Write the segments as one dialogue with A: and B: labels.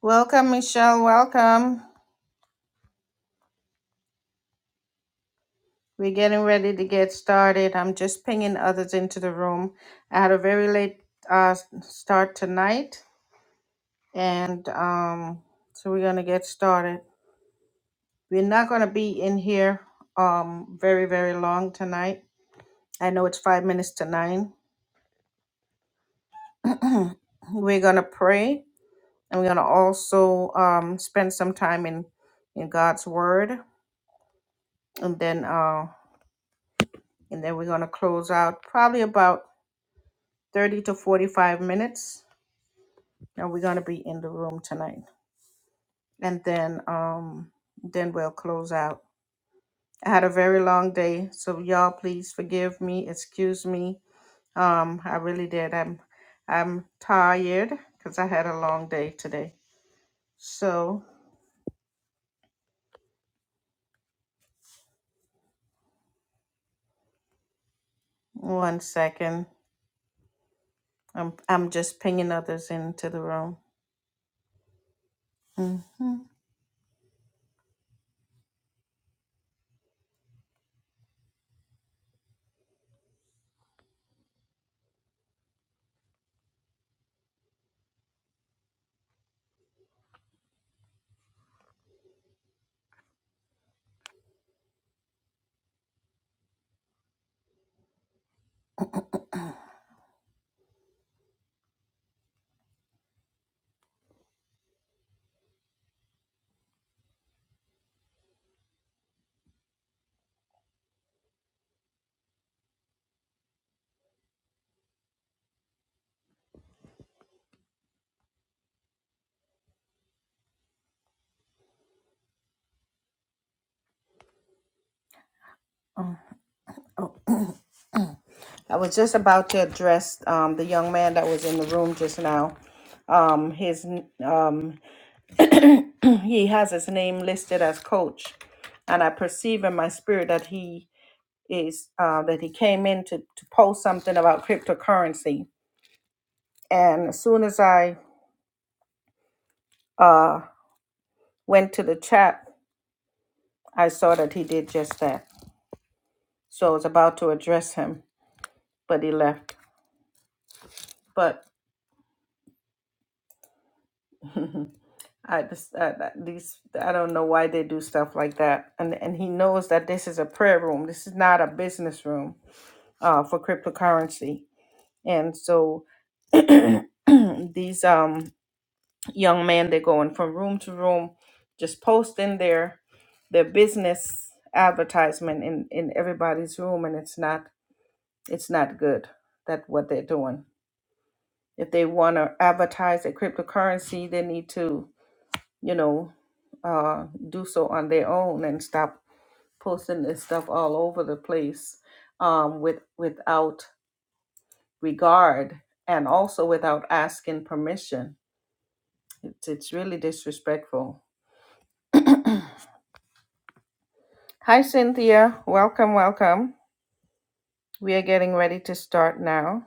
A: Welcome, Michelle. Welcome. We're getting ready to get started. I'm just pinging others into the room. I had a very late uh, s- start tonight, and um, so we're going to get started. We're not going to be in here um, very, very long tonight. I know it's five minutes to nine. we're going to pray, and we're going to also um, spend some time in, in God's Word, and then uh, and then we're going to close out probably about 30 to 45 minutes and we're going to be in the room tonight and then um then we'll close out i had a very long day so y'all please forgive me excuse me um i really did i'm i'm tired because i had a long day today so one second i'm i'm just pinging others into the room hmm oh i was just about to address um the young man that was in the room just now um his n- um he has his name listed as coach and i perceive in my spirit that he is uh, that he came in to, to post something about cryptocurrency and as soon as i uh, went to the chat i saw that he did just that so i was about to address him but he left but i just uh, these i don't know why they do stuff like that and and he knows that this is a prayer room this is not a business room uh, for cryptocurrency and so Mm, these um young men they're going from room to room just posting their their business advertisement in in everybody's room and it's not it's not good that what they're doing if they want to advertise a cryptocurrency they need to you know uh do so on their own and stop posting this stuff all over the place um with without regard and also without asking permission it's, it's really disrespectful Hi, Cynthia. Welcome, welcome. We are getting ready to start now.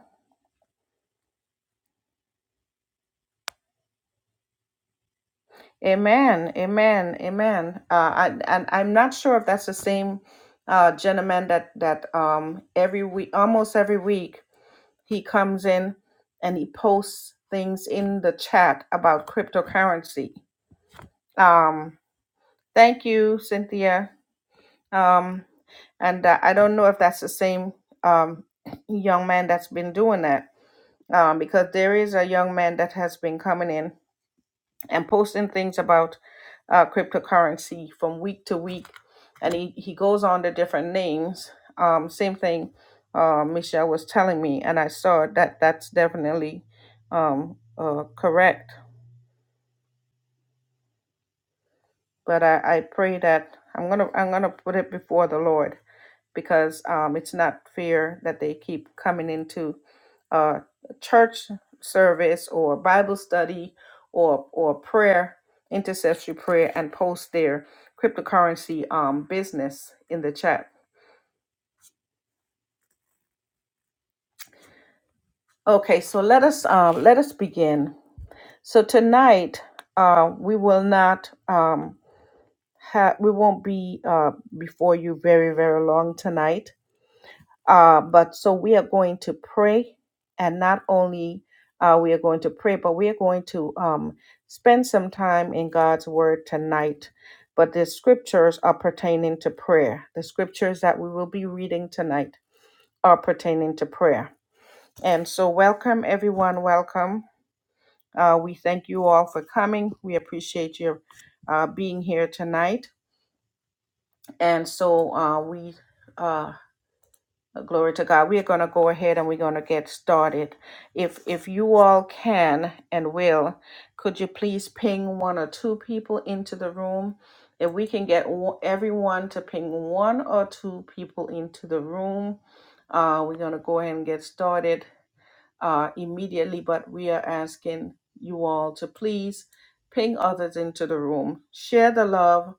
A: Amen, amen, amen. Uh, I, and I'm not sure if that's the same uh, gentleman that that um, every week, almost every week, he comes in and he posts things in the chat about cryptocurrency. Um, thank you, Cynthia. Um, and uh, I don't know if that's the same um, young man that's been doing that um, because there is a young man that has been coming in and posting things about uh, cryptocurrency from week to week, and he, he goes on the different names. Um, same thing uh, Michelle was telling me, and I saw that that's definitely um, uh, correct. But I, I pray that I'm gonna I'm gonna put it before the Lord because um, it's not fair that they keep coming into uh, church service or Bible study or or prayer, intercessory prayer, and post their cryptocurrency um, business in the chat. Okay, so let us uh, let us begin. So tonight uh, we will not um, ha- we won't be uh, before you very very long tonight Uh, but so we are going to pray, and not only uh, we are going to pray, but we are going to um, spend some time in God's Word tonight. But the scriptures are pertaining to prayer. The scriptures that we will be reading tonight are pertaining to prayer. And so, welcome everyone. Welcome. Uh, we thank you all for coming. We appreciate your uh, being here tonight. And so, uh, we. uh, Glory to God. We're going to go ahead and we're going to get started. If if you all can and will, could you please ping one or two people into the room? If we can get o- everyone to ping one or two people into the room, uh, we're going to go ahead and get started uh, immediately. But we are asking you all to please ping others into the room. Share the love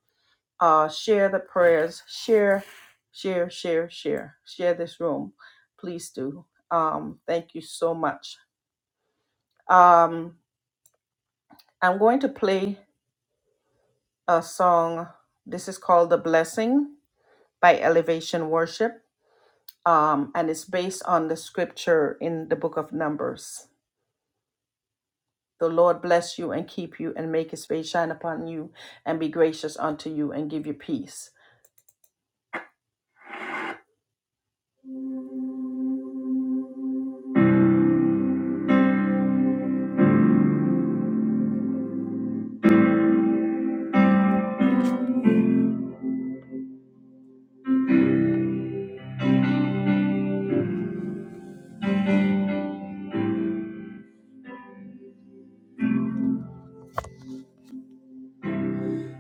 A: uh, share the prayers, share, share, share, share, share this room. Please do. Um, thank you so much. Um, I'm going to play a song. This is called The Blessing by Elevation Worship. Um, and it's based on the scripture in the book of Numbers. The Lord bless you and keep you and make his face shine upon you and be gracious unto you and give you peace.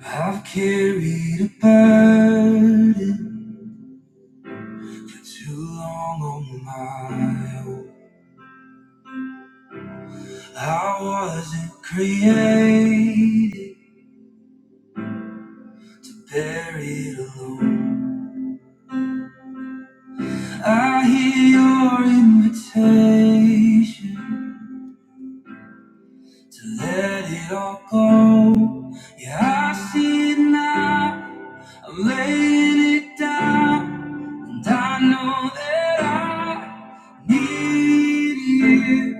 A: I've carried a burden Too long on my own. I wasn't created, buried alone. I hear your invitation. to let it all go. Yeah, I see it now. I'm laying it down, and I know that I need you.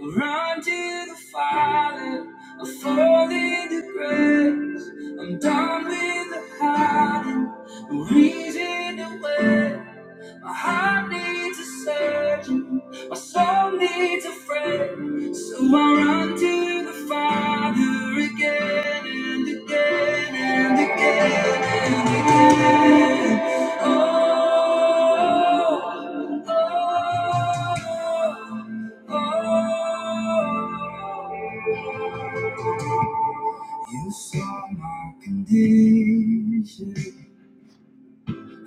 A: I run to the Father, I fall into grace. I'm done with the hiding, no reason to wait. My heart needs a surgeon, my soul needs a friend, so I run to the Father again and again and again and again. Oh, oh, oh. You saw my condition,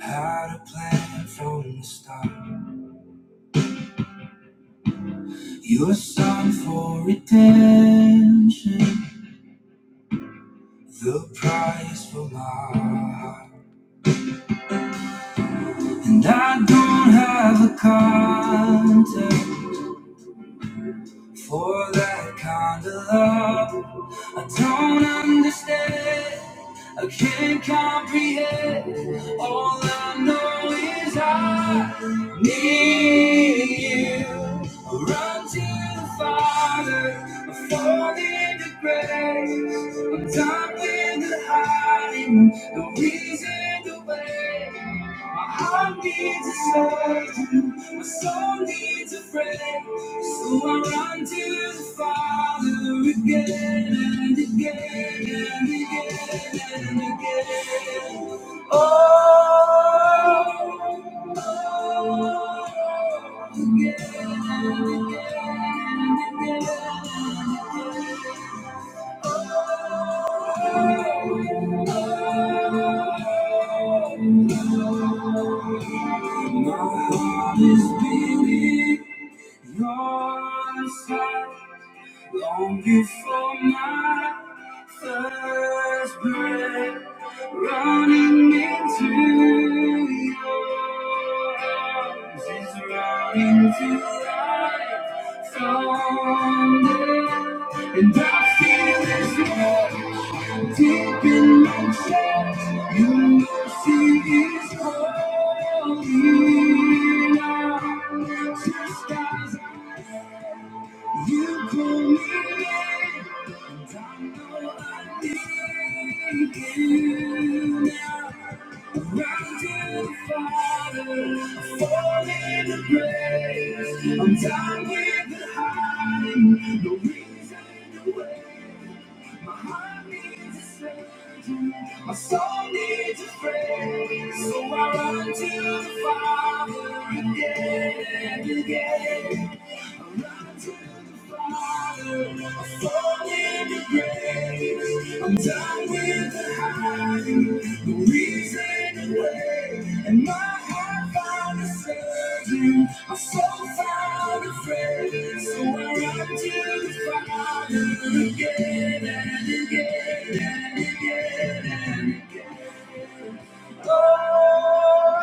A: had a plan from the start. Your song for redemption, the price for my heart. And I don't have a contact, For that kind of love, I don't understand. I can't comprehend. All I know is I need you. I run to the Father, I fall into grace. I'm done with hiding, the reason to wait. My heart needs a surgeon, my soul needs a friend. So I run to the Father again and again and again and again. Oh, oh, oh, again and again and again. My heart is beating. You're inside. Long you for my first breath, running into your arms is running to life someday. And I feel this rush deep in my chest. Your mercy is calling out, just as I you call me in, and I know I need you now. Around to the Father, fall in the grace. I'm done with the hiding, no reason to wait. My heart needs a saving. My soul needs a friend. So I run to the Father again and again. I run to the Father. My soul needs a friend. I'm I will hide the reason away, and my heart found a surgeon, my soul found a friend. So I run to the Father again and again and again. Oh.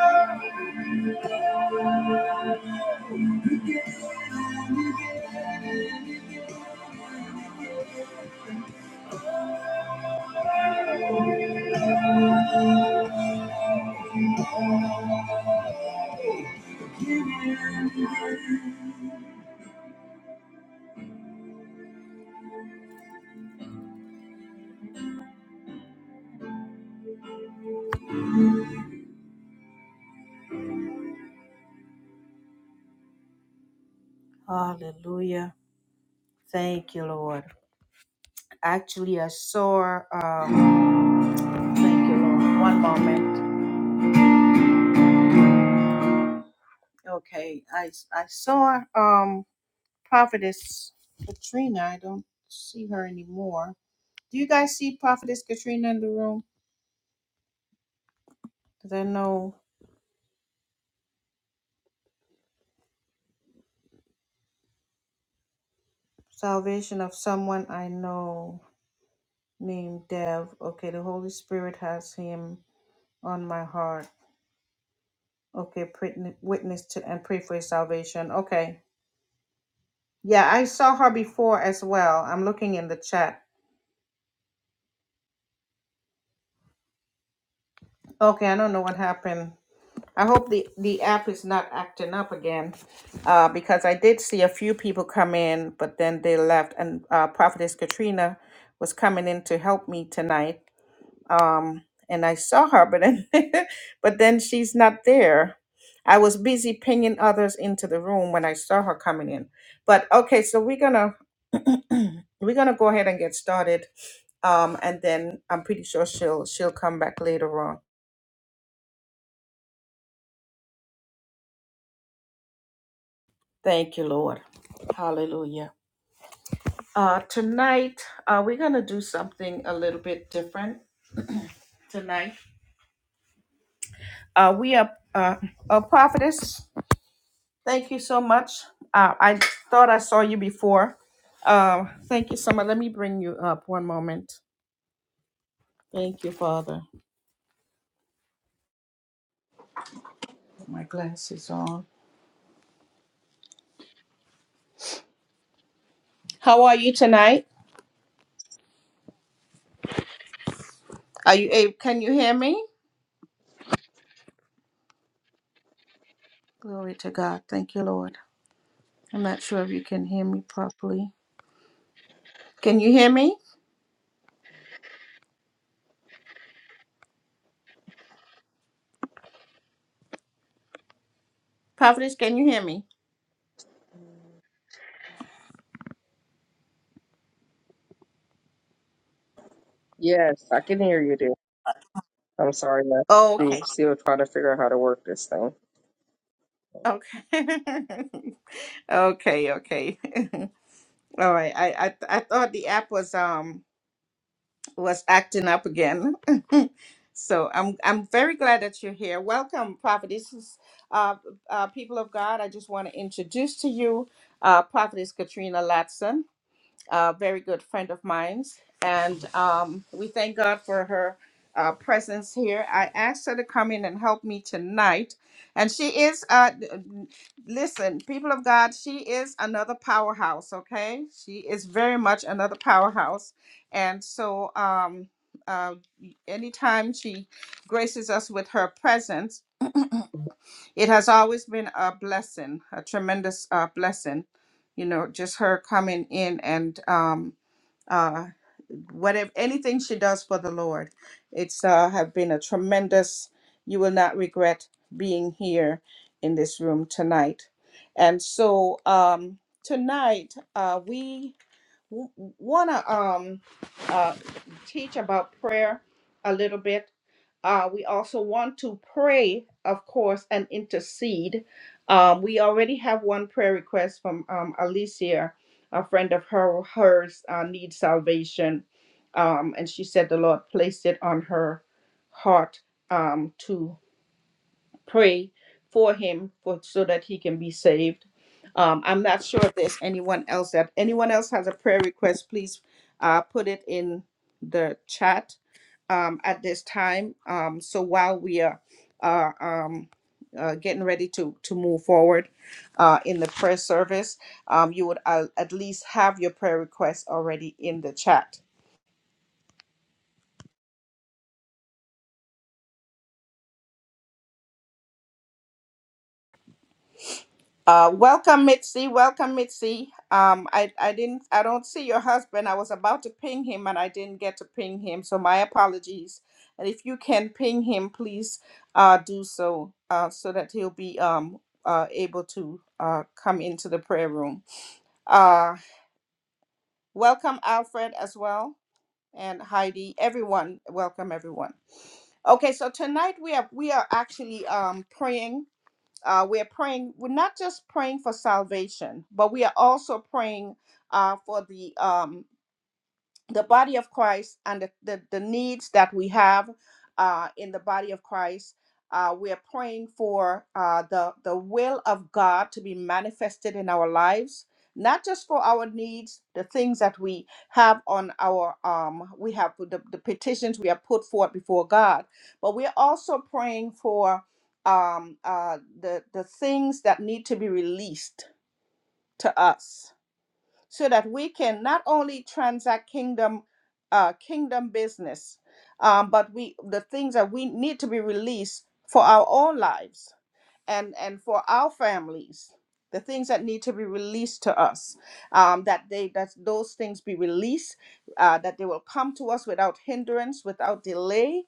A: Hallelujah. Thank you, Lord. Actually, I saw, um, thank you, Lord. One moment. Okay. I, I saw, um, Prophetess Katrina. I don't see her anymore. Do you guys see Prophetess Katrina in the room? Because I know salvation of someone I know named Dev. Okay, the Holy Spirit has him on my heart. Okay, prit- witness to and pray for his salvation. Okay. Yeah, I saw her before as well. I'm looking in the chat. Okay, I don't know what happened. I hope the, the app is not acting up again, uh, because I did see a few people come in, but then they left. And uh, Prophetess Katrina was coming in to help me tonight, um, and I saw her, but then, but then she's not there. I was busy pinging others into the room when I saw her coming in. But okay, so we're gonna we're gonna go ahead and get started, um, and then I'm pretty sure she'll she'll come back later on. Thank you, Lord. Hallelujah. Uh, tonight, uh, we're going to do something a little bit different tonight. Uh, we are uh, a prophetess. Thank you so much. Uh, I thought I saw you before. Uh, thank you so much. Let me bring you up one moment. Thank you, Father. Put My glasses on. How are you tonight? Are you able? Can you hear me? Glory to God. Thank you, Lord. I'm not sure if you can hear me properly. Can you hear me? Prophetess, can you hear me?
B: Yes, I can hear you, dear. I'm sorry, I see-
A: Okay.
B: still trying to figure out how to work this thing.
A: Okay. Okay, okay. All right. I, I I thought the app was um was acting up again. so I'm I'm very glad that you're here. Welcome, Prophetess uh, uh people of God. I just want to introduce to you uh Prophetess Katrina Latson a very good friend of mine. And um, we thank God for her uh, presence here. I asked her to come in and help me tonight. And she is, uh, d- n- listen, people of God, she is another powerhouse, okay? She is very much another powerhouse. And so, um, uh, anytime she graces us with her presence, it has always been a blessing, a tremendous uh, blessing. You know, just her coming in and um, uh, whatever anything she does for the Lord. It's uh, have been a tremendous. You will not regret being here in this room tonight. And so um, tonight uh, we w- wanna um, uh, teach about prayer a little bit uh, we also want to pray, of course, and intercede. Um, we already have one prayer request from um, Alicia, a friend of her, hers uh, needs salvation. Um, and she said the Lord placed it on her heart um, to pray for him for, so that he can be saved. Um, I'm not sure if there's anyone else that anyone else has a prayer request, please uh, put it in the chat um, at this time. Um, so while we are uh, um, uh, getting ready to to move forward uh, in the prayer service, um, you would uh, at least have your prayer requests already in the chat. Uh, welcome, Mitzi. Welcome, Mitzi. Um, I, I didn't I don't see your husband. I was about to ping him and I didn't get to ping him, so my apologies. And if you can ping him, please uh, do so uh, so that he'll be um, uh, able to uh, come into the prayer room. Uh, welcome Alfred as well and Heidi. Everyone, welcome everyone. Okay, so tonight we are we are actually um praying. Uh, we are praying. We're not just praying for salvation, but we are also praying uh for the um the body of Christ and the, the, the needs that we have uh, in the body of Christ. Uh, we are praying for uh, the, the will of God to be manifested in our lives, not just for our needs, the things that we have on our, um, we have the, the petitions we have put forth before God, but we are also praying for um, uh, the, the things that need to be released to us so that we can not only transact kingdom uh, kingdom business, um, but we the things that we need to be released for our own lives and and for our families the things that need to be released to us um, that they that those things be released uh, that they will come to us without hindrance without delay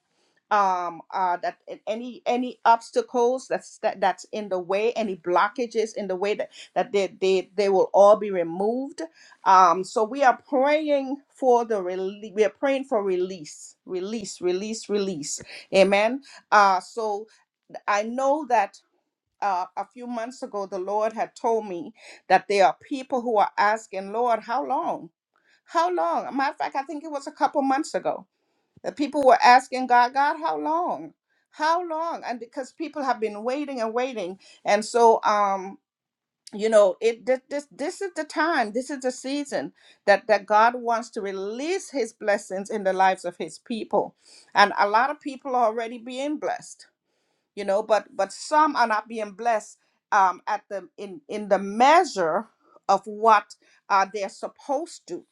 A: um, uh, that a- any any obstacles that's that, that's in the way any blockages in the way that that they they, they will all be removed um, so we are praying for the rele- we are praying for release release release release amen uh, so I know that uh, a few months ago, the Lord had told me that there are people who are asking, Lord, how long? How long? Matter of fact, I think it was a couple months ago that people were asking God, God, how long? How long? And because people have been waiting and waiting, and so um, you know, it thi- this this is the time, this is the season that that God wants to release His blessings in the lives of His people, and a lot of people are already being blessed you know but but some are not being blessed um at the in in the measure of what uh they're supposed to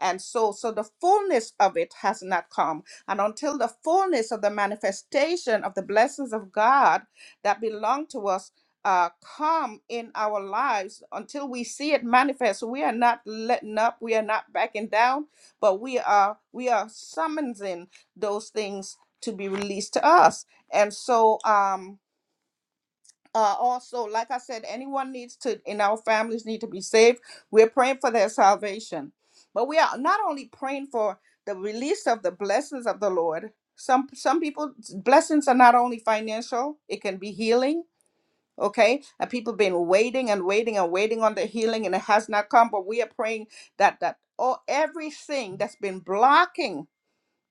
A: and so so the fullness of it has not come and until the fullness of the manifestation of the blessings of god that belong to us uh, come in our lives until we see it manifest we are not letting up we are not backing down but we are we are summoning those things to be released to us and so um uh, also like i said anyone needs to in our families need to be saved we're praying for their salvation but we are not only praying for the release of the blessings of the lord some some people blessings are not only financial it can be healing okay and people been waiting and waiting and waiting on the healing and it has not come but we are praying that that all everything that's been blocking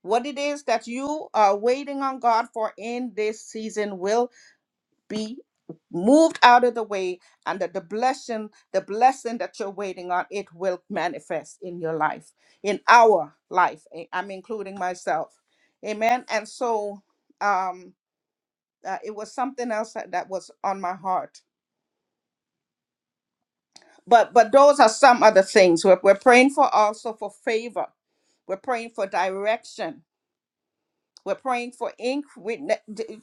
A: what it is that you are waiting on god for in this season will be moved out of the way and that the blessing the blessing that you're waiting on it will manifest in your life in our life I- i'm including myself amen and so um uh, it was something else that, that was on my heart but but those are some other things we're, we're praying for also for favor we're praying for direction We're praying for inc- we,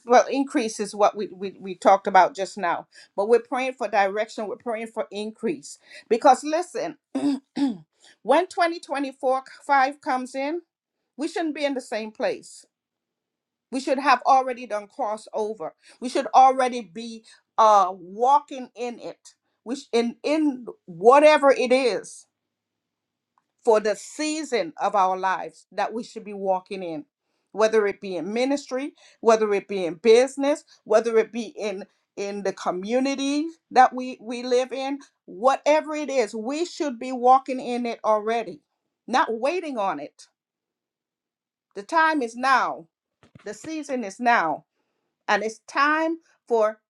A: well, increase is what we, we, we talked about just now. But we're praying for direction. We're praying for increase. Because listen, when 2024 5 comes in, we shouldn't be in the same place. We should have already done crossover. We should already be uh, walking in it, which in, in whatever it is for the season of our lives that we should be walking in, whether it be in ministry, whether it be in business, whether it be in in the community that we we live in, whatever it is, we should be walking in it already, not waiting on it. The time is now. The season is now, and it's time for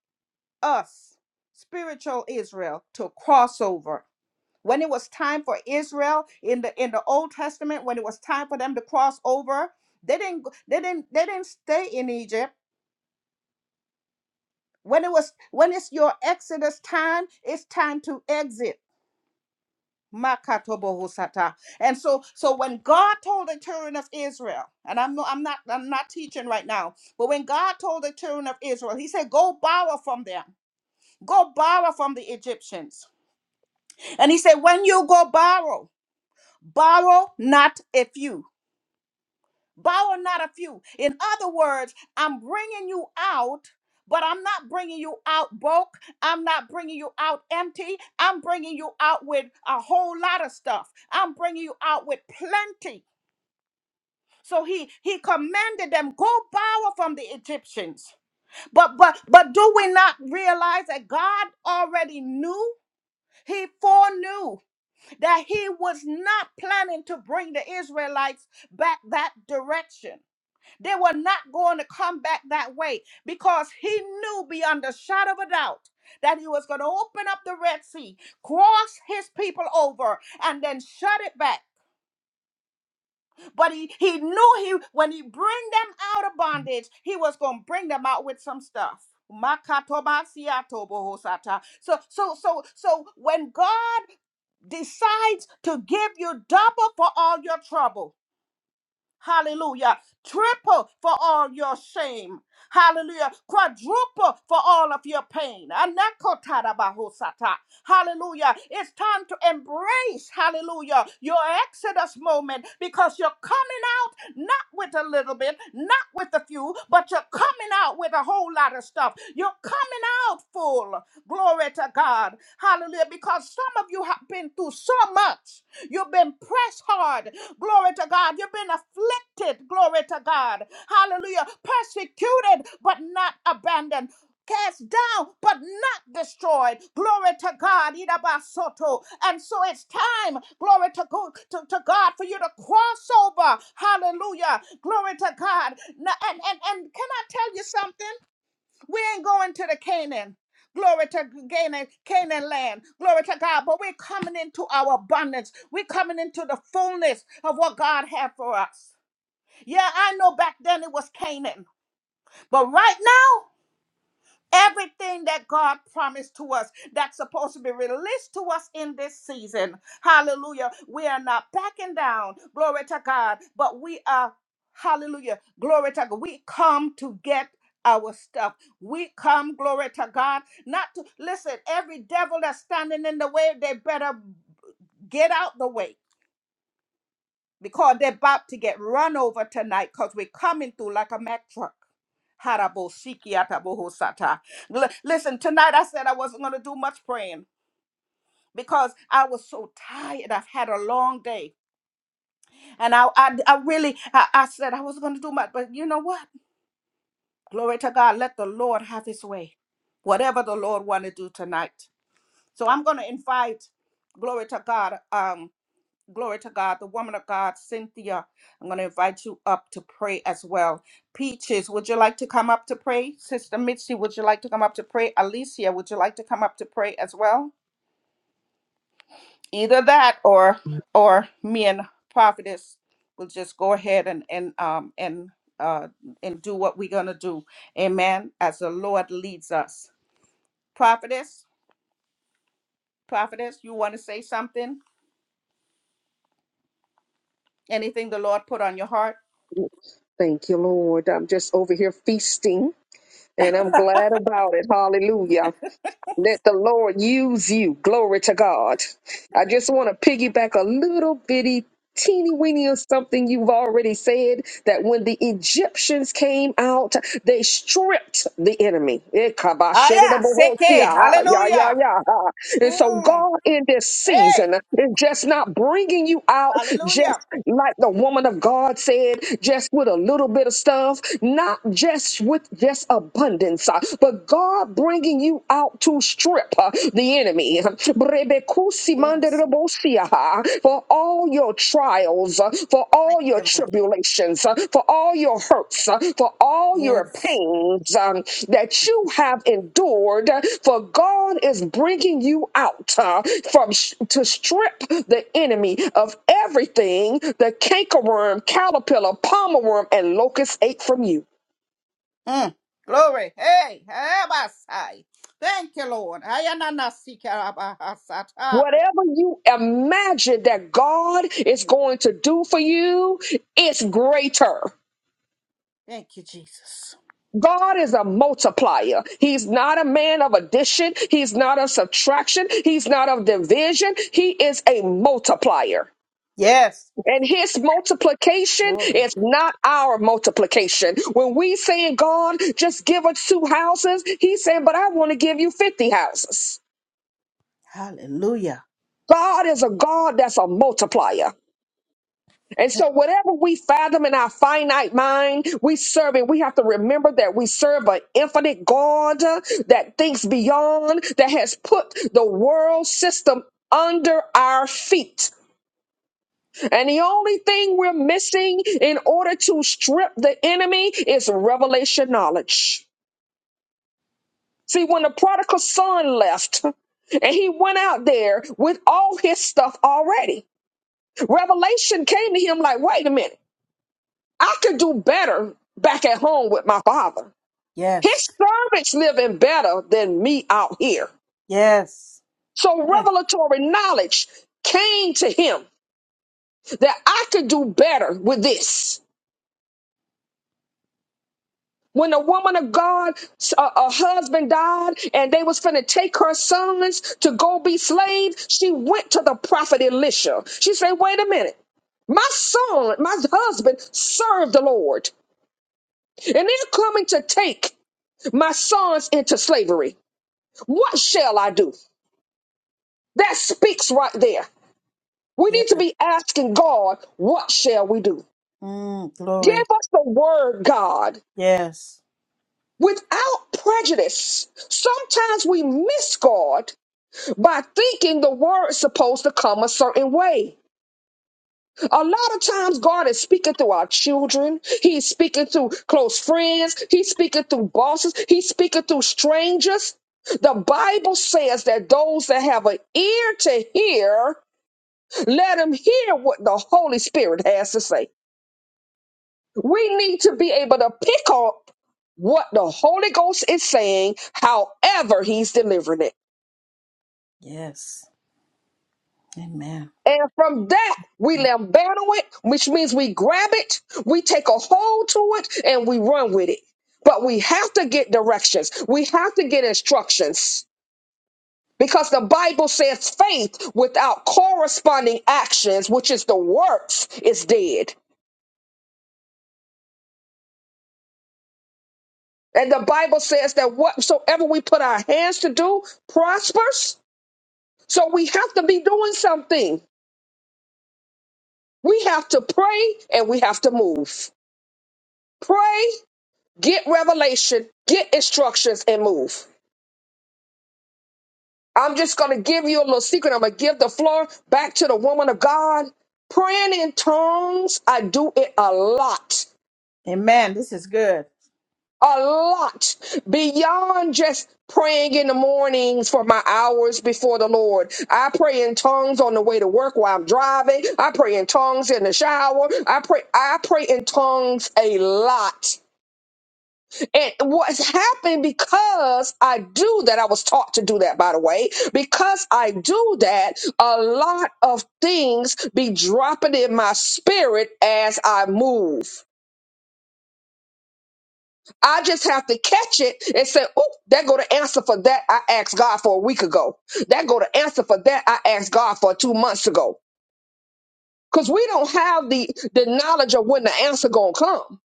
A: us, spiritual Israel, to cross over when it was time for Israel in the in the Old Testament, when it was time for them to cross over, they didn't go- they didn't they didn't stay in Egypt. When it was when it's your Exodus time, it's time to exit. Makatobohusata. And so so when God told the children of Israel, and I'm no, I'm not I'm not teaching right now, but when God told the children of Israel, he said, Go borrow from them. Go borrow from the Egyptians. And he said, When you go borrow, borrow not a few. Borrow not a few. In other words, I'm bringing you out, but I'm not bringing you out broke. I'm not bringing you out empty. I'm bringing you out with a whole lot of stuff. I'm bringing you out with plenty. So he he commanded them go borrow from the Egyptians. But but but do we not realize that God already knew? He foreknew that he was not planning to bring the Israelites back that direction they were not going to come back that way because he knew beyond a shadow of a doubt that he was going to open up the Red Sea, cross his people over, and then shut it back. But he, he knew he when he bring them out of bondage, he was going to bring them out with some stuff. Makatobasiatobohosata. So so so so when God decides to give you double for all your trouble, Hallelujah. Triple for all your shame. Hallelujah. Quadruple for all of your pain. Anakotadabahosata. Hallelujah. It's time to embrace, hallelujah, your Exodus moment because you're coming out not with a little bit, not with a few, but you're coming out with a whole lot of stuff. You're coming out full. Glory to God. Hallelujah. Because some of you have been through so much. You've been pressed hard. Glory to God. You've been afflicted. Glory to God. Hallelujah. Persecuted, but not abandoned cast down but not destroyed. Glory to God. Idabasoto. And so it's time, glory to, go, to, to God, for you to cross over. Hallelujah. Glory to God. Now, and, and, and can I tell you something? We ain't going to the Canaan. Glory to Canaan, Canaan land. Glory to God. But we're coming into our abundance. We're coming into the fullness of what God had for us. Yeah, I know back then it was Canaan. But right now, Everything that God promised to us that's supposed to be released to us in this season. Hallelujah. We are not backing down. Glory to God. But we are, hallelujah. Glory to God. We come to get our stuff. We come, glory to God, not to listen. Every devil that's standing in the way, they better get out the way because they're about to get run over tonight because we're coming through like a Mack truck. Harabo shiki ataboho sata. L- Listen, tonight I said I wasn't going to do much praying because I was so tired. I've had a long day. And I, I, I really, I, I said I wasn't going to do much. But you know what? Glory to God. Let the Lord have his way. Whatever the Lord want to do tonight. So I'm going to invite, glory to God. Um. Glory to God. The woman of God, Cynthia, I'm going to invite you up to pray as well. Peaches, would you like to come up to pray? Sister Mitzi, would you like to come up to pray? Alicia, would you like to come up to pray as well? Either that or or me and Prophetess will just go ahead and and um and uh and do what we're gonna do. Amen. As the Lord leads us. Prophetess, prophetess, you want to say something? Anything the Lord put on your heart?
B: Thank you, Lord. I'm just over here feasting and I'm glad about it. Hallelujah. Let the Lord use you. Glory to God. I just want to piggyback a little bitty teeny weeny of something you've already said that when the Egyptians came out, they stripped the enemy. Eh,
A: Ah, yeah,
B: kabashedidabohosia,
A: Seke.
B: ah, yeah,
A: Hallelujah.
B: yeah, yeah, ah. And so,
A: Mm.
B: God, in this
A: Hey,
B: season, is just not bringing you out
A: hallelujah.
B: just like the woman of God said, just with a little bit of stuff, not just with just abundance, ah, but God bringing you out to strip uh, the enemy.
A: Yes.
B: Rebekusimanderobosiaha. For all your trials, uh, for
A: Thank
B: all your
A: you, Lord.
B: tribulations, uh, for all your hurts, uh, for all your
A: Yes.
B: pains um, that you have endured, uh, for God is bringing you out uh, from sh- to strip the enemy of everything the cankerworm, caterpillar, palmer worm, and locust ate from you.
A: Mm. Glory. Hey, Abasai. Thank you, Lord. Ayananasikarabahasatai.
B: Whatever you imagine that God is going to do for you, it's greater.
A: Thank you, Jesus.
B: God is a multiplier. He's not a man of addition. He's not of subtraction. He's not of division. He is a multiplier.
A: Yes.
B: And his multiplication
A: Glory.
B: is not our multiplication. When we saying, God, just give us two houses, he's saying, but I want to give you 50 houses.
A: Hallelujah.
B: God is a God that's a multiplier. And so, whatever we fathom in our finite mind, we serve it. We have to remember that we serve an infinite God uh, that thinks beyond, that has put the world system under our feet. And the only thing we're missing in order to strip the enemy is revelation knowledge. See, when the prodigal son left, and he went out there with all his stuff already. Revelation came to him like, wait a minute. I could do better back at home with my father. His
A: Yes.
B: servants living better than me out here.
A: Yes.
B: So
A: Mm.
B: revelatory knowledge came to him that I could do better with this. When the woman of God, a, a husband died, and they was finna take her sons to go be slaves, she went to the prophet Elisha. She said, "Wait a minute, my son, my husband served the Lord, and they're coming to take my sons into slavery. What shall I do? That speaks right there. We
A: Yeah.
B: need to be asking God, what shall we do?
A: Mm.
B: Give
A: Glory.
B: us the word, God,
A: Yes.
B: without prejudice. Sometimes we miss God by thinking the word's supposed to come a certain way. A lot of times, God is speaking through our children. He's speaking through close friends. He's speaking through bosses. He's speaking through strangers. The Bible says that those that have an ear to hear Let them hear what the Holy Spirit has to say. We need to be able to pick up what the Holy Ghost is saying, however, He's delivering it.
A: Yes. Amen.
B: And from that, we lambaddle it, which means we grab it, we take a hold to it, and we run with it. But we have to get directions, we have to get instructions. Because the Bible says faith without corresponding actions, which is the works, is dead. And the Bible says that whatsoever we put our hands to do prospers. So we have to be doing something. We have to pray and we have to move. Pray, get revelation, get instructions, and move. I'm just going to give you a little secret. I'm going to give the floor back to the woman of God. Praying in tongues, I do it a lot.
A: Amen. This is good.
B: a lot beyond just praying in the mornings for my hours before the Lord. I pray in tongues on the way to work while I'm driving. I pray in tongues in the shower. I pray I pray in tongues a lot. And what's happened because I do that, I was taught to do that by the way, because I do that, a lot of things be dropping in my spirit as I move. I just have to catch it and say, "Oh, that go to answer for that I asked God for a week ago. That go to answer for that I asked God for two months ago." Because we don't have the the knowledge of when the answer gonna come.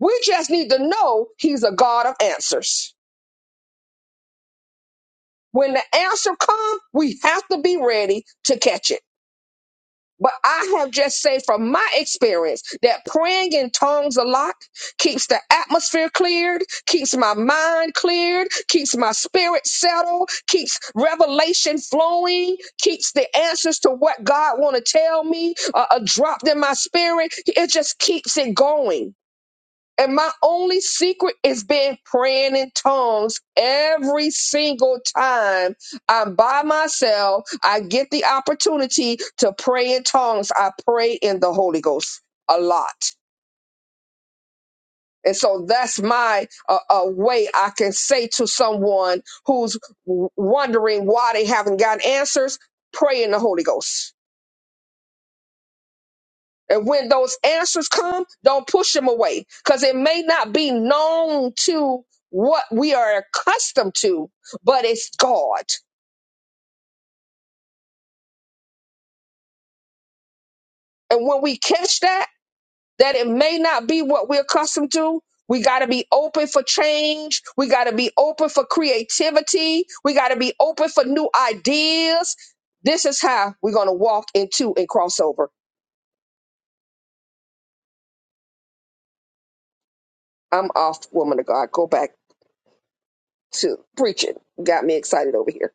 B: We just need to know He's a God of answers. When the answer come, we have to be ready to catch it. But I have just said from my experience that praying in tongues a lot keeps the atmosphere cleared, keeps my mind cleared, keeps my spirit settled, keeps revelation flowing, keeps the answers to what God want to tell me uh, uh, dropped in my spirit. It just keeps it going. And my only secret has been praying in tongues every single time I'm by myself. I get the opportunity to pray in tongues. I pray in the Holy Ghost a lot. And so that's my uh, uh, way I can say to someone who's w- wondering why they haven't gotten answers pray in the Holy Ghost And when those answers come, don't push them away because it may not be known to what we are accustomed to, but it's God. And when we catch that, that it may not be what we're accustomed to, we got to be open for change. We got to be open for creativity. We got to be open for new ideas. This is how we're going to walk into and cross over. I'm off, woman of God. Go back to preaching. Got me excited over here.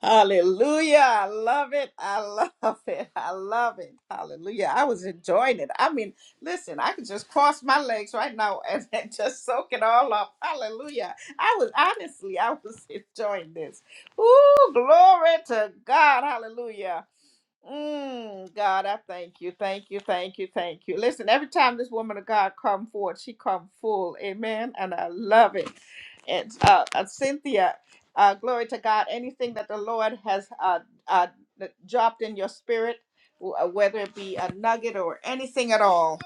A: Hallelujah. I love it. I love it. I love it. Hallelujah. I was enjoying it. I mean, listen, I could just cross my legs right now and, and just soak it all up. Hallelujah. I was honestly, I was enjoying this. Ooh, glory to God. Hallelujah. Mm, God, I thank you, thank you, thank you, thank you. Listen, every time this woman of God come forward, she come full, amen, and I love it. It's uh, uh Cynthia, uh, glory to God. Anything that the Lord has uh, uh that dropped in your spirit, w- uh, whether it be a nugget or anything at all,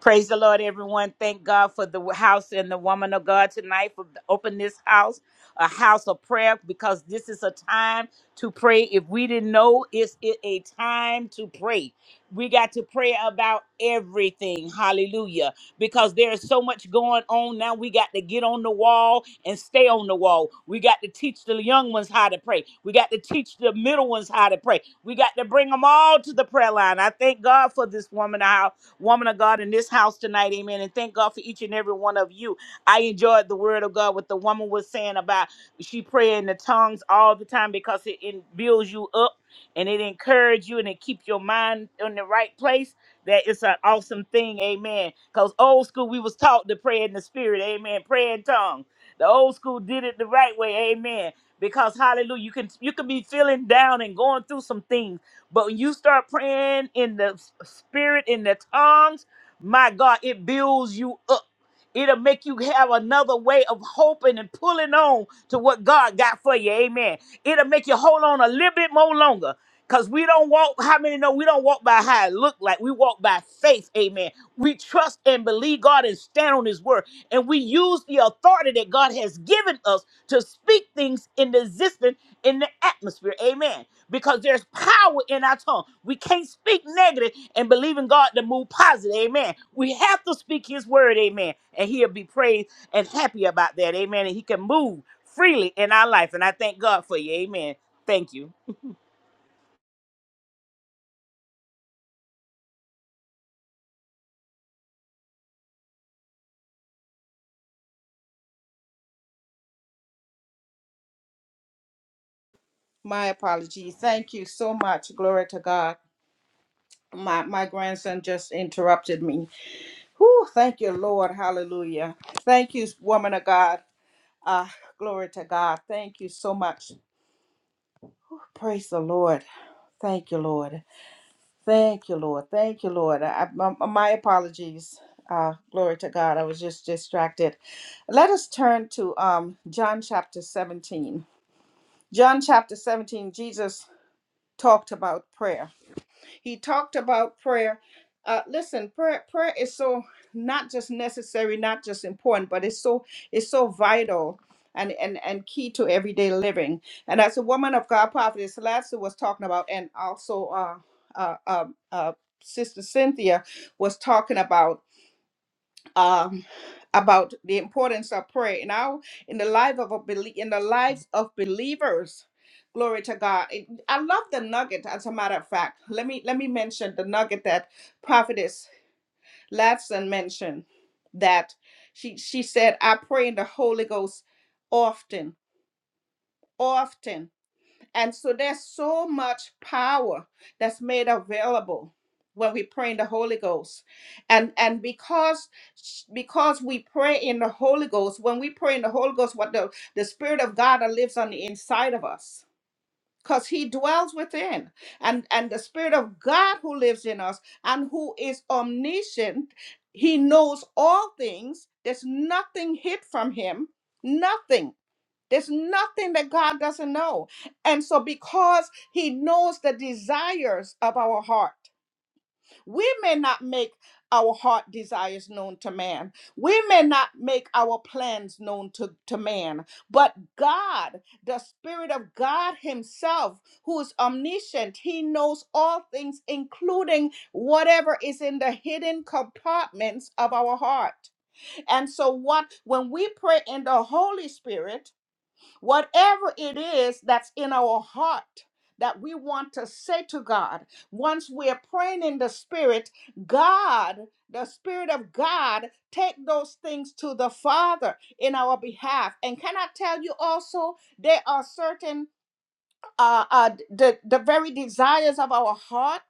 C: Praise the Lord, everyone. Thank God for the house and the woman of God tonight for opening this house, a house of prayer, because this is a time to pray. If we didn't know, it's it a time to pray. We got to pray about everything. Hallelujah. Because there is so much going on now. We got to get on the wall and stay on the wall. We got to teach the young ones how to pray. We got to teach the middle ones how to pray. We got to bring them all to the prayer line. I thank God for this woman, woman of God in this house tonight. Amen. And thank God for each and every one of you. I enjoyed the word of God, what the woman was saying about she pray in the tongues all the time because it, it builds you up and it encourages you and it keeps your mind in the right place. That it's an awesome thing. Amen. Because old school, we was taught to pray in the spirit. Amen. Pray in tongues. The old school did it the right way. Amen because hallelujah you can you can be feeling down and going through some things but when you start praying in the s- spirit, in the tongues, my God, it builds you up. It'll make you have another way of hoping and pulling on to what God got for you. Amen. It'll make you hold on a little bit more longer. Because we don't walk, how many know we don't walk by how it look like? We walk by faith, amen. We trust and believe God and stand on his word. And we use the authority that God has given us to speak things in the existence in the atmosphere. Amen because there's power in our tongue. We can't speak negative and believe in God to move positive. Amen. We have to speak His word. Amen. And He'll be praised and happy about that. Amen. And He can move freely in our life. And I thank God for you. Amen. Thank you.
A: my apologies. Thank you so much, glory to God. My my grandson just interrupted me. Whew, thank you, Lord, hallelujah. Thank you, woman of God. Ah, glory to God. Thank you so much. Praise the Lord. Thank you, Lord. Thank you, Lord. Thank you, Lord. I, my, my apologies. Uh, glory to God. I was just distracted. Let us turn to um, John chapter 17. John chapter 17, Jesus talked about prayer. He talked about prayer. Uh, listen, prayer prayer is so not just necessary, not just important, but it's so it's so vital and and and key to everyday living. And as a woman of God, prophetess Lassie was talking about, and also uh, uh, uh, uh, Sister Cynthia was talking about um, about the importance of prayer. And now, in the life of a belie- in the lives of believers, glory to God. It- I love the nugget. As a matter of fact, let me let me mention the nugget that Prophetess Ladson mentioned that she she said, "I pray in the Holy Ghost often, often." And so there's so much power that's made available when we pray in the Holy Ghost. And and because because we pray in the Holy Ghost, when we pray in the Holy Ghost, what the, the Spirit of God that lives on the inside of us. Because he dwells within. And and the Spirit of God who lives in us and who is omniscient, he knows all things. There's nothing hid from him. Nothing. There's nothing that God doesn't know. And so, because He knows the desires of our heart, we may not make our heart desires known to man. We may not make our plans known to, to man, but God, the Spirit of God Himself, who is omniscient, He knows all things, including whatever is in the hidden compartments of our heart. And so, what when we pray in the Holy Spirit, Whatever it is that's in our heart that we want to say to God, once we're praying in the Spirit, God, the Spirit of God, take those things to the Father in our behalf. And can I tell you also, there are certain, uh, uh, the, the very desires of our heart.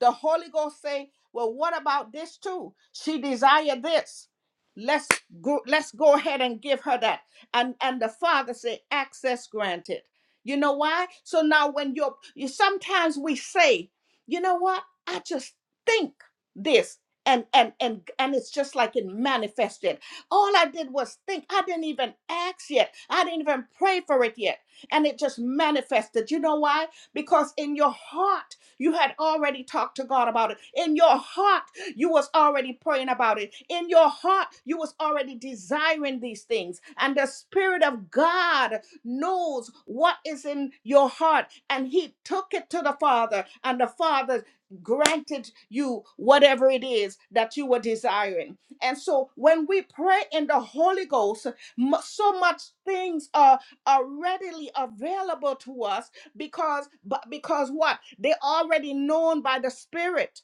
A: The Holy Ghost say, "Well, what about this too? She desire this. Let's go. Let's go ahead and give her that." And and the Father say, "Access granted." You know why? So now when you're, you sometimes we say, "You know what? I just think this." And, and and and it's just like it manifested. All I did was think. I didn't even ask yet. I didn't even pray for it yet. And it just manifested. You know why? Because in your heart you had already talked to God about it. In your heart, you was already praying about it. In your heart, you was already desiring these things. And the Spirit of God knows what is in your heart. And He took it to the Father, and the Father granted you whatever it is that you were desiring. And so when we pray in the Holy Ghost, mu- so much things are, are readily available to us because but because what they already known by the spirit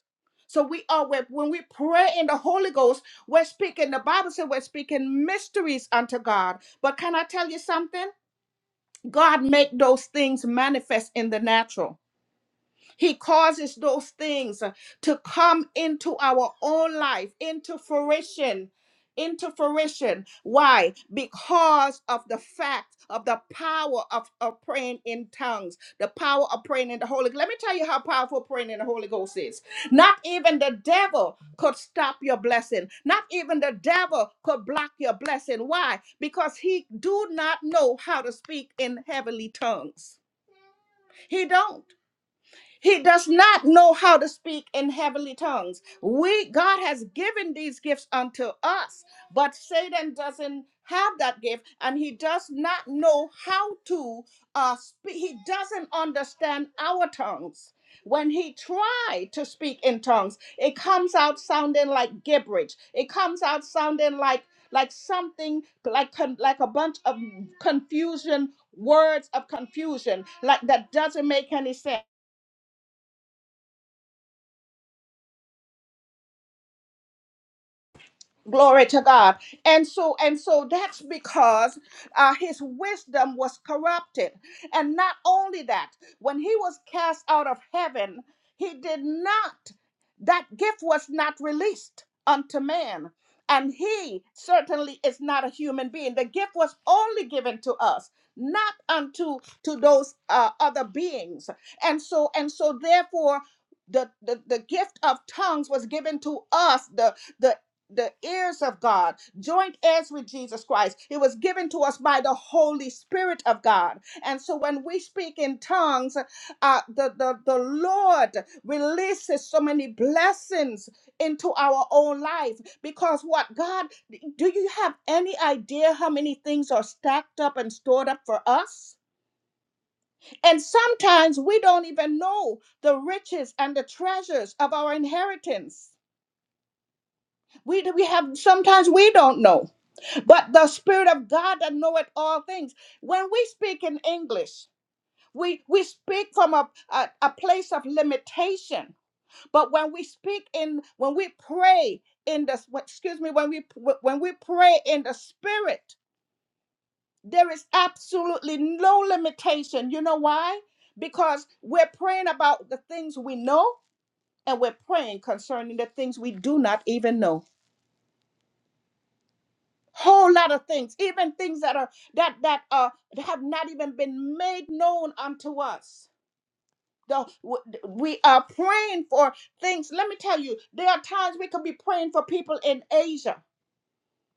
A: so we are when when we pray in the holy ghost we're speaking the bible said we're speaking mysteries unto god but can i tell you something god make those things manifest in the natural he causes those things uh, to come into our own life, into fruition. Into fruition. Why? Because of the fact of the power of, of praying in tongues, the power of praying in the Holy Ghost. Let me tell you how powerful praying in the Holy Ghost is. Not even the devil could stop your blessing. Not even the devil could block your blessing. Why? Because he do not know how to speak in heavenly tongues. He don't. He does not know how to speak in heavenly tongues. We God has given these gifts unto us, but Satan doesn't have that gift and he does not know how to uh speak. He doesn't understand our tongues. When he try to speak in tongues, it comes out sounding like gibberish. It comes out sounding like like something like con- like a bunch of confusion words of confusion like that doesn't make any sense Glory to God. And so and so that's because uh, his wisdom was corrupted. And not only that, when he was cast out of heaven, he did not that gift was not released unto man. And he certainly is not a human being. The gift was only given to us, not unto to those uh, other beings. And so and so therefore the, the, the gift of tongues was given to us the the the ears of God, joint heirs with Jesus Christ. It was given to us by the Holy Spirit of God. And so when we speak in tongues, uh, the, the, the Lord releases so many blessings into our own life because what God, do you have any idea how many things are stacked up and stored up for us? And sometimes we don't even know the riches and the treasures of our inheritance. We, we have sometimes we don't know but the spirit of god that knoweth all things when we speak in english we we speak from a, a, a place of limitation but when we speak in when we pray in the excuse me when we when we pray in the spirit there is absolutely no limitation you know why because we're praying about the things we know and we're praying concerning the things we do not even know whole lot of things even things that are that that uh have not even been made known unto us the, we are praying for things let me tell you there are times we could be praying for people in asia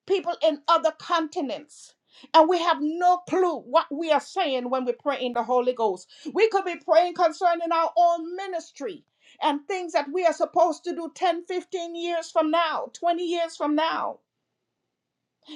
A: people in other continents and we have no clue what we are saying when we pray in the holy ghost we could be praying concerning our own ministry and things that we are supposed to do 10, 15 years from now 20 years from now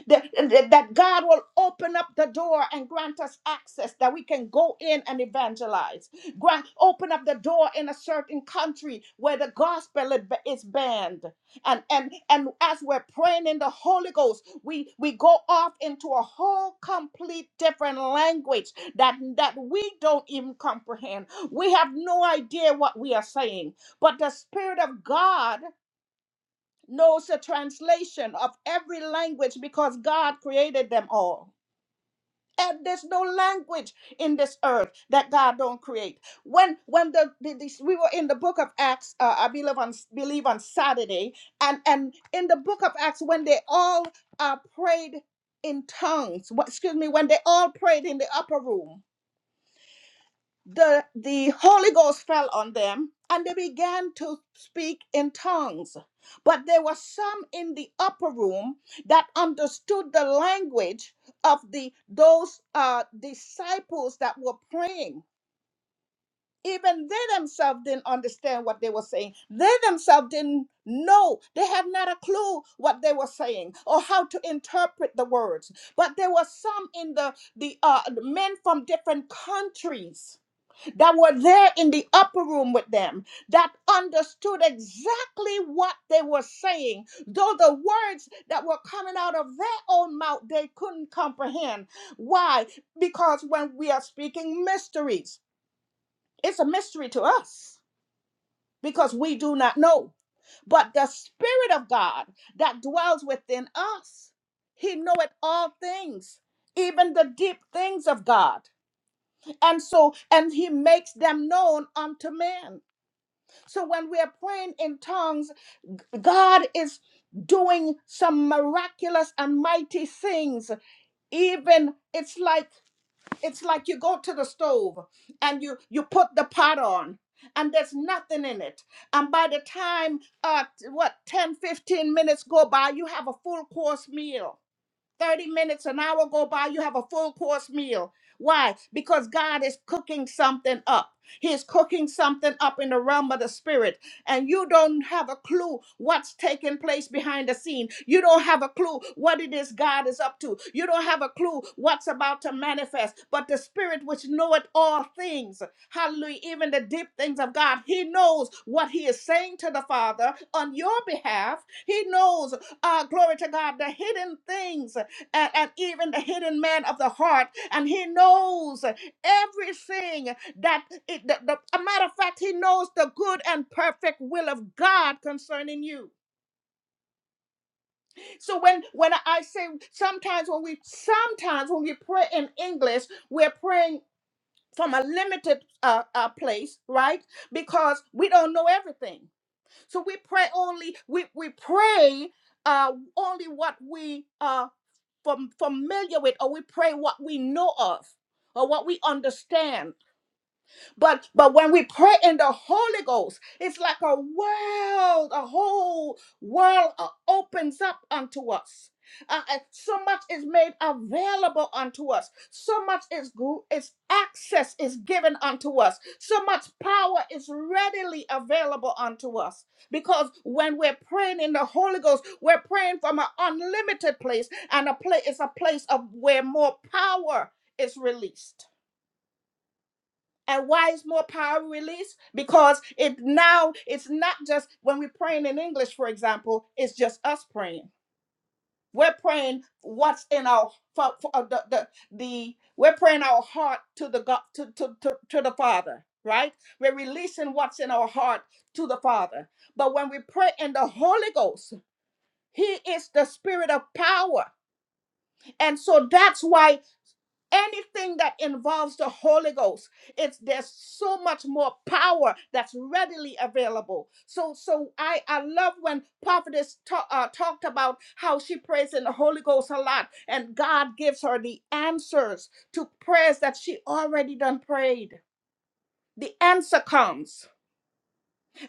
A: that, that that God will open up the door and grant us access that we can go in and evangelize. Grant, open up the door in a certain country where the gospel is is banned. And, and, and as we're praying in the Holy Ghost, we, we go off into a whole complete different language that, that we don't even comprehend. We have no idea what we are saying. But the Spirit of God knows the translation of every language because God created them all. And there's no language in this earth that God don't create. When when the, the- this- we were in the book of Acts, uh, I believe on believe on Saturday, and and in the book of Acts when they all uh, prayed in tongues, wh- excuse me, when they all prayed in the upper room, the the holy ghost fell on them and they began to speak in tongues but there were some in the upper room that understood the language of the those uh disciples that were praying even they themselves didn't understand what they were saying they themselves didn't know they had not a clue what they were saying or how to interpret the words but there were some in the the uh men from different countries that were there in the upper room with them that understood exactly what they were saying, though the words that were coming out of their own mouth they couldn't comprehend. Why? Because when we are speaking mysteries, it's a mystery to us because we do not know. But the Spirit of God that dwells within us, He knoweth all things. Even the deep things of God. And so, and he makes them known unto men. So when we are praying in tongues, God is doing some miraculous and mighty things. Even it's like it's like you go to the stove and you you put the pot on and there's nothing in it and by the time uh what 10 15 minutes go by you have a full course meal 30 minutes, an hour go by, you have a full course meal. Why? Because God is cooking something up. He is cooking something up in the realm of the spirit, and you don't have a clue what's taking place behind the scene. You don't have a clue what it is God is up to. You don't have a clue what's about to manifest. But the spirit which knoweth all things. Hallelujah. Even the deep things of God. He knows what he is saying to the Father on your behalf. He knows, uh, glory to God, the hidden things and, and even the hidden man of the heart. And he knows everything that, it, the, the, a matter of fact, he knows the good and perfect will of God concerning you. So when, when I say sometimes when we, sometimes when we pray in English, we're praying from a limited uh, uh, place, right? Because we don't know everything. So we pray only, we, we pray uh, only what we are fam- familiar with, or we pray what we know of, or what we understand but but when we pray in the Holy Ghost, it's like a world, a whole world uh, opens up unto us. Uh, uh, so much is made available unto us. So much is gr- is access is given unto us. So much power is readily available unto us. Because when we're praying in the Holy Ghost, we're praying from an unlimited place, and a place is a place of where more power is released. And why is more power released? Because it now it's not just when we're praying in English, for example, it's just us praying. We're praying what's in our for, for, uh, the, the the we're praying our heart to the God to, to, to, to the Father, right? We're releasing what's in our heart to the Father. But when we pray in the Holy Ghost, He is the spirit of power. And so that's why anything that involves the holy ghost it's there's so much more power that's readily available so so i i love when prophetess ta- uh, talked about how she prays in the holy ghost a lot and god gives her the answers to prayers that she already done prayed the answer comes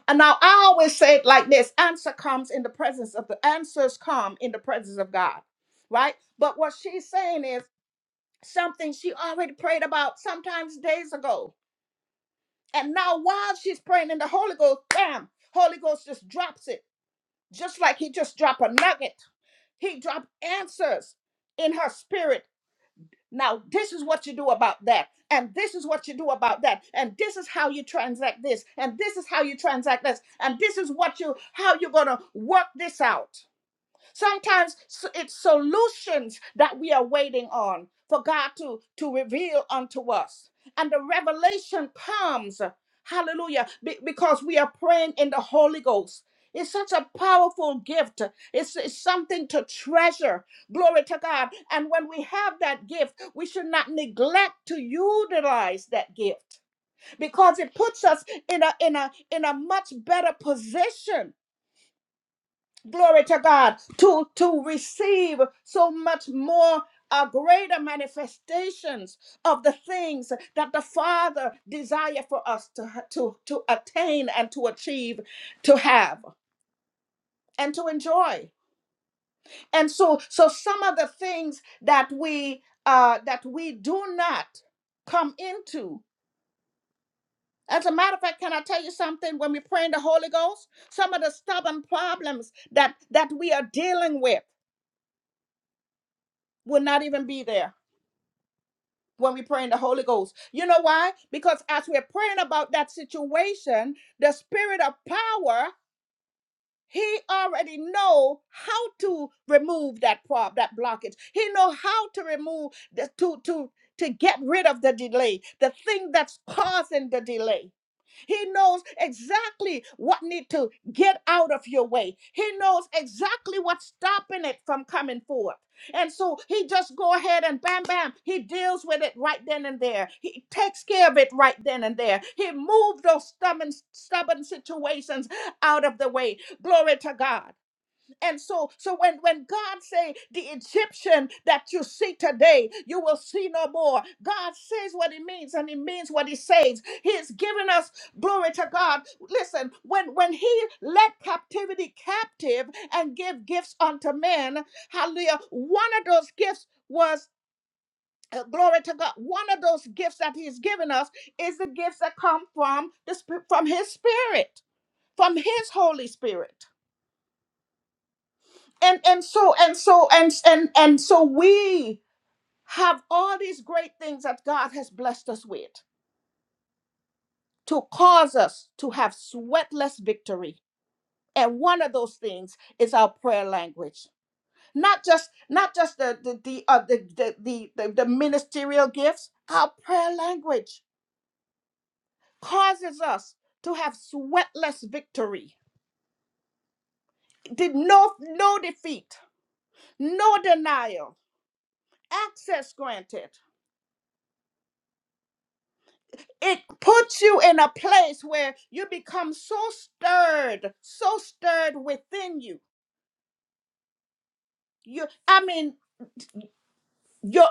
A: and now i always say it like this answer comes in the presence of the answers come in the presence of god right but what she's saying is something she already prayed about sometimes days ago. And now while she's praying in the Holy Ghost, bam, Holy Ghost just drops it. Just like he just dropped a nugget. He dropped answers in her spirit. Now, this is what you do about that. And this is what you do about that. And this is how you transact this. And this is how you transact this. And this is what you how you're gonna work this out. Sometimes s- it's solutions that we are waiting on for God to, to reveal unto us. And the revelation comes, hallelujah, be- because we are praying in the Holy Ghost. It's such a powerful gift. It's, it's something to treasure. Glory to God. And when we have that gift, we should not neglect to utilize that gift because it puts us in a in a in a much better position glory to God, to, to receive so much more. uh greater manifestations of the things that the Father desire for us to, to, to attain and to achieve, to have and to enjoy. And so, so some of the things that we uh, that we do not come into. As a matter of fact, can I tell you something? When we pray in the Holy Ghost, some of the stubborn problems that that we are dealing with will not even be there when we pray in the Holy Ghost. You know why? Because as we're praying about that situation, the spirit of power, he already know how to remove that problem, that blockage. He know how to remove the, to to to get rid of the delay, the thing that's causing the delay. He knows exactly what need to get out of your way. He knows exactly what's stopping it from coming forth. And so he just go ahead and bam bam, he deals with it right then and there. He takes care of it right then and there. He moved those stubborn stubborn situations out of the way. Glory to God. And so, so when, when God say the Egyptian that you see today, you will see no more. God says what he means and he means what he says. He is giving us glory to God. Listen, when, when he led captivity captive and gave gifts unto men, hallelujah, one of those gifts was uh, glory to God. One of those gifts that he's given us is the gifts that come from the sp- from his spirit, from his Holy Spirit. and and so and so and and and so we have all these great things that God has blessed us with to cause us to have sweatless victory. And one of those things is our prayer language. Not just not just the the the uh, the, the, the, the the ministerial gifts, our prayer language causes us to have sweatless victory. Did no no defeat, no denial, access granted. it puts you in a place where you become so stirred, so stirred within you. You, I mean, your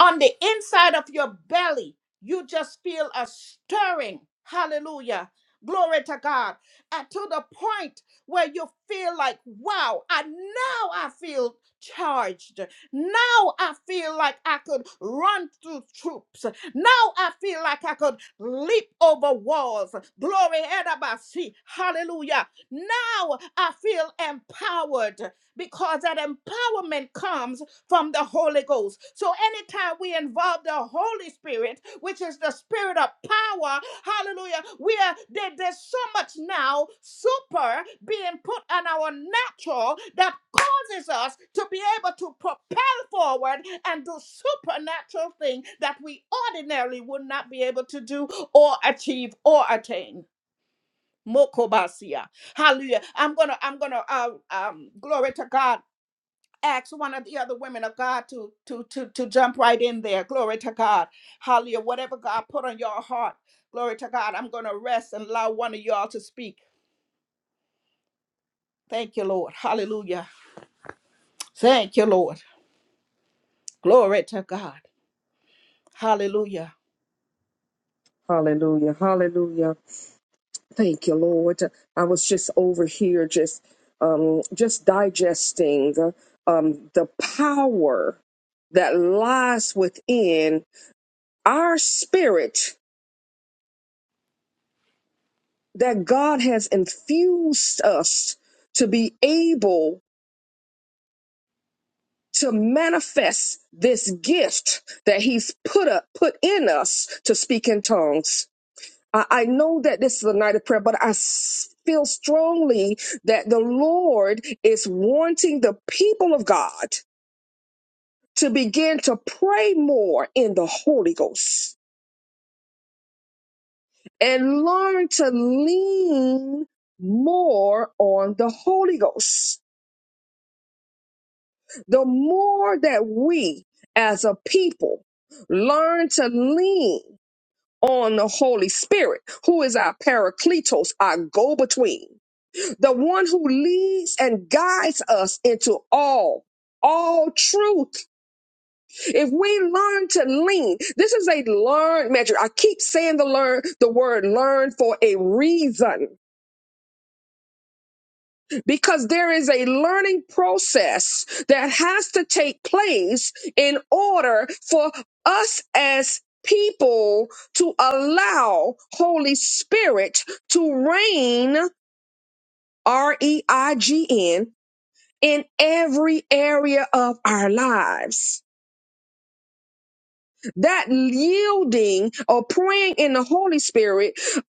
A: on the inside of your belly you just feel a stirring hallelujah glory to god and to the point where you feel like wow i now i feel charged now i feel like i could run through troops now i feel like i could leap over walls glory Edabasi. hallelujah now i feel empowered because that empowerment comes from the Holy Ghost. So anytime we involve the Holy Spirit, which is the spirit of power, hallelujah, we are there, there's so much now super being put on our natural that causes us to be able to propel forward and do supernatural things that we ordinarily would not be able to do or achieve or attain. Mokobasia. Hallelujah. I'm gonna, I'm gonna uh, um glory to God ask one of the other women of God to to to to jump right in there. Glory to God. Hallelujah. Whatever God put on your heart. Glory to God. I'm going to rest and allow one of y'all to speak. Thank you, Lord. Hallelujah. Thank you, Lord. Glory to God. Hallelujah.
B: Hallelujah. Hallelujah. Thank you, Lord. I was just over here, just um, just digesting um, the power that lies within our spirit that God has infused us to be able to manifest this gift that He's put up put in us to speak in tongues. I I know that this is a night of prayer, but I s- feel strongly that the Lord is wanting the people of God to begin to pray more in the Holy Ghost and learn to lean more on the Holy Ghost. The more that we as a people learn to lean on the Holy Spirit, who is our paracletos, our go between the one who leads and guides us into all all truth if we learn to lean this is a learned measure i keep saying the learn the word learn for a reason because there is a learning process that has to take place in order for us as people to allow holy spirit to reign r-e-i-g-n in every area of our lives. That yielding or praying in the Holy Spirit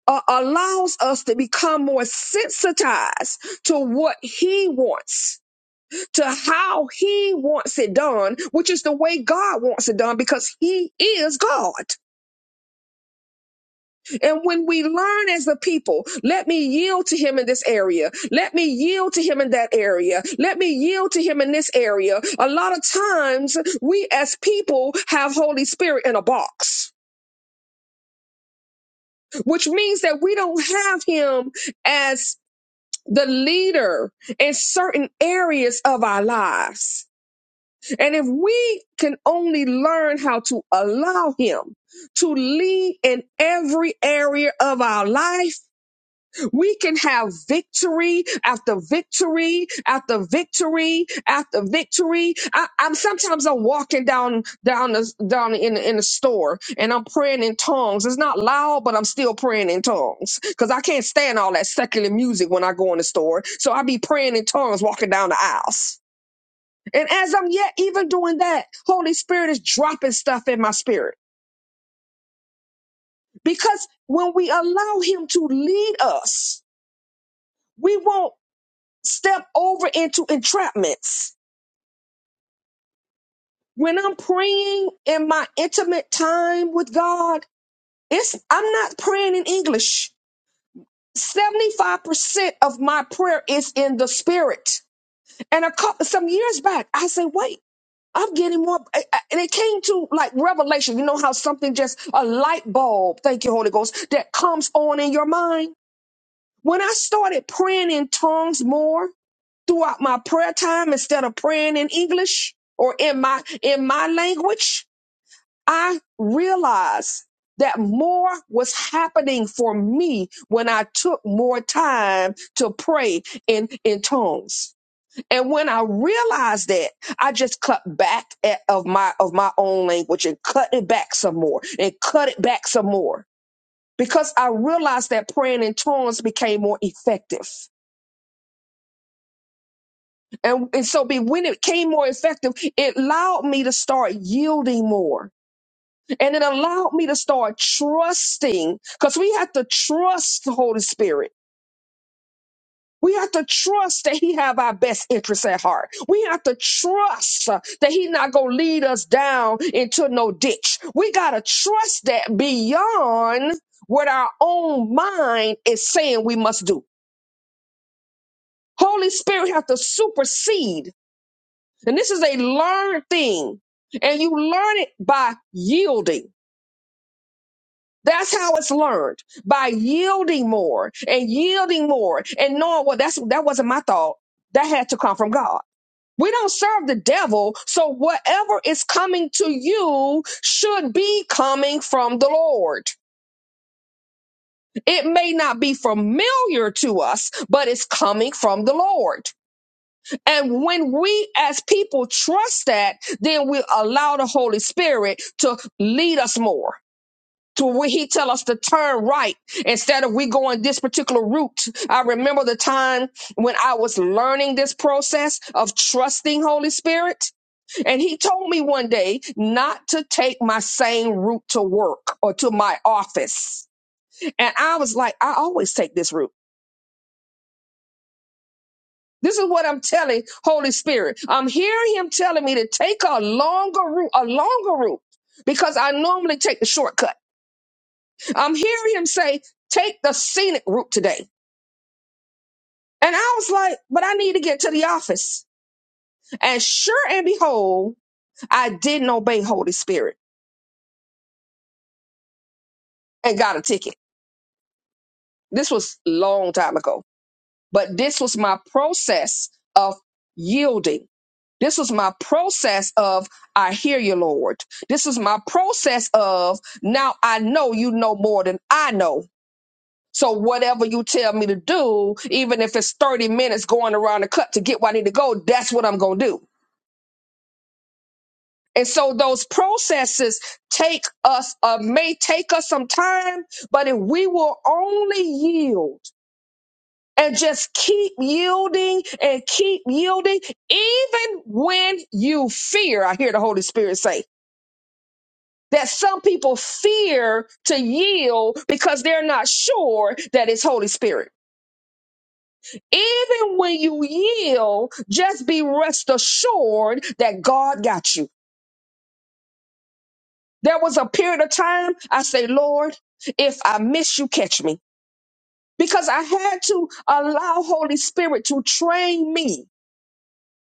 B: uh, allows us to become more sensitized to what He wants, to how He wants it done, which is the way God wants it done because He is God. And when we learn as a people, let me yield to him in this area. Let me yield to him in that area. Let me yield to him in this area. A lot of times we as people have Holy Spirit in a box, which means that we don't have him as the leader in certain areas of our lives. And if we can only learn how to allow him to lead in every area of our life, We can have victory after victory after victory after victory. I, I'm sometimes I'm walking down down the, down in in the store and I'm praying in tongues. It's not loud, but I'm still praying in tongues because I can't stand all that secular music when I go in the store. So I be praying in tongues walking down the aisles. And as I'm yet even doing that, Holy Spirit is dropping stuff in my spirit because when we allow Him to lead us, we won't step over into entrapments. When I'm praying in my intimate time with God, it's I'm not praying in English. 75% of my prayer is in the spirit. And a couple some years back, I said, wait, I'm getting more. I- I- And it came to like revelation. You know how something just a light bulb, thank you, Holy Ghost, that comes on in your mind. When I started praying in tongues more, throughout my prayer time instead of praying in English or in my in my language, I realized that more was happening for me when I took more time to pray in in tongues. And when I realized that, I just cut back at, of my of my own language and cut it back some more and cut it back some more because I realized that praying in tongues became more effective. And, and so be when it became more effective, it allowed me to start yielding more. And it allowed me to start trusting because we have to trust the Holy Spirit. We have to trust that he have our best interests at heart. We have to trust uh, that he not going to lead us down into no ditch. We got to trust that beyond what our own mind is saying we must do. Holy Spirit have to supersede And this is a learned thing. And you learn it by yielding. That's how it's learned by yielding more and yielding more and knowing what that's that wasn't my thought. That had to come from God. We don't serve the devil, so whatever is coming to you should be coming from the Lord. It may not be familiar to us, but it's coming from the Lord. And when we as people trust that, then we allow the Holy Spirit to lead us more. To where he tell us to turn right instead of we going this particular route. I remember the time when I was learning this process of trusting Holy Spirit, and he told me one day not to take my same route to work or to my office. And I was like, I always take this route. This is what I'm telling Holy Spirit. I'm hearing him telling me to take a longer route, a longer route, because I normally take the shortcut. I'm hearing him say, take the scenic route today. And I was like, but I need to get to the office. And sure and behold, I didn't obey Holy Spirit and got a ticket. This was long time ago. But this was my process of yielding. This was my process of, I hear you, Lord. This is my process of, now I know you know more than I know. So whatever you tell me to do, even if it's 30 minutes going around the cut to get where I need to go, that's what I'm going to do. And so those processes take us, uh, may take us some time, but if we will only yield and just keep yielding and keep yielding, even when you fear. I hear the Holy Spirit say that some people fear to yield because they're not sure that it's Holy Spirit. Even when you yield, just be rest assured that God got you. There was a period of time I say, Lord, if I miss you, catch me. Because I had to allow Holy Spirit to train me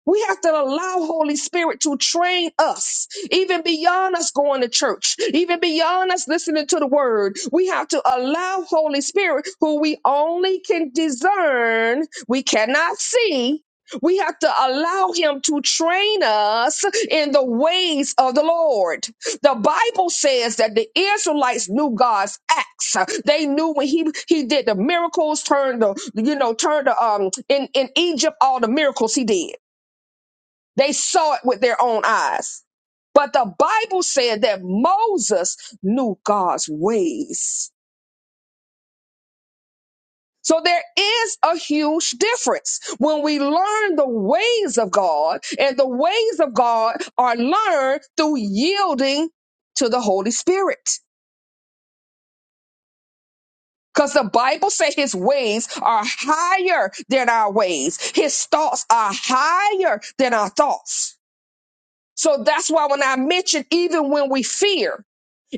B: We have to allow Holy Spirit to train us, even beyond us going to church, even beyond us listening to the word. We have to allow Holy Spirit, who we only can discern, we cannot see. We have to allow him to train us in the ways of the Lord. The Bible says that the Israelites knew God's acts. They knew when he, he did the miracles, turned the, you know, turned the, um, in, in Egypt, all the miracles he did. They saw it with their own eyes. But the Bible said that Moses knew God's ways. So there is a huge difference when we learn the ways of God, and the ways of God are learned through yielding to the Holy Spirit. Because the Bible says his ways are higher than our ways. His thoughts are higher than our thoughts. So that's why when I mentioned even when we fear,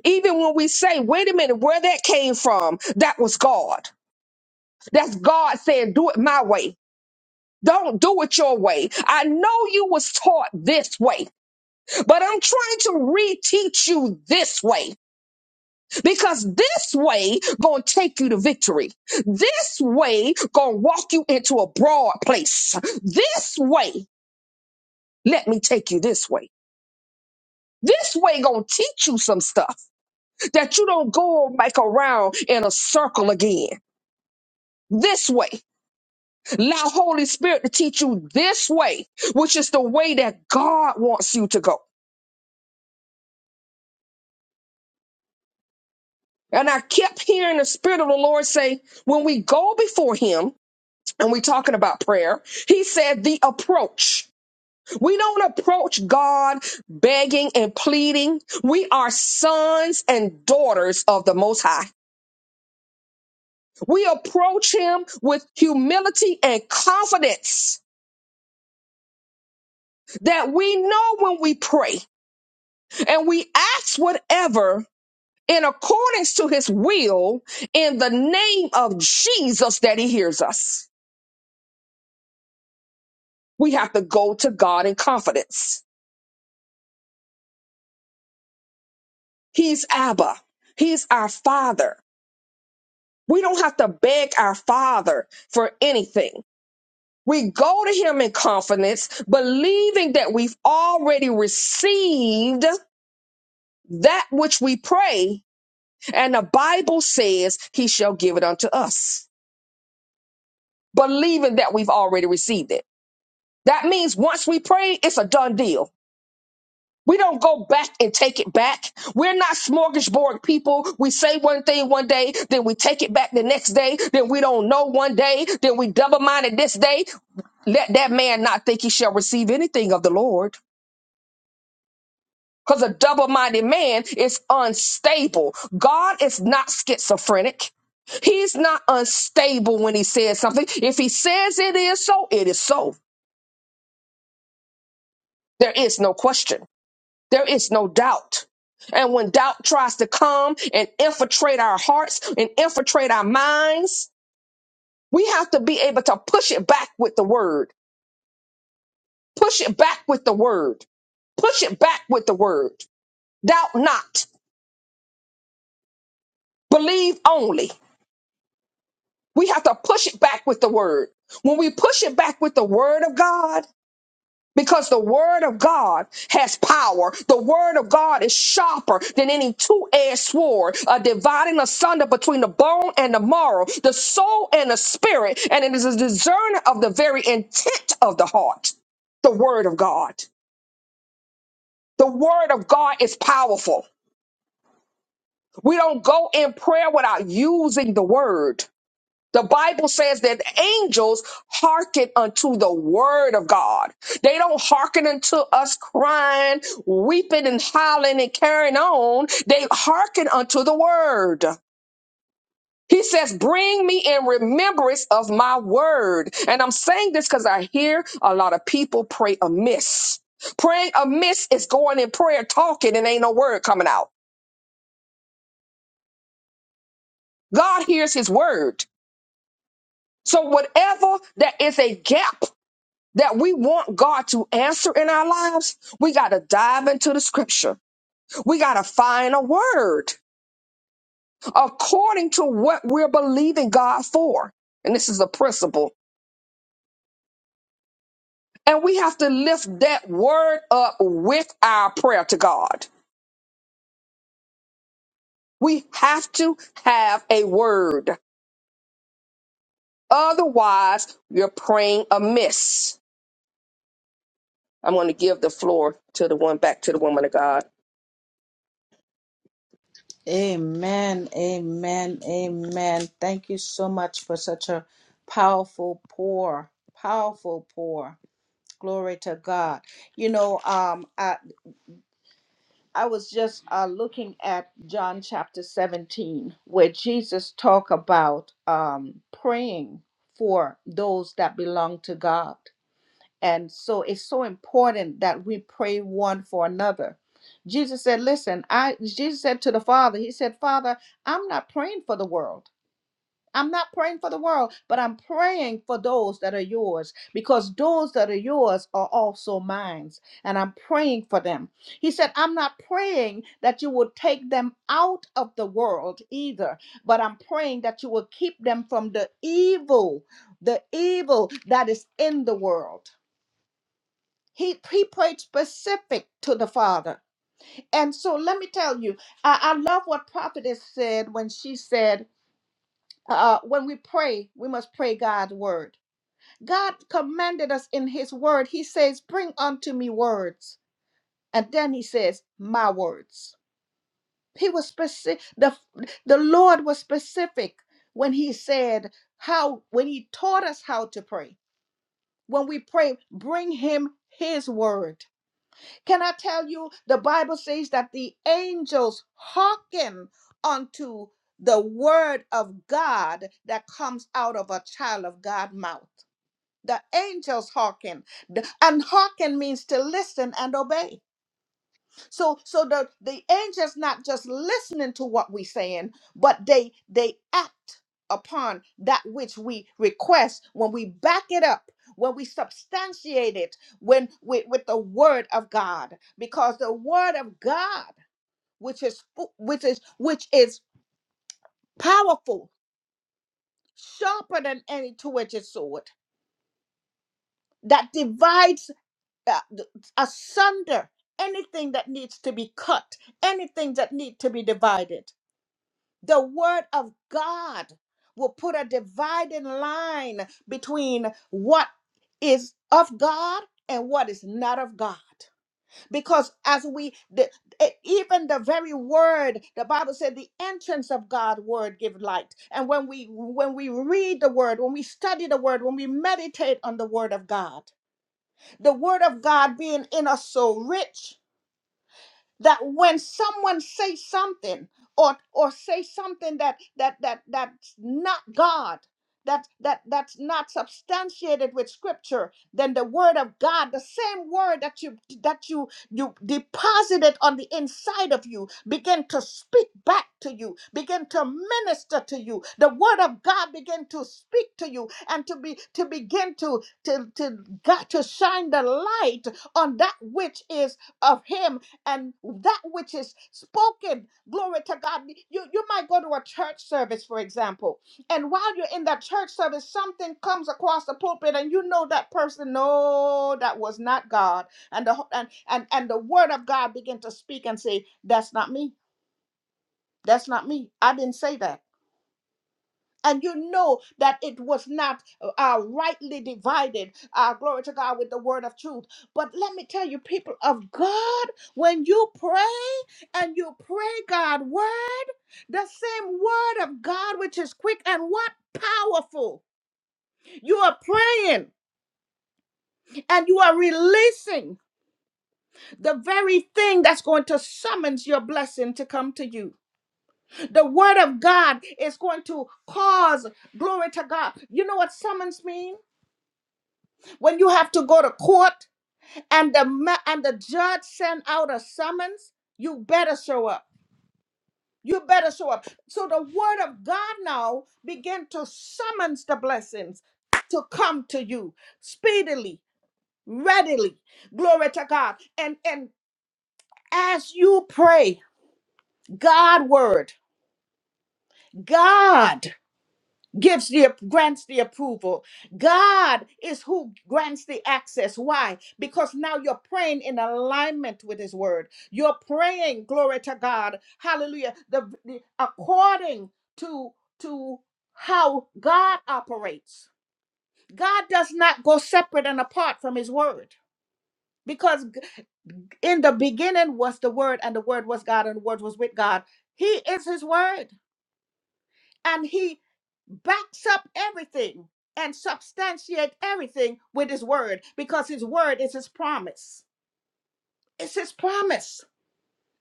B: Even when we say, wait a minute, where that came from, that was God. That's God saying, do it my way. Don't do it your way. I know you was taught this way, but I'm trying to reteach you this way because this way gonna take you to victory. This way gonna walk you into a broad place. This way, let me take you this way. This way gonna teach you some stuff that you don't go like around in a circle again. This way. Allow Holy Spirit to teach you this way, which is the way that God wants you to go. And I kept hearing the Spirit of the Lord say, when we go before Him, and we're talking about prayer, He said the approach. We don't approach God begging and pleading. We are sons and daughters of the Most High. We approach Him with humility and confidence that we know when we pray and we ask whatever in accordance to his will in the name of Jesus that he hears us. We have to go to God in confidence. He's Abba. He's our father. We don't have to beg our father for anything. We go to him in confidence, believing that we've already received that which we pray. And the Bible says he shall give it unto us, believing that we've already received it. That means once we pray, it's a done deal. We don't go back and take it back. We're not smorgasbord people. We say one thing one day, then we take it back the next day, then we don't know one day, then we double minded this day. Let that man not think he shall receive anything of the Lord. Because a double minded man is unstable. God is not schizophrenic. He's not unstable when he says something. If he says it is so, it is so. There is no question. There is no doubt. And when doubt tries to come and infiltrate our hearts and infiltrate our minds, we have to be able to push it back with the word. Push it back with the word. Push it back with the word. Doubt not. Believe only. We have to push it back with the word. When we push it back with the word of God, Because the word of God has power. The word of God is sharper than any two-edged sword, uh, dividing asunder between the bone and the marrow, the soul and the spirit, and it is a discerner of the very intent of the heart. The word of God. The word of God is powerful. We don't go in prayer without using the word. The Bible says that angels hearken unto the word of God. They don't hearken unto us crying, weeping and howling and carrying on. They hearken unto the word. He says, bring me in remembrance of my word. And I'm saying this because I hear a lot of people pray amiss. Praying amiss is going in prayer, talking, and ain't no word coming out. God hears his word. So whatever that is a gap that we want God to answer in our lives, we got to dive into the scripture. We got to find a word according to what we're believing God for. And this is a principle. And we have to lift that word up with our prayer to God. We have to have a word. Otherwise, you're praying amiss. I'm going to give the floor to the one back to the woman of God.
A: Amen, amen, amen. Thank you so much for such a powerful pour, powerful pour. Glory to God. You know, um, I. I was just uh, looking at John chapter 17, where Jesus talk about um, praying for those that belong to God. And so it's so important that we pray one for another. Jesus said, listen, I Jesus said to the Father, he said, Father, I'm not praying for the world. I'm not praying for the world, but I'm praying for those that are yours because those that are yours are also mine. And I'm praying for them. He said, I'm not praying that you will take them out of the world either, but I'm praying that you will keep them from the evil, the evil that is in the world. He, he prayed specific to the Father. And so let me tell you, I, I love what Prophetess said when she said, uh, when we pray, we must pray God's word. God commanded us in His word. He says, Bring unto me words. And then He says, My words. He was specific. The, the Lord was specific when He said, How, when He taught us how to pray. When we pray, bring Him His word can I tell you, the Bible says that the angels hearken unto the word of God that comes out of a child of God mouth. The angels hearken. The- And hearken means to listen and obey. So so the the angels not just listening to what we saying, but they they act upon that which we request when we back it up when we substantiate it when with, with the word of god because the word of god which is fu- which is which is powerful sharper than any two-edged sword that divides uh, th- asunder anything that needs to be cut anything that need to be divided The word of God will put a dividing line between what is of God and what is not of God. Because as we, the, e- even the very word, the Bible said, the entrance of God's word give light. And when we when we read the word, when we study the word, when we meditate on the word of God, the word of God being in us so rich that when someone say something or or say something that that that that's not god that that that's not substantiated with scripture then the word of god the same word that you that you you deposited on the inside of you begin to speak back to you begin to minister to you the word of god begin to speak to you and to be to begin to to to god to shine the light on that which is of him and that which is spoken glory to god you, you might go to a church service for example and while you're in that church service something comes across the pulpit and you know that person no that was not god and the and and, and the word of god begin to speak and say that's not me that's not me i didn't say that and you know that it was not uh, uh, rightly divided, uh, glory to God, with the word of truth. But let me tell you, people of God, when you pray and you pray God word, the same word of God, which is quick and what? Powerful. You are praying and you are releasing the very thing that's going to summons your blessing to come to you. The word of God is going to cause glory to God. You know what summons mean? When you have to go to court and the ma- and the judge send out a summons, you better show up. You better show up. So the word of God now begin to summons the blessings to come to you speedily, readily. Glory to God. And and as you pray, God word, God. gives the grants the approval. God is who grants the access. Why? Because now you're praying in alignment with His Word. You're praying, glory to God, Hallelujah. The, the according to to how God operates. God does not go separate and apart from His Word. Because g- in the beginning was the Word, and the Word was God, and the Word was with God. He is His Word. and he backs up everything and substantiate everything with his word because his word is his promise it's his promise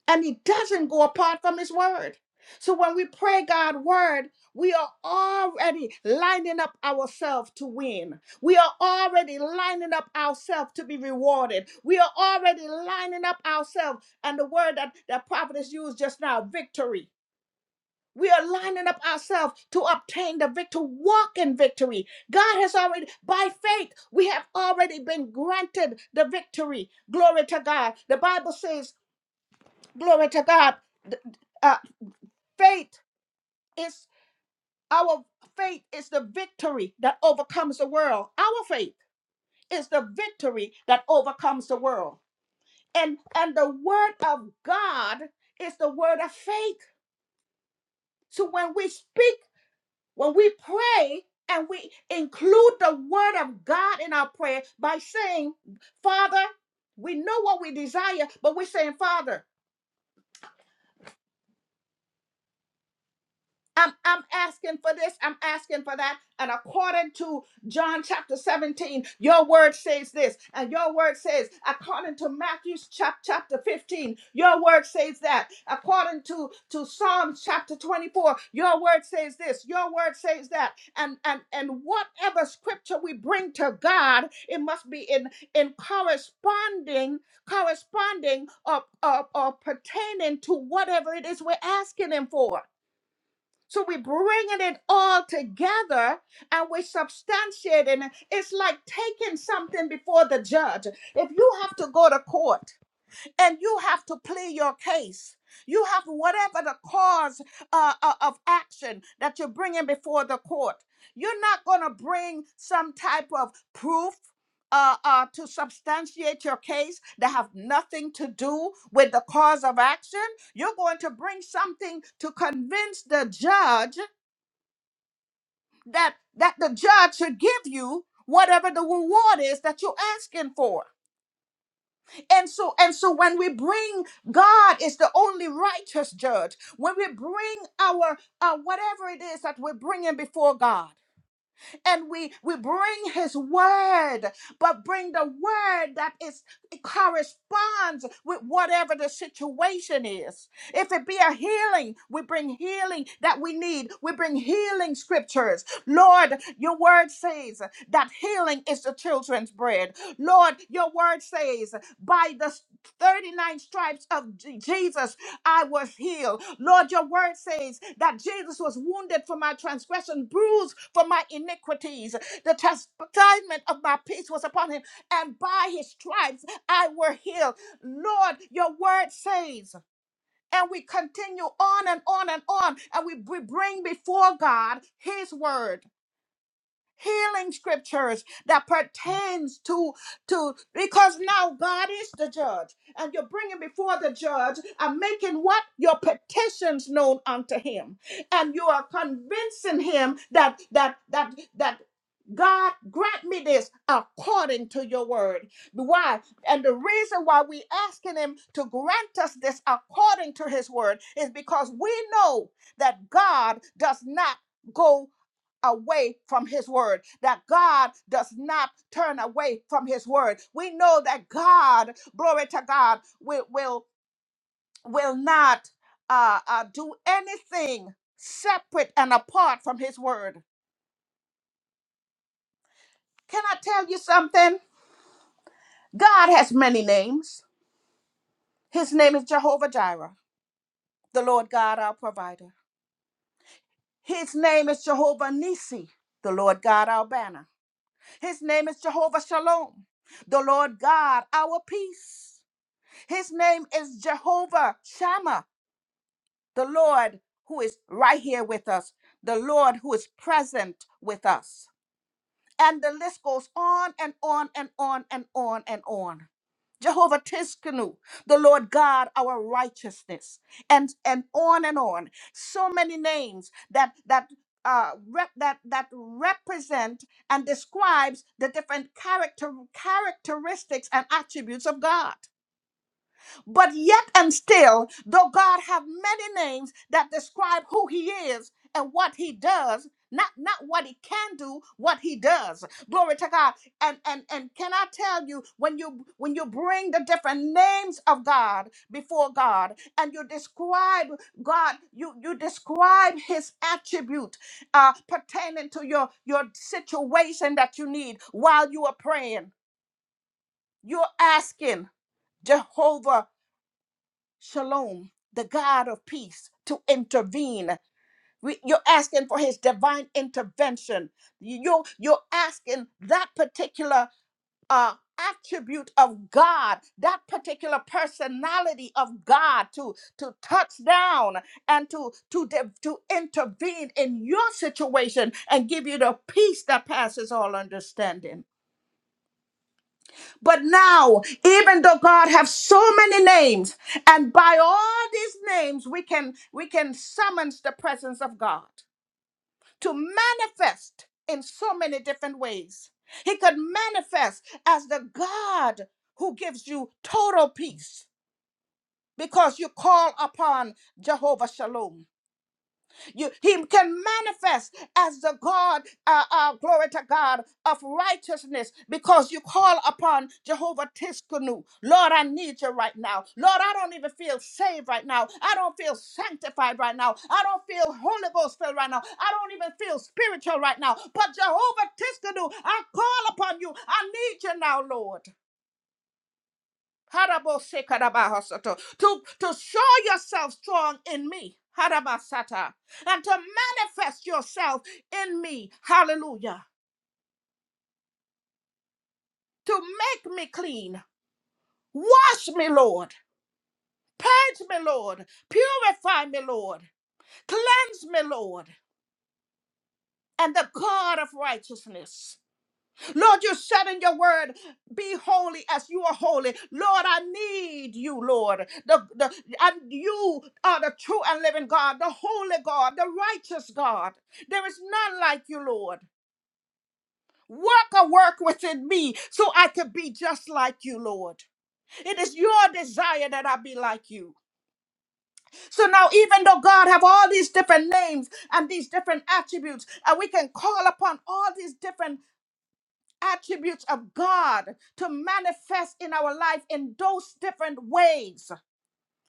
A: and he doesn't go apart from his word so when we pray God's word we are already lining up ourselves to win we are already lining up ourselves to be rewarded we are already lining up ourselves and the word that the prophet has used just now victory we are lining up ourselves to obtain the victory, walk in victory. God has already, by faith, we have already been granted the victory. Glory to God. The Bible says, glory to God, th- uh, faith is our faith is the victory that overcomes the world. Our faith is the victory that overcomes the world. And and the word of God is the word of faith. So when we speak, When we pray and we include the word of God in our prayer by saying, Father, we know what we desire, but we're saying, Father, I'm, I'm asking for this, I'm asking for that. And according to John chapter 17, your word says this, and your word says, according to Matthew chap- chapter 15, your word says that. According to, to Psalms chapter 24, your word says this, your word says that. And, and, and whatever scripture we bring to God, it must be in, in corresponding, corresponding or, or, or pertaining to whatever it is we're asking Him for. So we're bringing it all together and we're substantiating. it. It's like taking something before the judge. If you have to go to court, and you have to plead your case. You have whatever the cause uh, uh, of action that you're bringing before the court. You're not going to bring some type of proof. Uh, uh, to substantiate your case that have nothing to do with the cause of action you're going to bring something to convince the judge that that the judge should give you whatever the reward is that you're asking for and so, and so when we bring God is the only righteous judge, when we bring our uh, whatever it is that we're bringing before God, and we we bring His word, but bring the word that is corresponds with whatever the situation is. If it be a healing, we bring healing that we need. We bring healing scriptures. Lord, your word says that healing is the children's bread. Lord, your word says by the 39 stripes of J- Jesus, I was healed. Lord, your word says that Jesus was wounded for my transgression, bruised for my iniquities. The chastisement of my peace was upon him, and by his stripes I were healed. Lord, your word says, and we continue on and on and on, and we, we bring before God his word healing scriptures that pertains to to because now God is the judge and you're bringing before the judge and making what your petitions known unto him and you are convincing him that that that that God grant me this according to your word. Why? And the reason why we asking him to grant us this according to his word is because we know that God does not go away from his word, that God does not turn away from his word. We know that God, glory to God, will will, will not uh, uh, do anything separate and apart from his word. Can I tell you something? God has many names. His name is Jehovah Jireh, the Lord God our provider. His name is Jehovah Nisi, the Lord God our banner. His name is Jehovah Shalom, the Lord God our peace. His name is Jehovah Shammah, the Lord who is right here with us, the Lord who is present with us. And the list goes on and on and on and on and on. Jehovah Tiskanu, the Lord God, our righteousness, and and on and on. So many names that that uh, rep, that that represent and describes the different character characteristics and attributes of God. But yet and still, though God have many names that describe who he is and what he does, not not what he can do, what he does. Glory to God. And and and can I tell you when you when you bring the different names of God before God and you describe God, you you describe his attribute uh pertaining to your your situation that you need while you are praying. You're asking Jehovah Shalom, the God of peace, to intervene. We- You're asking for his divine intervention. You- You're, you're asking that particular uh, attribute of God, that particular personality of God to, to touch down and to, to, de- to intervene in your situation and give you the peace that passes all understanding. But now, even though God have so many names, and by all these names we can we can summons the presence of God to manifest in so many different ways. He could manifest as the God who gives you total peace because you call upon Jehovah Shalom. You, he can manifest as the God, uh, uh, glory to God, of righteousness because you call upon Jehovah Tiskanu. Lord, I need you right now. Lord, I don't even feel saved right now. I don't feel sanctified right now. I don't feel Holy Ghost filled right now. I don't even feel spiritual right now. But Jehovah Tiskanu, I call upon you. I need you now, Lord. Harabosekarabahosoto. To, to show yourself strong in me. Harabasata. And to manifest yourself in me. Hallelujah. To make me clean. Wash me, Lord. Cleanse me, Lord. Purify me, Lord. Cleanse me, Lord. And the God of righteousness. Lord, you said in your word, be holy as you are holy. Lord, I need you, Lord. The, the, and you are the true and living God, the holy God, the righteous God. There is none like you, Lord. Work a work within me so I can be just like you, Lord. It is your desire that I be like you. So now, even though God have all these different names and these different attributes, and we can call upon all these different attributes of God to manifest in our life in those different ways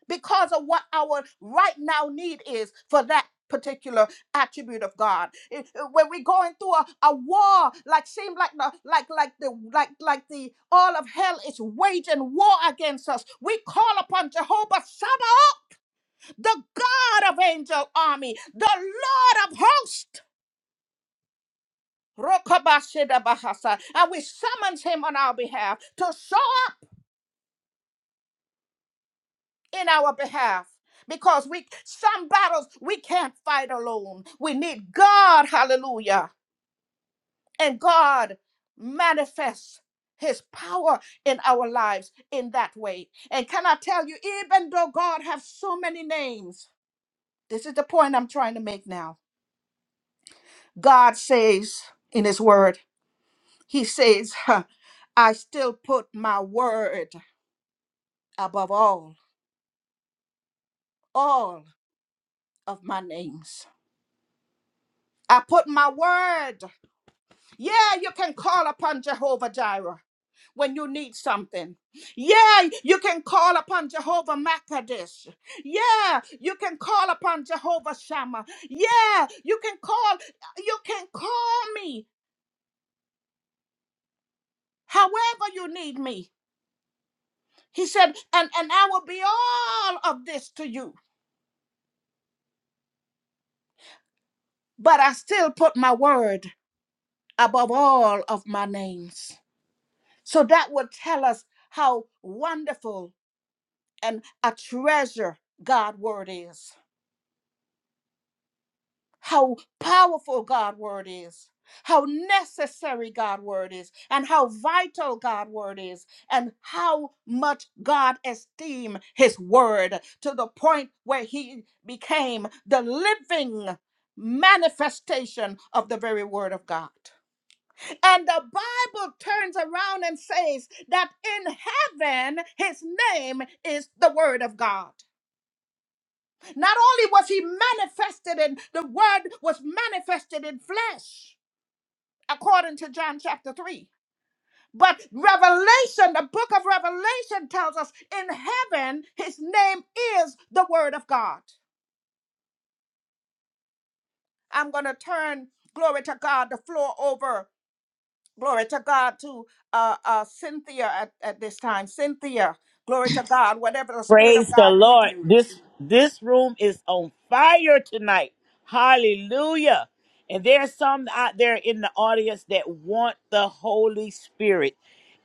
A: because of what our right now need is for that particular attribute of God. It- When we're going through a, a war, like seem like the like like the like like the all of hell is waging war against us. We call upon Jehovah Sabbath, the God of angel army, the Lord of hosts. Rokabashidabahasa, and we summons him on our behalf to show in our behalf because we some battles we can't fight alone. We need God, hallelujah. And God manifests his power in our lives in that way. And can I tell you even though God has so many names, this is the point I'm trying to make now. God says in his word, he says, huh, I still put my word above all, all of my names. I put my word Yeah, you can call upon Jehovah Jireh when you need something. Yeah, you can call upon Jehovah Makadesh. Yeah, you can call upon Jehovah Shammah. Yeah, you can call, you can call me however you need me. He said, and, and I will be all of this to you, but I still put my word above all of my names. So that would tell us how wonderful and a treasure God word is. how powerful God word is, how necessary God word is, and how vital God word is, and how much God esteemed his word to the point where he became the living manifestation of the very word of God. And the Bible turns around and says that in heaven his name is the word of God. Not only was he manifested in the word was manifested in flesh, according to John chapter 3. But Revelation, the book of Revelation tells us in heaven, his name is the word of God. I'm going to turn, glory to God, the floor over, glory to God, to uh, uh, Cynthia at, at this time. Cynthia, glory to God, whatever the Spirit of
C: Praise the
A: God give
C: Lord.
A: you.
C: This this room is on fire tonight. Hallelujah. And there's some out there in the audience that want the Holy Spirit.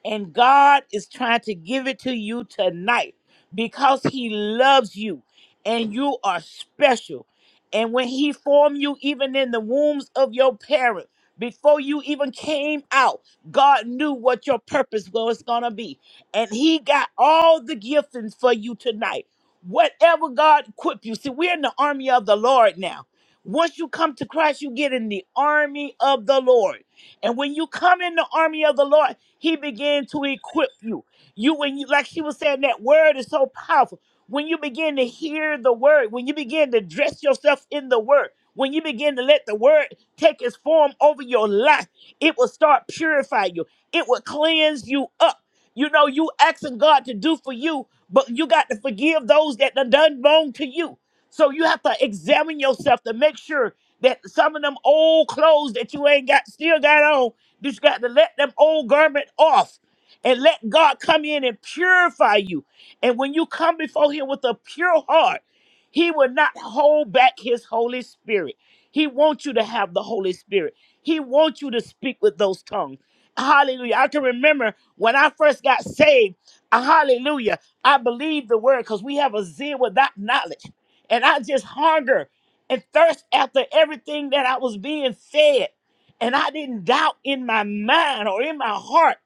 C: And God is trying to give it to you tonight because he loves you and you are special. And when he formed you even in the wombs of your parents, before you even came out, God knew what your purpose was going to be and he got all the giftings for you tonight. Whatever God equip you. See, we're in the army of the Lord now. Once you come to Christ, you get in the army of the Lord. And when you come in the army of the Lord, he began to equip you. You when you like she was saying that word is so powerful. When you begin to hear the word, when you begin to dress yourself in the word, when you begin to let the word take its form over your life, it will start purifying you. It will cleanse you up you know, you asking God to do for you, but you got to forgive those that done done wrong to you. So you have to examine yourself to make sure that some of them old clothes that you ain't got still got on, you just got to let them old garment off and let God come in and purify you. And when you come before Him with a pure heart, He will not hold back His Holy Spirit. He wants you to have the Holy Spirit. He wants you to speak with those tongues. Hallelujah. I can remember when I first got saved. uh, Hallelujah. I believe the word because we have a zeal without knowledge. And I just hunger and thirst after everything that I was being fed. And I didn't doubt in my mind or in my heart.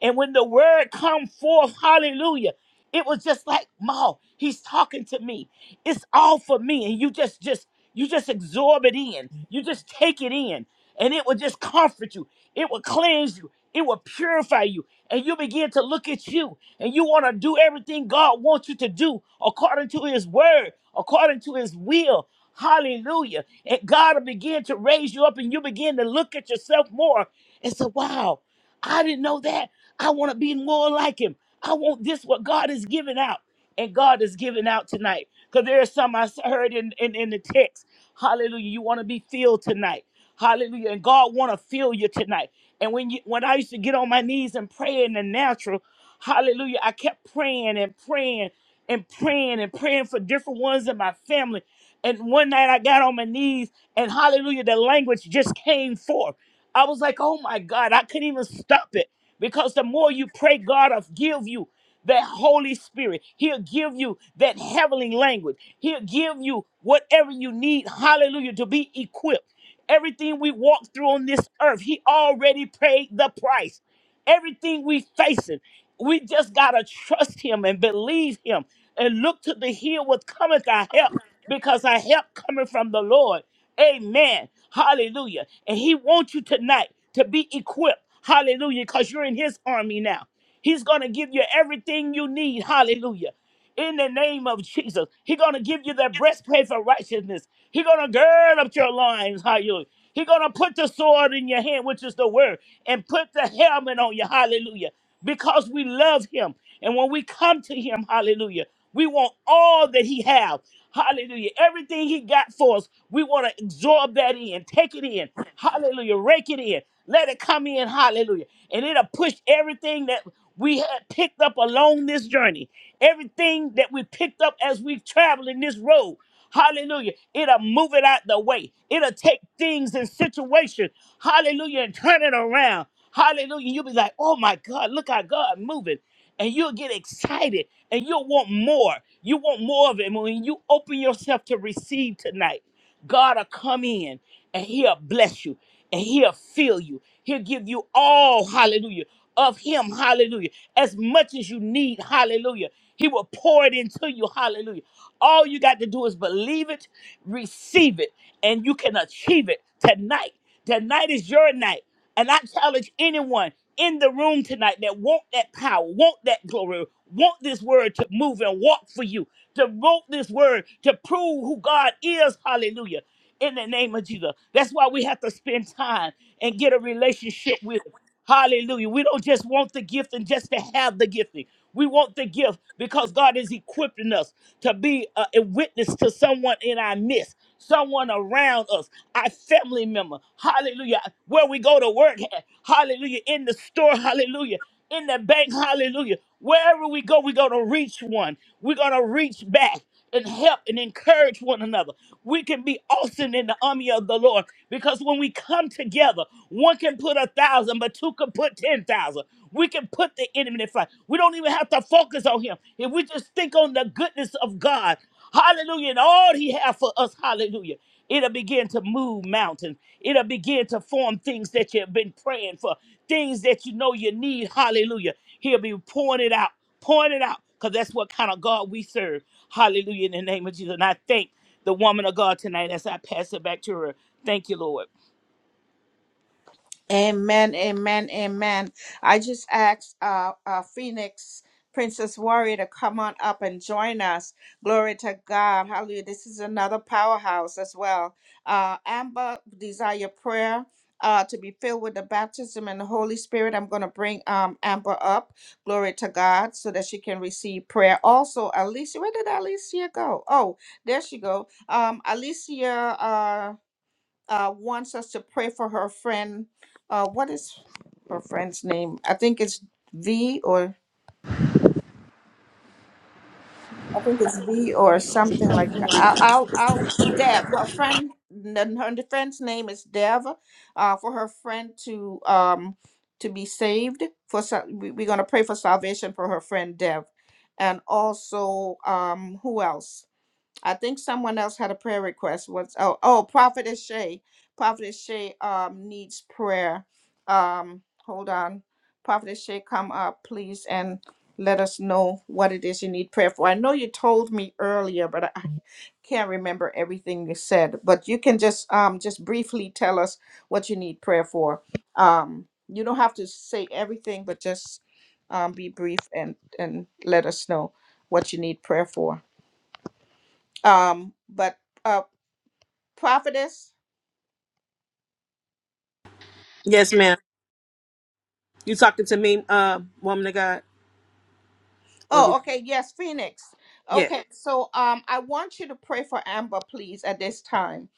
C: And when the word come forth, hallelujah, it was just like, Ma, he's talking to me. It's all for me. And you just, just, you just absorb it in. You just take it in. And it will just comfort you. It will cleanse you it will purify you. And you begin to look at you and you want to do everything God wants you to do according to his word, according to his will. Hallelujah. And God will begin to raise you up and you begin to look at yourself more and say, wow, I didn't know that. I want to be more like him. I want this, what God is giving out. And God is giving out tonight. Because there are some I s- heard in, in, in the text. Hallelujah. You want to be filled tonight. Hallelujah. And God want to fill you tonight. And when you when I used to get on my knees and pray in the natural, hallelujah, I kept praying and praying and praying and praying for different ones in my family. And one night I got on my knees and hallelujah, the language just came forth. I was like, oh my God, I couldn't even stop it. Because the more you pray, God will give you that Holy Spirit. He'll give you that heavenly language. He'll give you whatever you need, hallelujah, to be equipped. Everything we walk through on this earth, He already paid the price. Everything we facing, we just gotta trust Him and believe Him and look to the hill what cometh our help, because our help coming from the Lord. Amen. Hallelujah. And he wants you tonight to be equipped. Hallelujah. Because you're in his army now. He's going to give you everything you need. Hallelujah. In the name of Jesus, he's going to give you the breastplate for righteousness. He's going to gird up your loins. Hallelujah. He's going to put the sword in your hand, which is the word, and put the helmet on you. Hallelujah because we love him. And when we come to him, hallelujah, we want all that he have. Hallelujah. Everything he got for us, we want to absorb that in, take it in. Hallelujah. Rake it in. Let it come in. Hallelujah. And it'll push everything that we had picked up along this journey. Everything that we picked up as we traveling this road. Hallelujah. It'll move it out the way. It'll take things and situations. Hallelujah. And turn it around. Hallelujah. You'll be like, oh my God, look how God moving. And you'll get excited and you'll want more. You want more of it. And when you open yourself to receive tonight, God will come in and he'll bless you and he'll fill you. He'll give you all, hallelujah, of him, hallelujah, as much as you need, hallelujah. He will pour it into you, hallelujah. All you got to do is believe it, receive it, and you can achieve it tonight. Tonight is your night. And I challenge anyone in the room tonight that want that power, want that glory, want this word to move and walk for you, to want this word to prove who God is. Hallelujah. In the name of Jesus. That's why we have to spend time and get a relationship with Him. Hallelujah. We don't just want the gift and just to have the gifting. We want the gift because God is equipping us to be a, a witness to someone in our midst, someone around us, our family member. Hallelujah. Where we go to work. Hallelujah. In the store. Hallelujah. In the bank. Hallelujah. Wherever we go, we're going to reach one. We're going to reach back and help and encourage one another. We can be awesome in the army of the Lord because when we come together, one can put a thousand, but two can put ten thousand. We can put the enemy in flight. We don't even have to focus on him. If we just think on the goodness of God, hallelujah, and all he has for us, hallelujah, it'll begin to move mountains. It'll begin to form things that you've been praying for, things that you know you need, hallelujah. He'll be pouring it out. Point it out because that's what kind of God we serve. Hallelujah in the name of Jesus. And I thank the woman of God tonight as I pass it back to her. Thank you, Lord.
A: Amen, amen, amen. I just asked uh, uh, Phoenix Princess Warrior to come on up and join us. Glory to God. Hallelujah. This is another powerhouse as well. Uh, Amber, desire prayer. Uh, to be filled with the baptism and the Holy Spirit. I'm going to bring um, Amber up. Glory to God so that she can receive prayer. Also, Alicia, where did Alicia go? Oh, there she go. Um, Alicia uh, uh, wants us to pray for her friend. Uh, what is her friend's name? I think it's V or I think it's V or something like that. I'll, I'll, I'll uh, Dev. Her friend, n- her friend's name is Dev. Uh, for her friend to um to be saved. For sal- we- we're gonna pray for salvation for her friend Dev, and also um who else? I think someone else had a prayer request. What's oh oh Prophetess Shay. Prophetess Shay um needs prayer. Um hold on. Prophetess Shay, come up, please, and let us know what it is you need prayer for. I know you told me earlier, but I I can't remember everything you said. But you can just um just briefly tell us what you need prayer for. Um you don't have to say everything, but just um be brief and and let us know what you need prayer for. Um, but uh, prophetess.
D: Yes, ma'am. You talking to me, uh, woman of God, or you?
A: Oh, okay. Yes, Phoenix.
D: Yes.
A: Okay, so um, I want you to pray for Amber, please, at this time.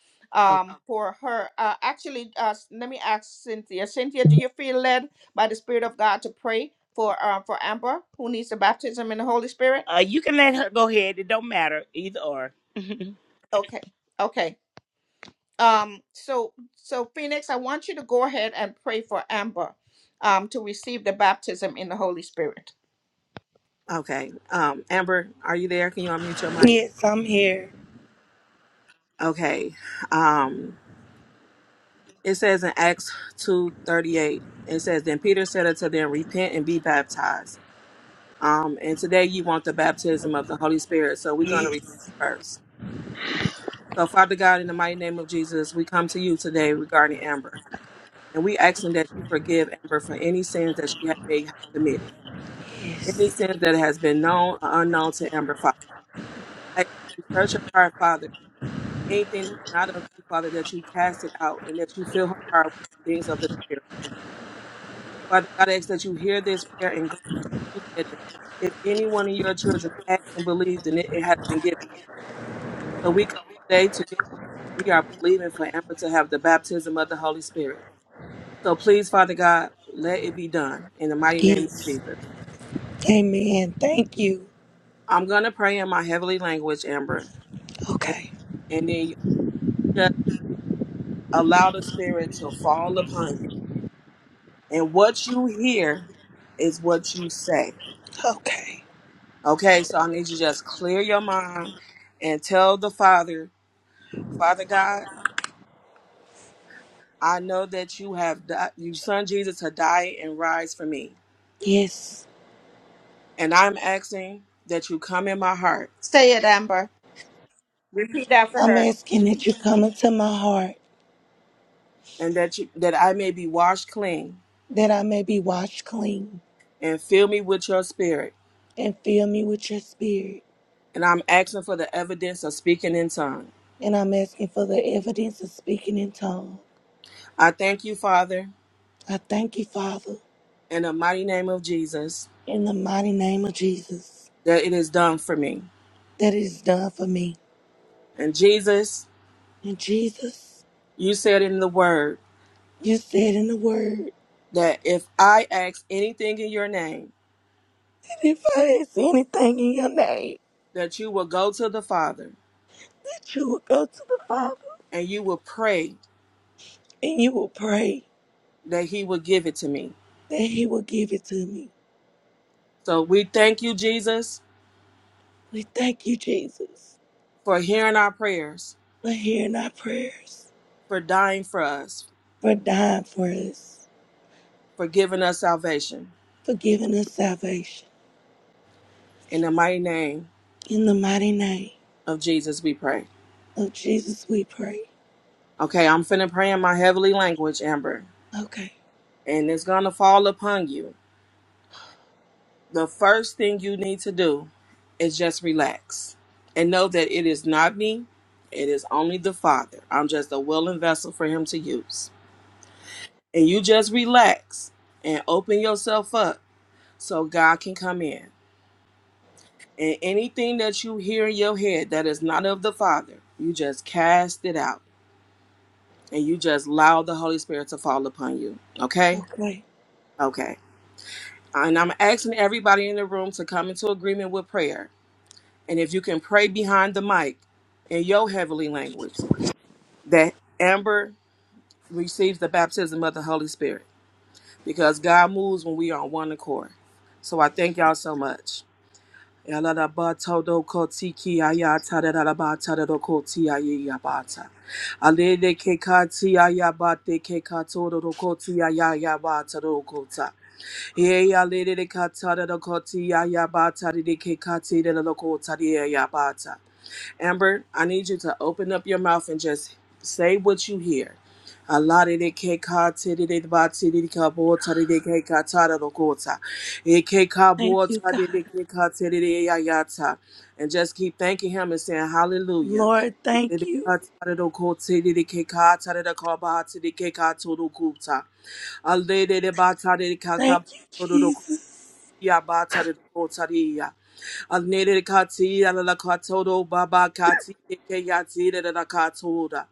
D: Oh,
A: Um, for her. Uh, actually, uh, s- let me ask Cynthia. Cynthia, do you feel led by the Spirit of God to pray for uh, for Amber, who needs the baptism in the Holy Spirit?
C: Uh, you can let her go ahead. It don't matter either or.
A: Okay. Okay. Um. So so Phoenix, I want you to go ahead and pray for Amber, um, to receive the baptism in the Holy Spirit.
D: okay. Um, Amber, are you there? Can you unmute your mic?
E: Yes, I'm here.
D: Okay. Um, it says in Acts two thirty eight. It says, "Then Peter said unto them, Repent and be baptized." Um, and today you want the baptism of the Holy Spirit, so we're going to repent
E: Yes,
D: first. So, Father God, in the mighty name of Jesus, we come to you today regarding Amber, and we asking that you forgive Amber for any sins that she has may have committed. Any sin that has been known or unknown to Amber, Father, I ask that you search her heart, Father. Anything that's not of you, Father, that you cast it out and that you fill her heart with the things of the Spirit. Father God, I ask that you hear this prayer and grant it. that you said that if any one of your children asked and believed, then it, it has been given. So we come today to you. We are believing for Amber to have the baptism of the Holy Spirit. So please, Father God, let it be done in the mighty name of
E: yes.
D: Jesus.
E: Amen. Thank you.
D: I'm going to pray in my heavenly language, Amber, and,
E: Okay,
D: and then allow the spirit to fall upon you. And what you hear is what you say.
E: okay.
D: Okay, so I need you to just clear your mind and tell the Father, Father God, I know that you have di- you son Jesus to die and rise for me.
E: Yes,
D: And I'm asking that you come in my heart
A: Say it, Amber. Repeat after
E: I'm
A: her.
E: asking that you come into my heart
D: and that you that I may be washed clean
E: that I may be washed clean
D: and fill me with your spirit.
E: and fill me with your spirit.
D: And I'm asking for the evidence of speaking in tongue.
E: And I'm asking for the evidence of speaking in tongues.
D: I thank you, Father,
E: I thank you, Father,
D: in the mighty name of Jesus,
E: in the mighty name of Jesus,
D: that it is done for me.
E: that it is done for me.
D: And Jesus,
E: And Jesus,
D: you said in the word
E: you said in the word
D: that if I ask anything in your name,
E: that if I ask anything in your name,
D: that you will go to the Father
E: that you will go to the Father
D: and you will pray
E: and you will pray
D: that he will give it to me.
E: that He will give it to me.
D: So we thank you, Jesus,
E: We thank you, Jesus,
D: for hearing our prayers,
E: for hearing our prayers,
D: for dying for us,
E: for dying for us,
D: for giving us salvation.
E: for giving us salvation.
D: In the mighty name
E: In the mighty name
D: of Jesus, we pray.
E: of Jesus, we pray.
D: Okay, I'm finna pray in my heavenly language, Amber,
E: Okay,
D: and it's gonna fall upon you. the first thing you need to do is just relax and know that it is not me, it is only the Father. I'm just a willing vessel for Him to use. And you just relax and open yourself up so God can come in. And anything that you hear in your head that is not of the Father, you just cast it out and you just allow the Holy Spirit to fall upon you. Okay?
E: okay.
D: Okay. And I'm asking everybody in the room to come into agreement with prayer. And if you can pray behind the mic in your heavenly language, that Amber receives the baptism of the Holy Spirit because God moves when we are on one accord. So I thank y'all so much. Amber, I need you to open up your mouth and just say what you hear. A Allah de de ke ka te de de ba te de de ka bo ta de de ke ka ta da do ko ta. E ke ka
E: Thank
D: bo
E: you,
D: ta de de
E: God.
D: ke ka te de de ya ya ta. And just keep thanking him and saying hallelujah.
E: Lord,
D: De
E: thank
D: de
E: you.
D: ka ta da do ko te de de ke ka ta da da ka ba te de ke ka to do ko ta. Alle de de ba ta de de ka ka
E: Thank you, Jesus.
D: Ya bata de kotaria. Anere kati ala la katodo baba kati ke yati de la katoda.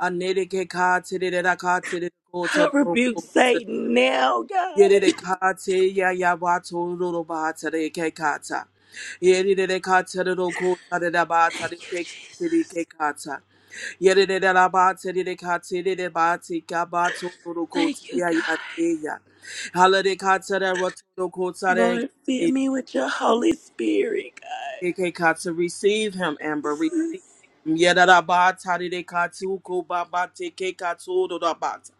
D: Anere ke kati de la kati de
E: I
D: kotodo
E: rebuke
D: kopata.
E: Satan now, God.
D: Yere de kati ya ya bato ro bata de ke kata. Yere de kati de ro kota de la bata
E: Thank
D: de
E: you,
D: ke
E: Jesus.
D: kati de ke kata. Yere de la bata de kati de bati ka bato ro koti
E: Thank you,
D: ya ya
E: God.
D: ya.
E: Lord, fill
D: Hallelujah,
E: me with your Holy Spirit,
D: Ekeka to receive him,
E: God.
D: Amber. Receive
E: Jesus.
D: him. Yedadabata dedekatu kobabate kekatu dodabata.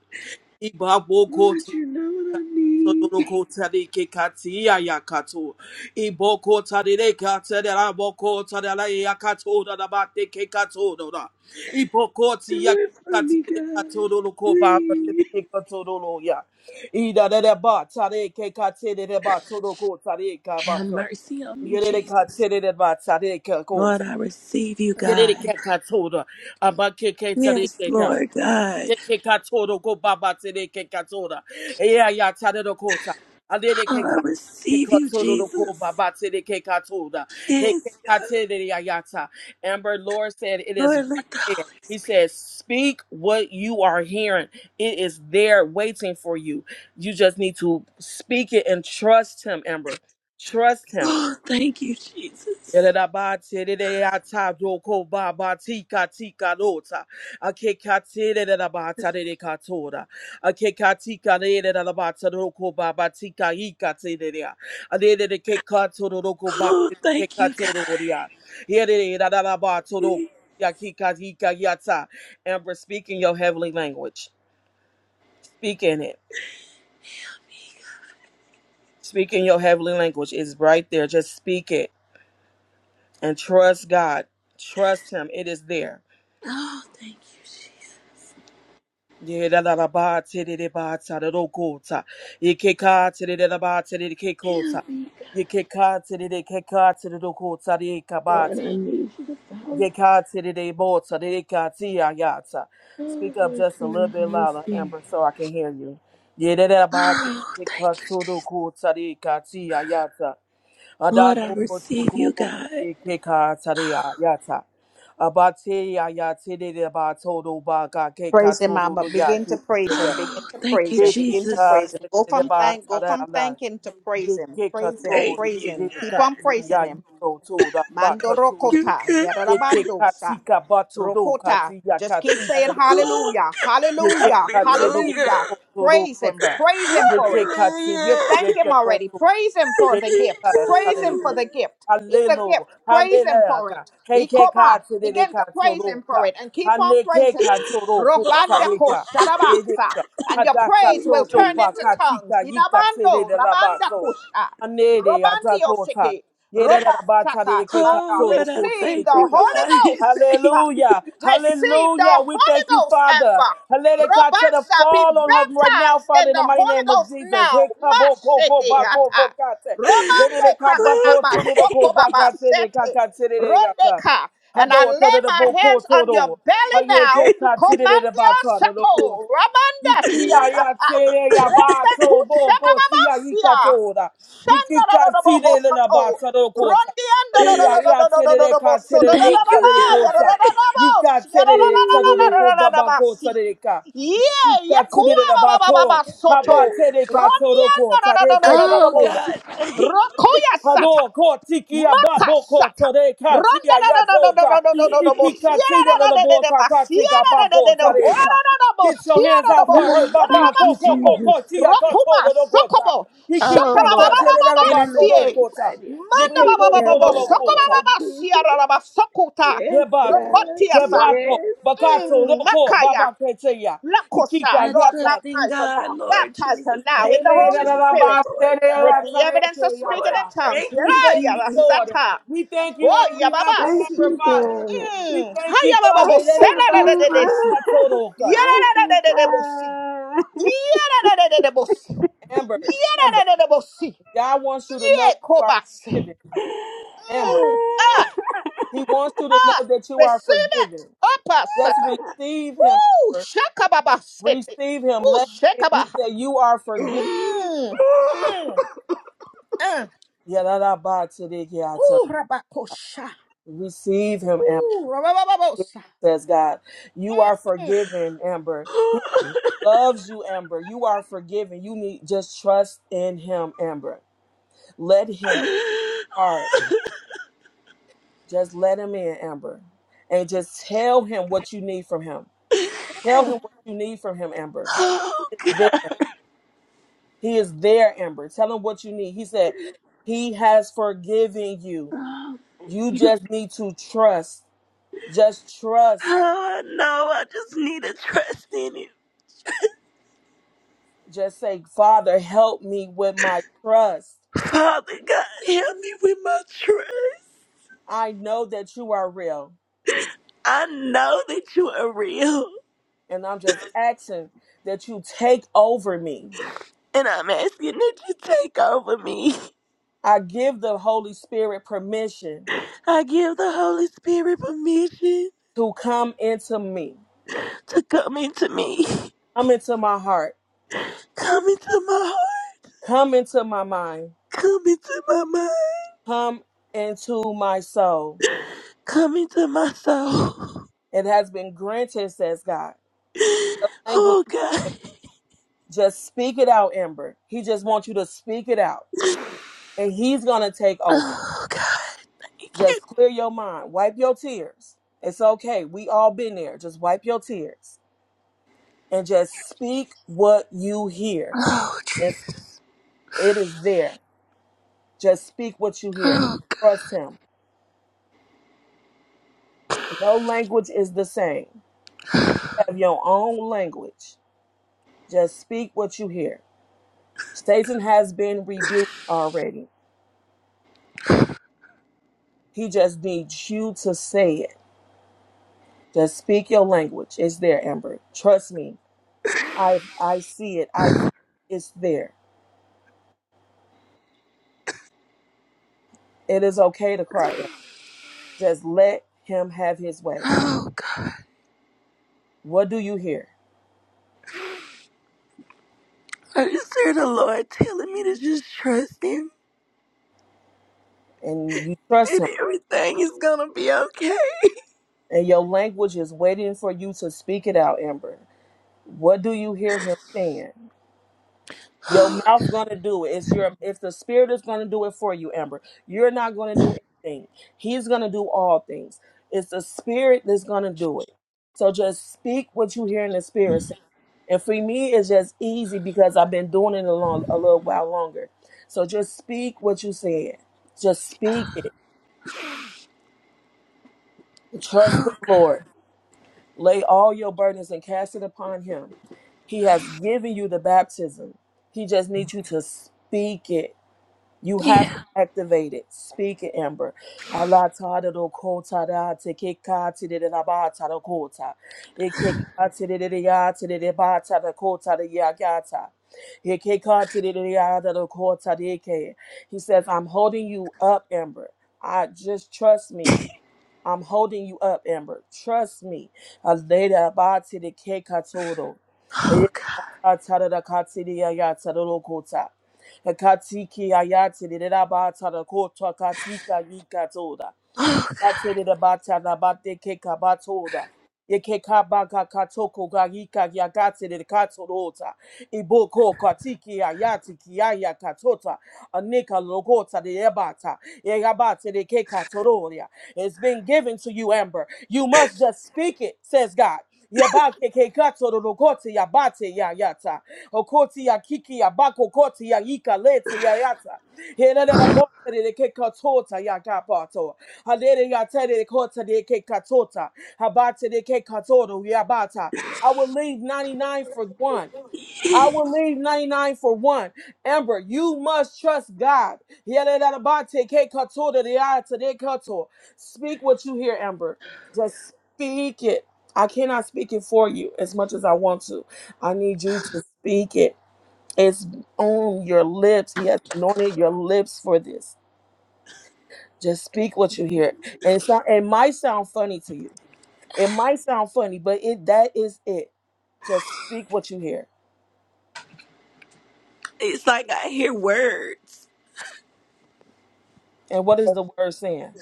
D: Ibaboko
E: Lord, you
D: tika
E: know what I need.
D: todoroko tadekekati ayakato. Iboko tadekata dedaboko tadalayakato dodabate kekato doda. Iboko
E: Do it for
D: tiyakati
E: me,
D: dedekato
E: God.
D: dodoko babate
E: Please.
D: kekato dodo ya. Idadadabata dedekekati dedebato dodoko
E: Have
D: tadekabata.
E: mercy on me,
D: Yerere
E: Jesus.
D: katere de batsa de ke
E: Lord,
D: kota.
E: I receive you,
D: Yerere
E: God.
D: ke katora. Aba ke ke tare
E: Yes,
D: ke ka.
E: Lord God.
D: Ye ke katoro go baba tere ke katora. Eya ya tare do kota. Alere
E: Oh,
D: ke
E: I
D: ka ke
E: receive you,
D: katoro do ko
E: Jesus.
D: baba tere ke katora. He ke
E: Yes, God.
D: katere ya yata. Amber Lord said it is
E: Lord,
D: right
E: let the
D: there.
E: Holy
D: He
E: Spirit.
D: says, speak what you are hearing. It is there waiting for you. You just need to speak it and trust him, Amber. Trust him
E: Oh, thank you, Jesus.
D: Yelerabate deata doko baba Tika Tika. lota. Akekate yelerabata de katora. Akekatika yelerabata doko baba Tika ikate deya. Adede de kekato doko baba
E: Oh, thank you,
D: kekato
E: God.
D: doria. Yere yelerabata doko yakika Ika. yata. Amber, speak in your heavenly language. Speak in it. Speak in your heavenly language. It's right there. Just speak it and trust God. Trust Him. It is there.
E: Oh, thank you, Jesus.
D: Ye da da da ba ta ta da ba do ko ta. Ye ke tararo kota. Ikeka da ba terere ke ko
E: Heal
D: ta.
E: me.
D: Ye ke ka terero kota ke ka ta do ko ta de ye ka ba
E: Lord,
D: ta.
E: I need you to follow.
D: Ye ka Yeka terere bo ta re ka ti ya ya ta.
E: Oh,
D: Speak up
E: Lord,
D: just a
E: sing
D: little
E: the
D: bit
E: Holy
D: louder,
E: Spirit.
D: Amber, so I can hear you. Ye da da da ba Yeraraba
E: Oh,
D: terere ka
E: thank you,
D: to do toro
E: Jesus.
D: kota re ka ti ya ya ta. A Da
E: Lord, I
D: do bo to
E: receive you,
D: ko
E: God.
D: re ke ka tare ya ya ta. Abate ya ya terere ba to do ba ka ke ka
A: Praise him,
D: to do
A: Mama.
D: do ya
A: Begin to praise
D: te.
A: him. Begin
E: Oh,
A: to
E: thank
A: praise
E: you,
A: him. Begin to
E: Jesus.
D: Dekeka
A: praise him. Go from
D: sedeba
A: thank go
D: tada
A: from
D: ala.
A: thanking to praise him.
D: Dekeka
A: Praise him.
E: Thank
D: tori.
A: Praise
E: you.
D: Ye
A: him. Keep
D: ka
A: on praising
D: tiya
A: him.
D: yiko toda
A: Mando
D: baka todo.
E: You
A: rokota,
E: good.
A: yarabando
D: Dekeka
A: sa,
D: tika bato do
A: rokota.
D: katiya
A: Just keep
D: katina
A: saying
D: do kota.
E: Oh,
A: hallelujah,
D: Yeke
A: hallelujah,
D: katiri
E: hallelujah.
D: deke
A: hallelujah.
D: koto do
A: Praise him,
D: kota.
A: praise him for it.
D: Yeke katiri
A: You
E: Hallelujah.
A: thank
D: yeke
A: him already.
D: koto.
A: Praise him
E: Thank
A: for the
D: Yeke
E: you,
A: gift. Praise
D: katiri
A: him for
D: ya.
E: God.
A: the gift. It's a
D: Hallelu,
A: gift. Praise him
D: hallelujah.
A: for it.
D: Keke
A: Ikoma,
D: katiri
A: begin
D: deke
A: to
D: koto
A: praise
D: do
A: him for
D: ka.
A: it and keep on
D: Haneke
A: praising him.
D: kato do kota
A: Robanda
E: Oh,
A: ko
E: God. Thank
A: sharabasa.
D: deka.
A: And your
D: Hadata
A: praise
E: you,
A: will
D: soto
A: turn
E: Jesus.
A: into
D: bakatika
A: tongues.
D: yika tere
A: Inabando,
D: de la
A: rabanda kusha.
D: Hanere atakota.
A: Robandio
D: Yere de
A: Roba
D: la
A: shaka
D: de keka
E: Oh,
A: yabana.
D: soto
E: Lord, I
D: kote de
A: Receive
E: thank
A: the
E: you,
D: keka.
A: Holy
E: God.
A: Ghost.
E: Thank you.
D: Hallelujah.
A: Receive
D: Hallelujah.
A: the
D: We
A: Holy
D: thank you,
A: Ghost,
D: Father.
A: Amber.
D: Hallelujah. God, to the
A: Robasha, be
D: fall on her right now,
A: baptized
D: Father,
A: in
D: in the
A: the
D: mighty
A: Holy
D: name of
A: Ghost
D: Jesus.
A: now. Mashiki hata.
D: Hekabokokobakokokate.
A: Romande
E: Oh,
A: kananama soko baba sete.
D: Hedekabakotodokobakaterekakaterekata.
A: Rondeka. And I
D: Hado todo
A: lay
D: the
A: my
D: boko
A: hands on your
D: todo.
A: belly now.
D: Hayeke de
A: Komandia
D: bata
A: sako. Ramanda
D: Ikia ya
A: siatata.
D: tere ya
A: Rende
D: bato bo bo tia ika
A: kushababasia.
D: tora. Ikika tire le na
A: Shandarorobohosoto.
D: bata ro kota. Hia ya tere le ka tere le
E: thank
D: kota
E: you,
D: le
E: God.
D: kota. Ika tere le tado do ko baba kota le ka. Ikika tire le na bato. Haba tere ka toro kota le te ka
E: Oh, God. Thank
A: Rokoya sata.
D: Hado kotikia babo
A: Makashata.
D: koto de
A: Ronda
D: katia
A: da da da da da
D: yatota.
A: da da da da da bo
E: you,
A: siera da
D: Ikikatina
A: da
D: the
A: da da
D: boy
A: da ba
D: kakatika
A: siera da da da
D: bako
A: da ora
D: tareka.
A: da da da bo
D: Get your hands
A: siera da
D: off
A: bo
D: her,
A: ho
D: her
E: Lord.
A: siera da
E: Thank
D: baba
A: ba
D: ko
E: you,
D: ko ko
A: soko
E: Jesus.
D: ko tia
A: rokuma
D: koto do do
A: soko
D: kota.
A: bo
E: Oh
A: shaka ba ba
E: Lord,
A: ba
E: I
A: ba ba
D: Ikikatina la
A: ba
E: sin and
D: bato do
A: sie
E: agree
D: kota.
E: right here.
A: manda
E: With
D: Yeke
A: ba ba
D: koto
E: you
A: ba ba
E: now,
D: do
A: ba
D: do
E: God,
A: soko ba ba
D: kota.
E: Lord
A: ba
E: Jesus.
A: siera da ba soko ta
E: Yes,
D: Rebat,
A: rokotia
E: God.
A: sa
D: kebato,
E: Yes.
D: bakato do
A: mm
D: ko
A: makaya
D: baba keteya.
A: lakosha
E: I
A: Lord
E: trust in
A: baptize her
E: God,
A: now
E: Lord
A: baptize her
E: Jesus.
A: now
D: We
E: Thank
A: with the
E: you,
D: thank
A: Holy
E: Jesus,
A: Spirit
E: Lord
A: with
E: God.
A: the evidence of speaking
E: Lord,
A: in tongues.
E: thank you,
A: Yara
D: you,
A: yara
E: Jesus.
D: Lord.
A: sata.
D: We thank you
A: Oh,
D: on behalf of
E: Thank
A: yababasi.
D: Amber,
E: you,
D: Father.
E: God.
D: We
A: Mm.
D: thank you, Father.
E: Thank
A: Hayababosi.
E: you,
A: Yadadadadadesi.
E: Jesus. Thank
A: Yadadadadadadebosi.
E: you,
A: Yadadadadadadebosi.
D: Amber, Amber,
A: Yadadadadadebosi.
D: God wants you to know you are
A: Yekobasi.
D: forgiven. Amber,
A: Mm. Ah,
D: He wants you to know
A: ah.
D: that you are
A: Receive
D: forgiven.
A: it. Upper
D: Let's
A: sucker.
D: receive Him,
A: Ooh,
D: Amber.
A: shakababa city.
D: Receive Him.
A: Ooh,
D: Let He
A: shakabaha.
D: said you are forgiven.
E: God.
A: Mmm. Mmm. Uh, rabacha.
D: Receive Him, Amber.
A: Ooh, rabababosa.
D: says God. You are forgiven, Amber. He loves you, Amber. You are forgiven. You need just trust in him, Amber. Let him heart. Just let him in, Amber. And just tell him what you need from him.
A: Mm.
D: Tell him what you need from him, Amber.
E: Oh,
D: He is there. He is there, Amber. Tell him what you need. He said, He has forgiven you.
E: God. Thank
D: You
E: you.
D: just need to trust. Just trust.
E: Oh, no, I just need to trust in you.
D: Just say, Father, help me with my trust.
E: Father God, help me with my trust.
D: I know that you are real,
E: I know that you are real,
D: and I'm just asking that you take over me.
E: and I'm asking that you take over me.
D: I give the Holy Spirit permission
E: I give the Holy Spirit permission
D: to come into me,
E: to come into me,
D: come into my heart,
E: come into my heart,
D: come into my mind,
E: come into my mind,
D: come into my soul.
E: come into my soul.
D: It has been granted, says God. The language,
E: Oh, God.
D: just speak it out, Amber. He just wants you to speak it out, and He's going to take over.
E: Oh, God. Thank you.
D: Just clear your mind, wipe your tears. It's okay. We all been there. Just wipe your tears and just speak what you hear.
E: Oh,
D: It's,
E: Jesus.
D: it is there. Just speak what you hear.
E: Oh, God.
D: Trust Him. No language is the same. Have your own language. Just speak what you hear. Satan has been rebuked already. He just needs you to say it. Just speak your language. It's there, Amber. Trust me. I I see it. I it's there. It is okay to cry. Amber. Just let him have his way.
E: Oh, God.
D: What do you hear?
E: I just heard the Lord telling me to just trust Him
D: And you trust him
E: that everything is gonna be okay.
D: And your language is waiting for you to speak it out, Amber. What do you hear him saying? Your mouth's gonna do it. It's your if the spirit is gonna do it for you, Amber. You're not gonna do anything. He's gonna do all things. It's the spirit that's gonna do it. So just speak what you hear in the spirit. say. And for me, it's just easy because I've been doing it a long a little while longer. So just speak what you said. Just speak it. Trust the Lord. Lay all your burdens and cast it upon him. He has given you the baptism. He just needs you to speak it. You have to
E: yeah.
D: activate it. Speak it, Amber. Allah ta da do ko ta da te ke ka te de de la ba ta da ko ta. E ke ka te de de de ya te de de ba ta da ko ta da ya ga ta. E ke ka te de de de ya da do ko ta de ke. He says, I'm holding you up, Amber. I just trust me. I'm holding you up, Amber. Trust me. Aleda bati de ke katoro.
E: Oh
D: Eyeda
E: God.
D: katara da katiri ayata da lokota. Ekatiki ayati de da bata da ba tara kota katika yikatoda.
E: Oh, God.
D: Batere bata na bate ke kabatoda. Ye ke kabaka katoko garika ya gatere katorota. Iboko katiki ya yati ki ya ya katota. Anika logota de ebata. Ye gabate de ke katororia. It's been given to you, Amber. You must just speak it, says God. Yebake ke katoro logote ya bate ya yata. Okoti ya kiki ya bako koti ya yika lete ya yata. Here that a botere de ke katota ya kapato. Halere ya tere kota de ke katota. Habate de ke katoto yabata. I will leave 99 for one. I
E: Yeah.
D: will leave 99 for one. Amber, you must trust God. Yere da da ba te ke katoto de ya te de kato. Speak what you hear, Amber. Just speak it. I cannot speak it for you as much as I want to. I need you to speak it. It's on your lips. He has anointed your lips for this. Just speak what you hear. And so it might sound funny to you. It might sound funny, but it that is it. Just speak what you hear.
E: It's like I hear words.
D: And what is the word saying?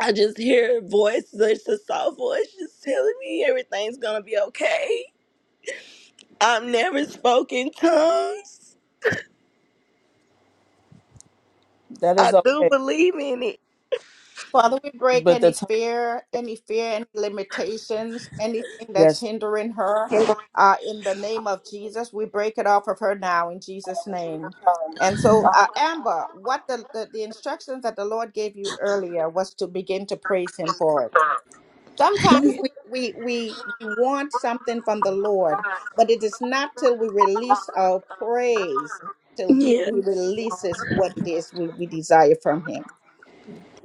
E: I just hear a voice, just a soft voice, just telling me everything's gonna be okay. I've never spoken tongues.
D: That
E: I
D: is
E: do
D: okay.
E: believe in it.
A: Father, we break
D: But the
A: any
D: time,
A: fear, any fear, any limitations, anything that's
D: yes,
A: hindering her. Uh, in the name of Jesus, we break it off of her now in Jesus' name. And so, uh, Amber, what the, the, the instructions that the Lord gave you earlier was to begin to praise Him for it. Sometimes
E: Yeah.
A: we, we, we, we want something from the Lord, but it is not till we release our praise, till He
E: yeah.
A: releases what it is we, we desire from Him.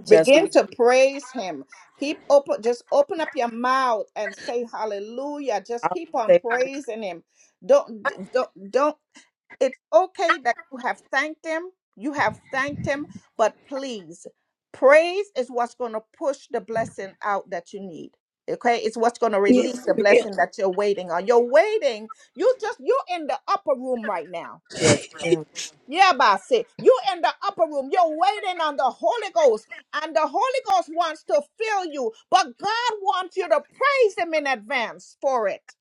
D: just
A: Begin
D: keep
A: to praise him. Keep open, just open up your mouth and say hallelujah.
D: I
A: Just
D: will
A: keep on
D: say it with
A: praising him. Don't, don't, don't. It's okay that you have thanked him. You have thanked him, but please, praise is what's going to push the blessing out that you need. Okay, it's what's going to release
E: Yes,
A: the
E: ma'am.
A: blessing that you're waiting on. You're waiting. You just you're in the upper room right now.
D: you. yes. ma'am.
A: Yeah, but say You in the upper room. You're waiting on the Holy Ghost, and the Holy Ghost wants to fill you, but God wants you to praise Him in advance for it.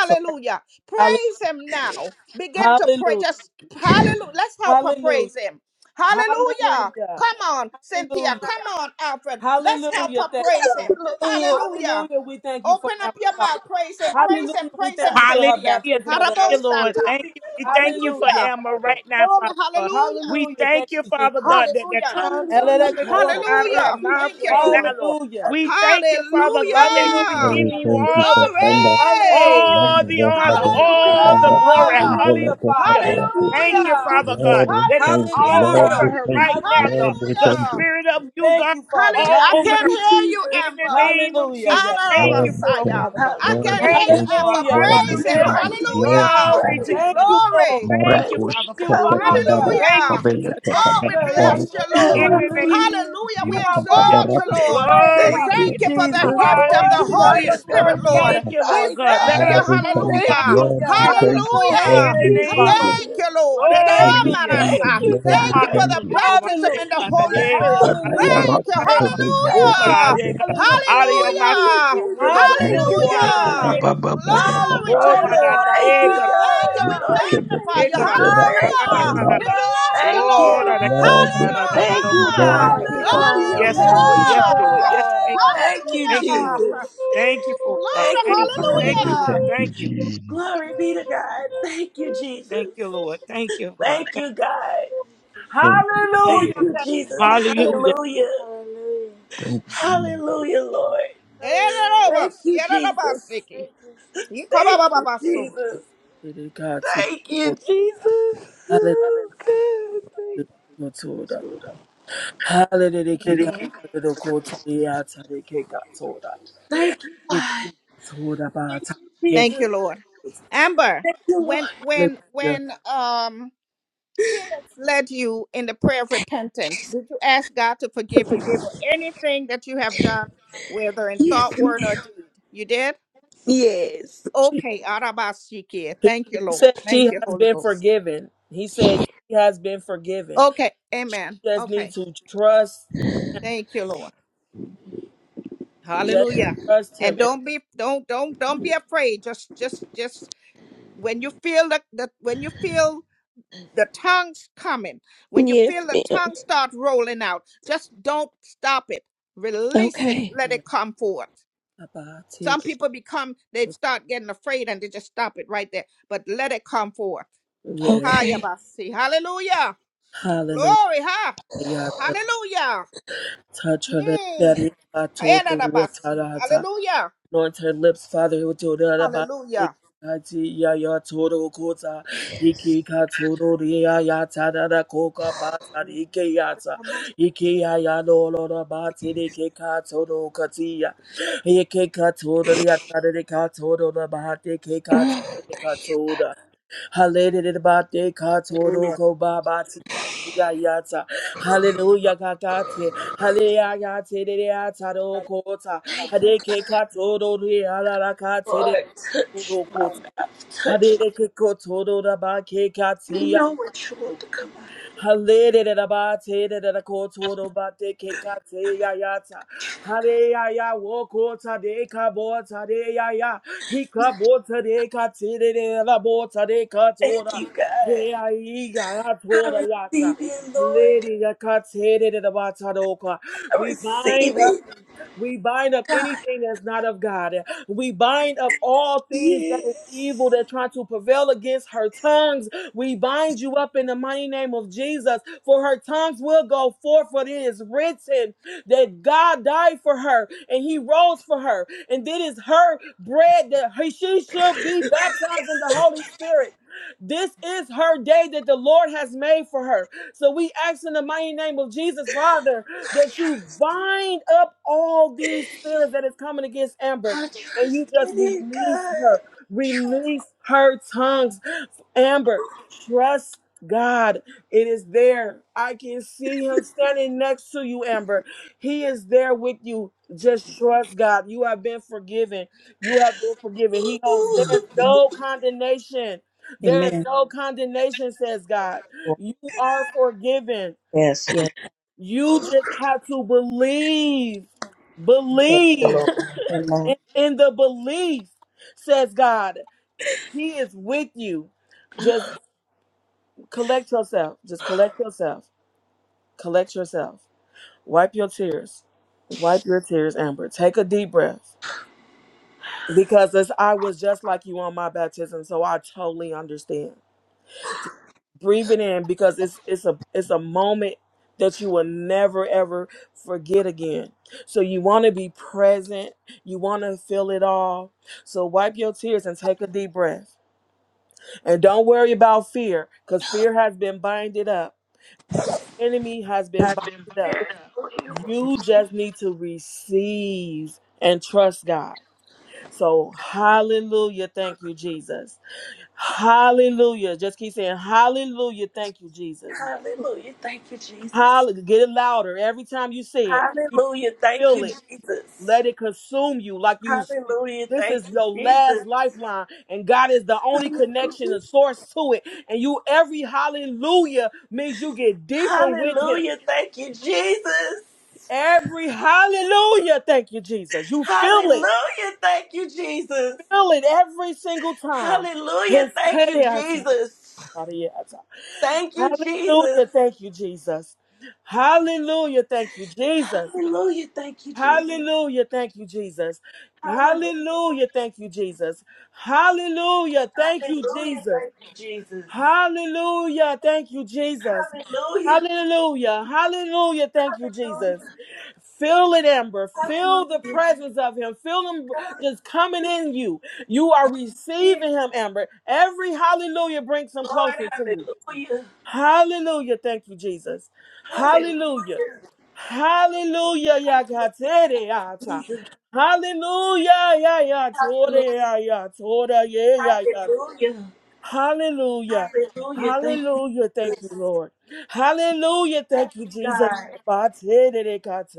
D: So let-
A: Praise Him now. Begin to pray.
D: hallelujah.
A: Just hallelujah. Let's help her
D: Hallelujah.
A: praise Him. Hallelujah.
D: Hallelujah.
A: Come on, Cynthia.
D: Hallelujah.
A: Come on, Alfred. Let's help
D: Hallelujah.
A: her
D: Thank
A: praise
D: you. Lord.
A: Him.
E: Hallelujah.
A: Hallelujah.
D: Hallelujah. We thank you for
A: Open up
D: Amber
A: your
D: Fox.
A: mouth. Praise Him. Praise Him.
D: Hallelujah. We
A: Praise
D: thank
A: Him,
D: you
E: Hallelujah.
D: for
C: Hallelujah.
D: her
A: Cynthia.
D: baptism of
C: Thank
D: the
C: you,
D: Holy
C: Lord.
D: Spirit.
A: Harabosata.
C: Thank you. We thank you for
D: Hallelujah,
A: Hallelujah.
C: Emma
D: Father.
C: right now,
A: Glory,
C: Father God.
A: hallelujah.
C: We
D: Hallelujah. Thank
C: thank you,
D: you,
C: Father
D: Jesus.
C: God, that the
A: Hallelujah.
C: tongues are
E: Hallelujah.
C: coming forth
E: God.
C: out of
E: Thank
D: Elerekotarika.
C: her
A: Hallelujah.
E: you,
C: mouth
A: Thank you,
C: right
E: Jesus.
C: now,
A: Lord.
C: Lord.
D: Hallelujah.
C: We
E: Thank
C: thank you, Father God, that
E: you,
C: she's
D: Hallelujah.
A: Hallelujah.
F: Holy
C: giving you
F: Spirit,
A: Glory.
F: We thank you
D: Tarika.
C: all
F: for
C: the praise,
F: Lord,
D: Hallelujah.
C: all the
F: we
C: honor,
D: Jesus.
C: all the glory.
A: Hallelujah.
D: Hallelujah, Father.
C: Hallelujah.
D: Yes, God.
C: Thank you,
A: Hallelujah.
E: Jesus.
C: Father God, that it's
F: thank you.
C: all
F: Lord,
D: Hallelujah.
C: over
A: Hallelujah.
F: we
C: her
F: thank you. Lord, we thank
C: right
F: you.
C: now,
D: Hallelujah.
C: God.
F: Lord, we
C: The
F: thank
A: Hallelujah.
F: you.
C: spirit of you,
D: Thank
C: God,
D: you, Father.
A: Hallelujah.
C: all
A: I
C: over
E: Thank
C: her
D: Hallelujah.
A: can't
E: you,
A: hear you,
C: in
E: Jesus.
C: the
A: Amber.
C: name of
D: Hallelujah.
C: Jesus.
D: Yes,
C: Thank you
F: Lord,
D: Lord.
F: we
C: for it,
A: Messiah.
F: thank
C: Father
F: you.
C: God.
A: I
F: Lord,
A: can't
E: Hallelujah.
F: we
A: hear
C: Thank
A: you,
C: you,
F: thank
C: Lord.
A: Amber.
D: Hallelujah, Father.
A: Praise him.
C: Hallelujah.
D: Thank you,
F: you.
E: Praise,
D: Jesus.
F: Lord, we
A: Hallelujah.
F: thank
C: Glory
F: you.
C: to
E: praise,
C: your
D: Thank
C: name.
D: you, Lord.
A: Glory.
C: Thank you,
E: praise.
F: Maracos,
D: Thank
C: Father, for
D: you,
C: moving us.
F: Tatakabara,
E: Hallelujah.
D: Father.
C: Thank you
A: Hallelujah.
C: for
F: Kabela,
D: you,
C: touching
D: Father.
C: them
A: Oh,
C: right
A: we
C: now,
D: Hallelujah
A: bless
C: Father
F: Takabara,
E: Thank
A: you,
C: God.
E: you.
C: In
A: Lord.
D: to your
C: the
D: name.
C: name of
E: Hallelujah.
A: Hallelujah. We
D: You
C: Jesus.
D: are
C: Hallelujah.
A: exalt
D: worthy
F: Barak,
A: you,
D: to be
A: Lord.
D: praised,
A: We
E: Thank
C: Glory
D: Father.
C: to
E: you,
C: you.
A: thank you for
D: For
A: the
D: you
E: Jesus.
D: are
A: gift
E: Lord,
A: of the
D: worthy of
E: tonight
A: Holy
D: the
C: Hallelujah.
E: is
A: Spirit,
E: going
D: glory,
E: to be
D: Father.
A: Lord.
E: the
C: Thank
D: We
C: you,
D: thank you
A: We
E: night,
C: Lord
D: for
C: God.
D: the
C: Let
A: thank
D: many
A: you,
E: God.
F: Lord,
C: us
F: we
D: blessings.
F: thank
C: move
F: you.
E: Thank
C: by
A: hallelujah.
E: you,
C: your
F: Lord, we
C: spirit,
E: God.
F: thank
C: God.
F: you.
D: Hallelujah.
E: Thank
F: Lord,
C: In
A: Hallelujah.
C: the
D: Thank
F: we
D: you,
E: you,
C: name
F: thank
C: of
D: Father.
F: you.
A: Thank
E: Jesus.
A: you, Lord.
D: We
A: And
D: thank
F: Lord,
C: glory
D: you,
F: we
C: to you.
F: thank
E: Thank
F: you.
D: Jesus.
A: amarasa.
E: you,
F: Lord,
A: Thank
F: we
A: you
E: God.
A: for
F: thank
A: the
F: you.
C: Hallelujah.
A: baptism
C: Komande
A: in
D: Hallelujah.
A: the Holy
C: kanade
A: Spirit.
D: Hallelujah.
A: Thank
D: Thank
A: you.
D: you,
E: Thank
D: Father.
C: kananananaba.
E: you, God.
A: Hallelujah.
C: Okarade kana.
D: Hallelujah.
C: Out of your mouth shall
E: Hallelujah,
A: Hallelujah.
C: flow
E: Jesus.
C: rivers of
E: Thank
C: living
E: you,
D: Hallelujah.
C: water
D: Thank
C: in the
D: you.
A: Hallelujah.
E: God.
C: name of Jesus.
A: Glory to
C: Oh
A: you,
E: Lord,
C: my
E: I
D: Hallelujah.
A: Lord.
E: thank
C: nanade
A: We
E: you,
C: kana.
A: thank you. We
E: God. Lord,
A: magnify
E: thank
C: Nanade
A: you.
E: you.
C: kana.
E: God. Thank you,
A: Hallelujah. We
C: Nananananana.
E: Jesus.
A: bless you,
E: Thank
C: Oh,
A: Lord.
E: you.
C: nanade kana.
D: Hallelujah.
E: Thank
C: Nanananana.
E: you,
A: Hallelujah.
E: God. Thank you,
C: Koranabasate.
E: Open God. your
D: Hallelujah!
C: Yes,
E: mouth Thank
C: Lord.
E: you,
C: Yes,
A: Hallelujah.
E: cover, God.
C: Lord. Yes,
E: God.
C: thank
E: Thank
C: you. Jesus.
E: Thank you, you,
C: Thank you, Lord.
E: Jesus.
A: Hallelujah.
E: Jesus.
C: Thank you for
A: Glory.
C: God.
E: Thank you,
C: Thank you.
E: Father
C: Thank you,
A: Hallelujah.
C: Lord.
E: God.
C: Thank you.
E: Glory be to God. Thank you,
C: Thank
E: Jesus.
C: you, Lord. Thank you, God.
E: Thank
C: Thank,
E: you, God.
C: thank you. Thank
D: Hallelujah!
E: Thank
C: you.
E: you,
D: Thank you,
E: Jesus.
D: Father.
C: Hallelujah.
E: Hallelujah. Hallelujah.
F: Thank you.
E: Hallelujah, Lord. Hallelujah. Thank
A: Ererobos,
E: you, Jesus.
A: yererobosiki.
E: Thank you,
A: Ikobabababaso.
E: Jesus.
D: Hallelujah, God, to the
E: Thank you,
D: Lord.
E: Jesus.
D: Hallelujah,
E: Oh, God. Thank you.
D: God, to the- Lord. Hallelujah, God,
A: Mhm.
E: Thank
D: to the God, to the Lord, to the
E: you,
D: Lord,
E: God. Thank
D: to the Lord.
E: you,
A: Thank
E: Jesus.
A: you, Lord. Amber,
E: Thank you, Lord.
A: when when
D: Hallelujah.
A: when um Spirit led you in the prayer of repentance, did you ask God to
E: To
A: forgive you for
E: forgive.
A: anything that you have done, whether in
E: Yes,
A: thought,
E: ma'am.
A: word, or deed? You did?
E: Yes.
A: Okay, Arabashikia.
D: He,
A: Thank
D: he
A: you, Lord.
D: said she
A: Thank you,
D: has
A: Holy
D: been
A: Ghost.
D: forgiven. He said she has been forgiven.
A: Okay,
D: She
A: amen.
D: just
A: Okay.
D: needs to trust,
A: Thank you, Lord.
D: just
A: Hallelujah.
D: trust
A: And
D: him. And
A: don't be don't don't don't be afraid. Just just just when you feel that, that when you feel the tongues coming when you
E: Yes,
A: feel the
E: ma'am.
A: tongue start rolling out just don't stop it release it
E: Okay.
A: let it come forth some people become they start getting afraid and they just stop it right there but let it come forth
D: yeah,
A: Hiya,
E: Okay.
A: basi. hallelujah
D: hallelujah.
A: glory ha hallelujah
D: Touch her lips, that
A: mm.
D: is, I told the
A: Hera da basi.
D: water.
A: hallelujah
D: Anoint her lips, Father, with your da- da- ba-
A: hallelujah
D: Kati ya ya toro kota iki ka toro ria ya ya ta da da koka ba ta ri ke ya ta
A: Amen,
D: iki ya ya no lo da ba ti ri ke ka toro kati ya iki ka toro ria ta ri ka toro da ba ti ke ka ti
E: Oh,
D: ri ka toro Hallelujah, ba te ka toro ko ba ba Yayata. Hallelujah, kakate. Hallelujah, tereya taro kota. Hadeke katoro reala kate de
E: Lord,
D: kato,
E: touch
D: do
E: my
D: kota.
E: mouth. Touch my
D: Hadeke kotoro raba ke
E: You
D: katia.
E: know what you want to come out of. Thank you, God. I receive it, Lord. I
D: We bind
E: receive
D: up
E: it.
D: we bind up
E: God,
D: anything that's not of God. We bind up all things that is evil
E: yes.
D: that try to prevail against her tongues we bind you up in the mighty name of Jesus, for her tongues will go forth, for it is written that God died for her and he rose for her. And it is her bread that he- she should be baptized in the Holy Spirit. This is her day that the Lord has made for her. So we ask in the mighty name of Jesus, Father, that you bind up all these spirits that is coming against Amber
E: I
D: and you
E: trust in
D: just
E: it,
D: release her. Release her tongues Amber, trust God. It is there. I can see him standing next to you, Amber. He is there with you. Just trust God. You have been forgiven. You have been forgiven. He holds there's
E: God.
D: no condemnation. There is no condemnation, says God. You are forgiven. You just have to believe. Believe.
A: Lord.
D: In
A: Amen.
D: in the belief, says God. He is with you. Just. Collect yourself. Just collect yourself. Collect yourself. Wipe your tears. Wipe your tears, Amber. Take a deep breath. Because as I was just like you on my baptism, so I totally understand. Just breathe it in because it's it's a it's a moment that you will never ever forget again. So you want to be present. You want to feel it all. So wipe your tears and take a deep breath. And don't worry about fear, because fear has been binded up. Enemy has been binded up You just need to receive and trust God. So, hallelujah. Thank you, Jesus. Hallelujah. Just keep saying, hallelujah. Thank you, Jesus.
E: Hallelujah. Thank you, Jesus.
D: Hallelujah. Get it louder every time you say it. You
E: Hallelujah. Thank
D: feel
E: you,
D: it.
E: Jesus.
D: Let it consume you like you.
E: Hallelujah.
D: This
E: Thank
D: is
E: you,
D: your last
E: Jesus.
D: lifeline, and God is the only connection and source to it. And you, every hallelujah means you get deeper with Him.
E: Hallelujah. Thank you, Jesus.
D: Every hallelujah, thank you, Jesus. You feel it.
E: Hallelujah. Thank you, Jesus.
D: feel it every single time.
E: Hallelujah.
D: His
E: Thank you,
D: Hallelujah.
E: Jesus. Thank you, Jesus.
D: Thank you, Jesus. Hallelujah. Thank you, Jesus.
E: Hallelujah. Thank you, Jesus.
D: Hallelujah. Thank you, Jesus.
E: Hallelujah.
D: Hallelujah. Thank you, Jesus. Hallelujah. Thank you,
E: Hallelujah.
D: Jesus.
E: Thank you, Jesus.
D: Hallelujah. Thank you, Jesus.
E: Hallelujah.
D: Hallelujah. Hallelujah. Thank you, Jesus.
E: Hallelujah.
D: Feel it, Amber. Feel
E: Hallelujah.
D: the presence of him. Feel him just coming in you. You are receiving him, Amber. Every hallelujah brings him
E: Lord,
D: closer to you.
E: hallelujah.
D: Hallelujah. Thank you, Jesus. Hallelujah.
E: Hallelujah.
D: Hallelujah. Yakatere yata.
E: Jesus.
D: Hallelujah. Ya ya tore ya ya tore ya ya ya.
E: Hallelujah.
D: Hallelujah.
E: Hallelujah. Thank you.
D: Hallelujah. Thank
E: Jesus.
D: you, Lord. Hallelujah.
E: Thank
D: Thank you,
E: you, God.
D: Jesus.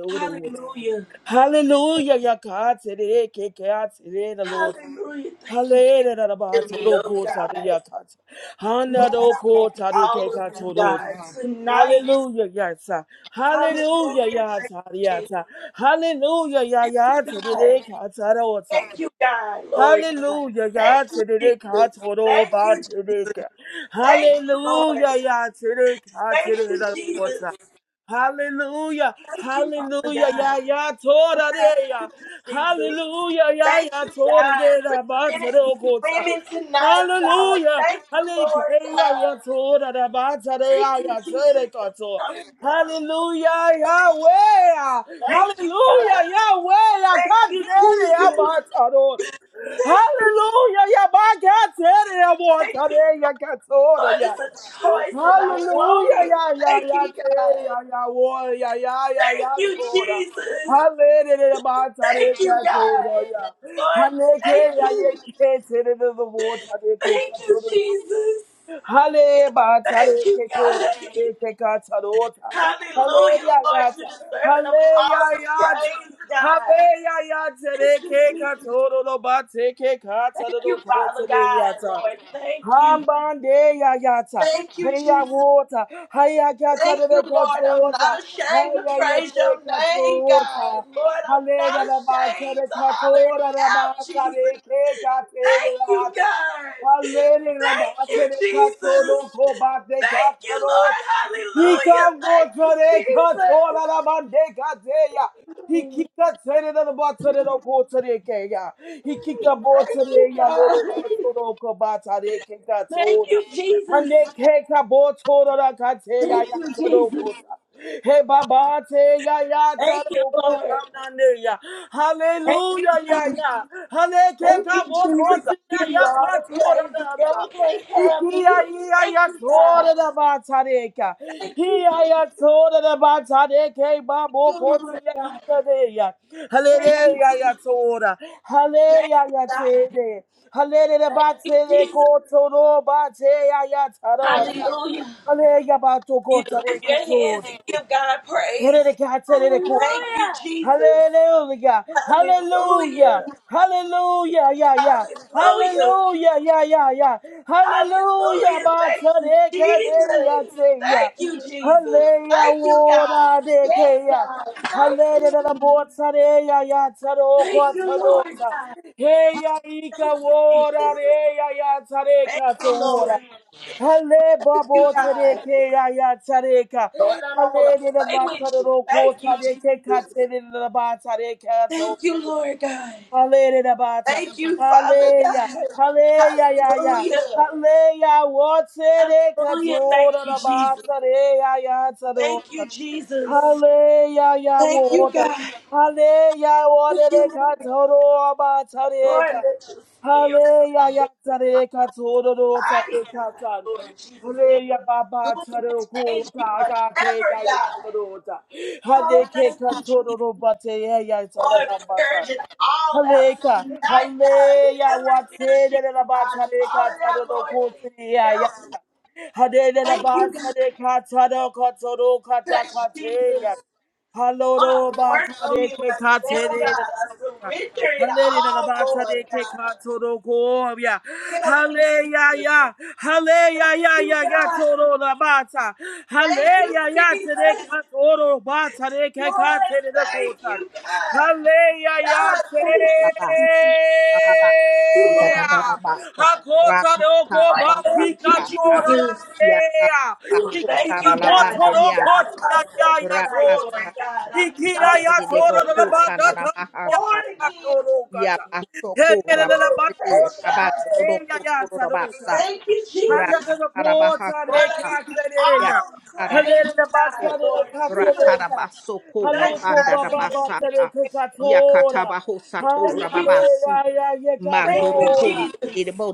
E: Hallelujah.
D: Hallelujah, yakata de keke de the Lord.
E: Hallelujah. Thank you, Jesus.
D: Hallelujah, da da ba
E: Hear
D: to
E: me,
D: do
E: oh
D: kota de
E: God.
D: yakata. Hana
E: Lord,
D: do
E: I want
D: kota de
E: all of you,
D: kekato do.
E: God. Tonight,
D: Hallelujah, yata.
E: hallelujah.
D: Hallelujah,
E: Thank
D: yata,
E: you,
D: yata. Hallelujah, yata
E: Jesus. God.
D: de kata ota.
E: Thank you, God, Lord God.
D: Hallelujah,
E: Thank
D: ya
E: you,
D: tere ka
E: Jesus.
D: toro
E: Thank
D: ba
E: you,
D: tere ka.
E: Jesus. Thank you, Lord.
D: Hallelujah, ya tere ka
E: Thank
D: tere
E: you,
D: da
E: Jesus.
D: bota. Hallelujah,
E: Thank you, Father
D: hallelujah,
E: God.
D: ya ya tora de ya.
E: Jesus.
D: Hallelujah, ya
E: Thank
D: ya
E: you,
D: tora
E: God,
D: de
E: for
D: da ba
E: sending
D: tere
E: these
D: kota.
E: women tonight, God.
D: Hallelujah,
E: Thank you, Lord,
D: hallelujah, ya ya
E: God.
D: tora da ba tere ya
E: Thank you,
D: ya tere
E: Jesus, for
D: kato.
E: coming down.
D: Hallelujah, Yahweh,
E: Thank you,
D: hallelujah,
E: God.
D: Yahweh, ya
E: Thank
D: ka
E: you,
D: tere ya
E: Jesus.
D: ba toro.
E: Thank you,
D: Hallelujah, yeah, my God, today I want
E: thank you.
D: today, yeah, God,
E: Lord,
D: today, yeah.
E: it's a choice and I want
D: Hallelujah,
E: it.
D: yeah, yeah,
E: Thank
D: yeah,
E: you, God.
D: today, ya yeah, war, yeah, yeah, yeah,
E: Thank
D: yeah,
E: you,
D: today.
E: Jesus.
D: Hallelujah, my
E: Thank
D: today,
E: you,
D: yeah, today, yeah.
E: God. Lord,
D: Hallelujah,
E: thank
D: yeah,
E: you.
D: yeah, today, the war, today, yeah,
E: Thank
D: God,
E: you,
D: today.
E: Jesus.
D: Hale ba tare
E: Thank you,
D: ke ko
E: God.
D: tare ke ka taro ta. Hale
E: Hallelujah,
D: ya
E: Lord.
D: ya
E: You're
D: ta.
E: deserving of
D: Hale ya
E: all the
D: ya ta.
E: praise,
D: Hale
E: God.
D: ya ya tare
E: Thank you,
D: ke ka
E: Jesus.
D: toro lo ba te ke ka
E: Thank
D: taro
E: you,
D: lo ko
E: Father
D: tare ya
E: God,
D: ta.
E: Lord. Thank you.
D: Hambande ya ya ta.
E: Thank you,
D: Hey ya
E: Jesus.
D: water. Hey ya ka
E: Thank
D: tare
E: you,
D: de ko
E: Lord. I'm
D: toro ta.
E: not ashamed
D: Hey
E: to
D: ya ya
E: praise your
D: ke ka
E: name,
D: toro ta.
E: God. Lord, I'm
D: Hale
E: not
D: da da ba
E: ashamed
D: tare
E: to
D: ka
E: holler it
D: toro da ba
E: out,
D: tare
E: Jesus.
D: ke ka tere
E: Thank
D: ya
E: you,
D: ta.
E: God.
D: Hallelujah,
E: Thank
D: Rabate
E: you,
D: de
E: Jesus.
D: Catoro, Cobate
E: Thank you, Lord.
D: Catarota. He
E: Hallelujah.
D: can go to
E: Thank you,
D: the Catora Rabande Catea. He kicked a tenant of the bottom of the quarter de Kaya. He kicked a
E: Jesus.
D: bottom of
E: Thank you,
D: the
E: God.
D: Catoro de
E: Thank
D: Catora.
E: you,
D: And
E: Jesus.
D: they cake a bottle of Catea
E: Thank you, Jesus.
D: Hey, Baba, te ya ya ta
E: Thank you,
D: lo ko
E: Lord.
D: ta na ne ya.
E: Thank you,
D: Hallelujah, ya
E: God.
D: ya. Hale ke
E: Thank you,
D: ka bo ko
E: Jesus.
D: ti
E: I
D: ya
E: give you
D: ya
E: all
D: ka
E: the
D: to ra
E: praise. The
D: ta.
E: devil can't have
D: Iki ya
E: me.
D: ya
E: Thank
D: ya
E: you,
D: to ra
E: God.
D: ba ta re ka.
E: Thank
D: Hi
E: you,
D: ya
E: Jesus.
D: ya
E: Thank
D: to ra ba ta re ke ba bo
E: You,
D: ko ti
E: Lord
D: ya
E: God.
D: i ka re ya. Hale re
E: Thank you,
D: ya ya
E: Jesus.
D: to Hale
E: Thank
D: ya
E: you,
D: ya
E: God.
D: te re. Hale re
E: Thank
D: ba
E: you,
D: te re
E: Jesus.
D: ko to ba te ya ya ta ro ta.
E: Hallelujah.
D: Hallelujah, ka
E: You can lift your hands
D: Gota,
E: and give God praise.
D: Hallelujah.
E: Thank you, Jesus.
D: Hallelujah.
E: Hallelujah.
D: Hallelujah. Yeah, yeah.
E: Hallelujah.
D: Hallelujah. Yeah, yeah, yeah. Hallelujah.
E: Hallelujah. Thank you, Jesus.
D: Batsadekadeyateya.
E: Thank you, Jesus.
D: Halleya
E: Thank you, God.
D: woda
E: Yes,
D: dekeya.
E: God. Thank you.
D: Hallelujah. Botsadeya
E: Thank
D: yatsaroko
E: you, Lord
D: tsadosa.
E: God.
D: Heya ika
E: Thank you,
D: woda
E: Jesus.
D: reya
E: Thank
D: yatsareka
E: you, Lord. Thank
D: Hale
E: you,
D: babo
E: God.
D: tareke ya ya tareka.
E: Lord, I don't want
D: Hale
E: to
D: de la
E: play
D: ba
E: with you.
D: tarero ko
E: Thank you,
D: tareke
E: Jesus.
D: kate de la ba tareka zo.
E: Thank you, Lord God.
D: Hale de la ba ta.
E: Thank you, Father
D: Hale ya.
E: God.
D: Hale ya ya ya.
E: Hallelujah.
D: Hale ya wo tareka
E: Hallelujah.
D: to
E: Thank
D: de
E: you,
D: la ba
E: Jesus.
D: tare ya ya taro.
E: Thank you, Jesus.
D: Hale ya ya
E: Thank you,
D: woda.
E: God.
D: Hale ya
E: Thank
D: woda
E: you,
D: de
E: Lord.
D: katoro ba
E: Lord,
D: tareka.
E: let your spirit
D: Hale
E: of
D: ya ya
E: this
D: tareka toro do
E: body,
D: tareka
E: God,
D: tan.
E: Lord Jesus, live
D: Hale ya
E: through
D: baba
E: me
D: taro
E: and change me
D: kota ga ke
E: forever,
D: ya ya
E: God.
D: toro ta. Hale
E: Oh,
D: ke
E: thank you,
D: katoro
E: Jesus.
D: do bate ya ya
E: Lord,
D: tarera
E: purge it all out
D: Haleka,
E: tonight, God.
D: haleya,
E: Whatever it is,
D: watse
E: Jesus,
D: de la
E: God, call
D: batareka,
E: it out,
D: tadolo
E: Lord Jesus.
D: kotiya
E: Help me.
D: yata. Hade de la
E: Thank you, God.
D: batareka, tadolo kotoro kata
E: Touch Jesus.
D: kateya. Haloro
E: Lord, work on me
D: batareke
E: right now, God.
D: katere de la
E: I
D: bata.
E: surrender it
D: Hale the
E: all,
D: Labata
E: Lord,
D: de
E: God.
D: Kekato do Goya.
E: Help me, Jesus.
D: Hallelujah, hallelujah, ya ya
E: God,
D: toro Labata.
E: thank
D: Hallelujah,
E: you,
D: ya te de
E: Jesus.
D: Katoro Bata de
E: Lord,
D: Kekate de
E: thank
D: Kota.
E: you, God. God, thank you,
A: ya
E: Lord God. I thank you, Jesus.
A: ya ya ta ku
E: Thank
A: tara
E: you,
A: la
E: God.
A: bande
E: I'm
A: rias
E: proud of myself tonight,
A: raka
D: Hallelujah.
A: tara
E: Lord God. I
A: basta
E: know
A: de de
E: you're
A: bo
E: able,
D: Hallelujah.
A: ku
E: God.
A: tara la
E: You're
A: mahasta
E: Born again.
A: ya basto ku
E: Woo,
A: rabante ti
E: that's
A: rabante
E: God.
A: ro ku ku ro basta
E: Thank you,
A: raka
E: Jesus. Lord, I give you all the praise, God, Lord Jesus. Thank
A: Yakatarabaho sato
E: you, God.
A: rababasi
E: Thank you, Thank you, God. Thank you, Jesus.
A: mandoroko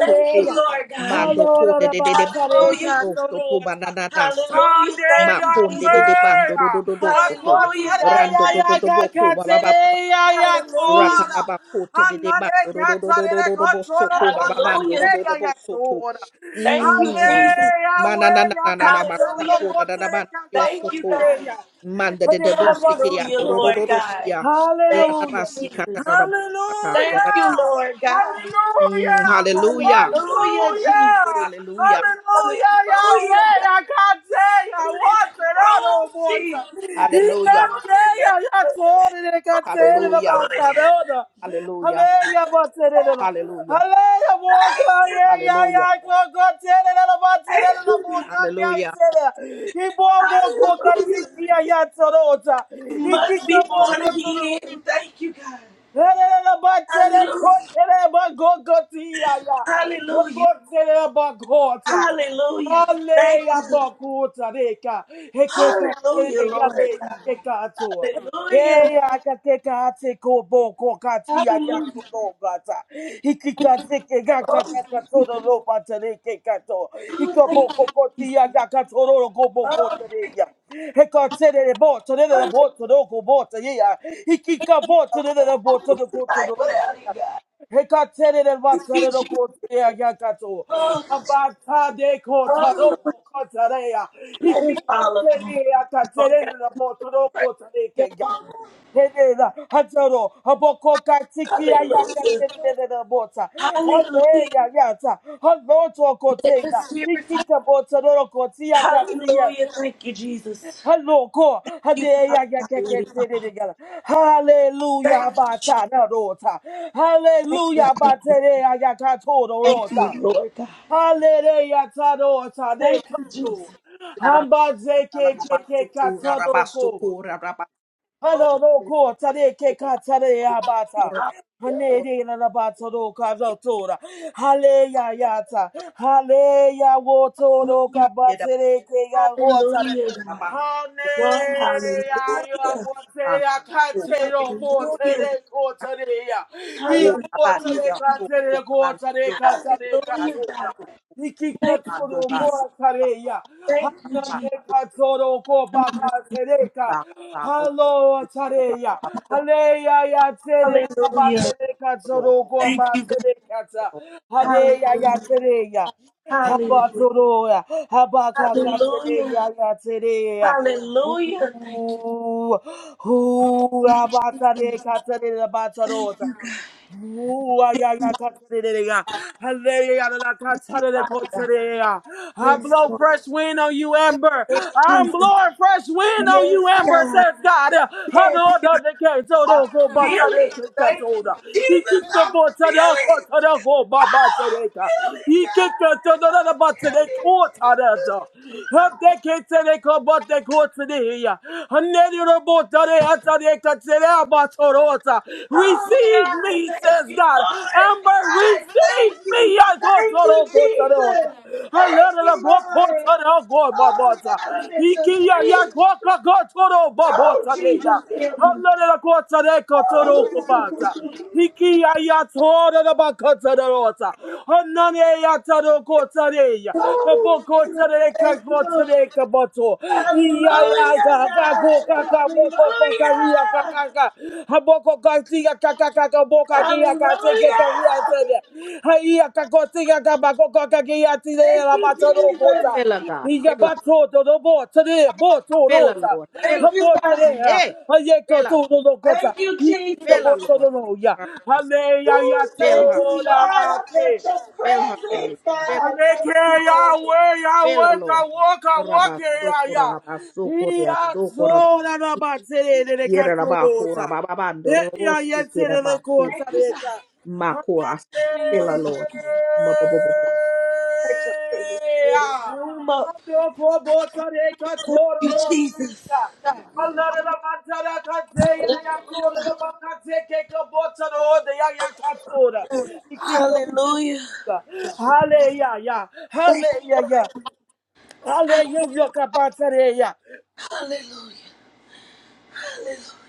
E: Thank you, Lord God.
A: Mando konde de de de mando
E: Hallelujah.
D: Hallelujah.
A: rosto to banana nasa.
E: Hallelujah. Thank
A: Ma
E: you,
D: Handeya
A: konde de
E: Jesus.
A: de bando do do
D: wera,
A: do do soko.
E: Hallelujah, God.
D: hakotareya
A: Rando
E: Thank
A: do do
D: ya
E: you.
A: do boko ba ba
D: kakatereya ya
A: Rapa
E: Hallelujah.
D: tora,
A: ba ba de de
D: hanane
A: bando do do do do do
D: katarele
A: do do bo
D: kotoro
A: soko ba bando do
E: Hallelujah.
A: do do
D: bakateya
A: bo
D: ya
A: soto.
D: tora,
E: Thank you,
A: Mm.
E: Jesus.
D: handeya
A: Mana na na
D: wera
A: na na
D: katarele
E: Hallelujah.
A: masako da da da
D: kotere
A: bando yo
E: Thank you,
A: soto.
E: God.
D: kakabotareya,
A: Manda de de
D: handeya
A: boste ke ya
E: Hallelujah,
A: do do do do
E: Lord
D: wera
A: do
E: God.
A: ya. La
E: Thank
A: la
E: you,
A: la
D: Hallelujah.
A: si kata
E: Jesus.
A: da da ba kata ya
E: Thank
A: da.
E: you,
D: Hallelujah.
E: Lord God.
D: Hallelujah.
A: Mm, hallelujah.
E: Hallelujah, Jesus.
D: Hallelujah.
A: Hallelujah.
D: Hallelujah.
E: Hallelujah,
D: Yahweh.
E: God.
D: I can't say I
E: In this
D: want it all no
E: room,
D: more.
E: Jesus.
D: He
A: Hallelujah.
D: can't say
E: Hallelujah,
D: I got to hold it.
E: God.
D: Katerina
A: Hallelujah.
E: Hallelujah.
D: Batanona.
A: Hallelujah.
D: Hallelujah, Batanina.
A: Hallelujah.
D: Hallelujah, more Kanye,
E: Thank
D: yeah,
A: Hallelujah.
D: yeah, go, go, Tanina Batanina, more
E: you.
A: Hallelujah.
D: Kakatina. He more, more, go,
E: Hallelujah.
D: Yatanota.
E: You
D: He
E: must
D: kicked
E: be
D: a more
E: born
D: to the.
E: again. Thank you, God.
D: Helena Batana,
E: Hallelujah.
D: Cotina, Bago, Gotia,
E: Hallelujah.
D: Cotina, Bagota.
E: Hallelujah. Thank
D: Hallelujah,
E: you.
D: Bagota, Deka. Hekeka,
E: Hallelujah,
D: Hekeka,
E: Lord. God.
D: Hekeka,
E: Hallelujah.
D: Hey, I can't take akateka ateko boko kati
E: Hallelujah.
D: agato logata. Ikikateke gaka
E: Oh,
D: gaka toro lopa tereke kato.
E: God, thank you.
D: Ikaboko koti agaka toro no go boko
E: Oh, thank you.
D: tereya. Hekatere de bo tere de la
E: Lord,
D: bo toro go bo tereya. Ikikabo tere de la bo toro go
E: Tonight,
D: toro.
E: without you, God.
D: Hekatere de bo
E: Thank you,
D: tere de
E: Jesus.
D: go tereya gakato.
E: Oh,
D: Abata de ko toro
E: oh, Lord.
D: go tereya.
E: Let it fall upon me,
D: Ikikatere
E: Lord.
D: akatere de la bo toro go tereya.
E: God.
D: Henena, Hadoro, Habokoka, Tiki, Ayaka,
E: Hallelujah.
D: Tenena, Bota,
E: Hallelujah.
D: Haleya, Yata, Haloto,
E: Let the
D: Kotea,
E: Spirit.
D: Nikika, Bota, Noroko, Katia,
E: Hallelujah. Thank you, Jesus.
D: Haloko,
E: Thank you, Father
D: Hadeya,
E: God, Lady
D: Yakaka,
E: Father.
D: Tenena, Hallelujah,
E: Thank you,
D: Bata, Narota,
E: thank
D: Hallelujah,
E: you,
D: Bateya, Yakato,
E: thank
D: Rota,
E: you, Lord God.
D: Hallelujah, Tadota, De
E: Thank you, Jesus.
D: Kato, Hamba, Zeke, Keke,
A: Yarabakalababasikura,
E: Lord,
D: Hello, no ko tare ke ka tare ya bata. Hane re na na bata do ka zo tora. Hale ya ya ta. Hale ya wo toro ka
E: hallelujah.
D: batere ke ya go tare.
E: Hallelujah, God.
D: Hallelujah,
E: Lord,
D: you are
E: hallelujah.
D: worthy, I can't take no more, take
E: Hallelujah, God.
D: go to yeah. He are
E: Hallelujah,
D: worthy, can't
E: Jesus.
D: take it, go to the, can't take can't
E: Hallelujah,
D: do
E: God.
D: He kick the
E: Thank
D: to
E: you,
D: the
E: Jesus.
D: go to the, yeah.
E: Thank you, Jesus.
D: Hallelujah, can't do go back, can Hallelujah, Tareya, Haleya ya Tere
E: Hallelujah.
D: Abatere Katsoroko
E: Thank you, God.
D: Abatere Kata, Hadeya ya
E: Hallelujah.
D: Tereya,
E: Hallelujah.
D: Habatoroya, Habakaka
E: Hallelujah.
D: Tereya ya Tereya.
E: Hallelujah. Thank you. Thank
D: Ooh, ooh, Abatare Katare Abatarota. Ooh, ay, ay, ay, katarelea. Hallelujah, la, la,
E: you,
D: katarele,
E: Father God.
D: kotarelea. I
E: Yes,
D: blow
E: Lord.
D: fresh wind on you, Amber.
E: Yes,
D: I'm
E: Jesus.
D: blowing fresh wind on
E: Yes,
D: you, Amber,
E: God.
D: says God.
E: Yes, God.
D: Hallelujah.
E: I feel it. Thank you, Jesus. I feel it. Oh, I feel it, God. I feel it, Jesus.
D: Receive
E: Oh, God.
D: me,
E: Thank
D: says
E: you,
D: God.
E: Lord.
D: Amber,
E: God, thank
D: receive
E: you.
D: me. I
E: Thank you, Jesus. Thank
D: love
E: you, Lord.
D: the
E: Oh,
D: book.
E: God, I'm at your
D: Ikiya ya
E: feet.
D: goka gotoro
E: Oh,
D: babota de ya.
E: Jesus, help me.
D: I
E: Hallelujah,
D: love
E: God.
D: the Hiki ayatora da bakata da rota. Hanani ayataro kota reya. Habokota re kakota re kabato. Iya ya ga ga go ga ga boko kaka iya kaka ka. Haboko kaki ya kaka kaka
E: Hallelujah.
D: boka ki ya kate
E: Hallelujah.
D: ke ka iya tere. Ha iya kakoti ya kabako kaka ki ya tire
E: Thank
D: la
E: you,
D: bataro
E: Jesus.
D: kota.
A: Fill her, God.
D: Iya
A: Fill her.
D: bato do do bo tere bo to
A: Fill her,
D: rota.
A: Lord. Fill
E: Thank
A: her.
E: you,
D: Habo
E: God.
D: tere ha.
A: Hey, fill
D: Ayeko
A: her.
D: to do do kota.
E: Thank you,
D: Niki
A: Fill
E: Jesus.
A: her, Lord.
D: Hallelujah.
E: Ooh,
D: Hallelujah.
A: Fill
E: thank
A: her.
E: you, Lord.
D: Soda
E: I felt your
A: Fill her belly.
E: presence, God.
D: Aleke
E: Thank you, Lord.
D: Yahweh,
A: Fill her,
D: Yahweh,
A: Lord.
D: Kawoka, Woke,
A: Rabasoko,
D: Yaya.
A: rabasoko,
D: Iya,
A: riasoko,
D: so na na
A: rabasiki,
D: ba tere de de ka to
A: yerabako,
D: do ta.
A: rabababando,
D: E ya
A: robosi,
D: ye tere de
A: kirabako,
D: ko ta
E: Thank you,
D: de
E: God.
D: ka.
A: makora.
D: Hanane
A: Fill her,
E: Hallelujah.
A: Lord. Mabobobo.
E: Let your presence fill
D: ya.
E: this room up.
D: Hando ko bo ta de ka to
E: You,
D: ro
E: Jesus.
D: ta. Halare na ba ta da ka te ya ya to de ba ka te ke ka bo ta do de ya ya ka to da.
E: Hallelujah.
D: Hallelujah. Hallelujah. Hallelujah. Kabatareya.
E: Hallelujah. Hallelujah.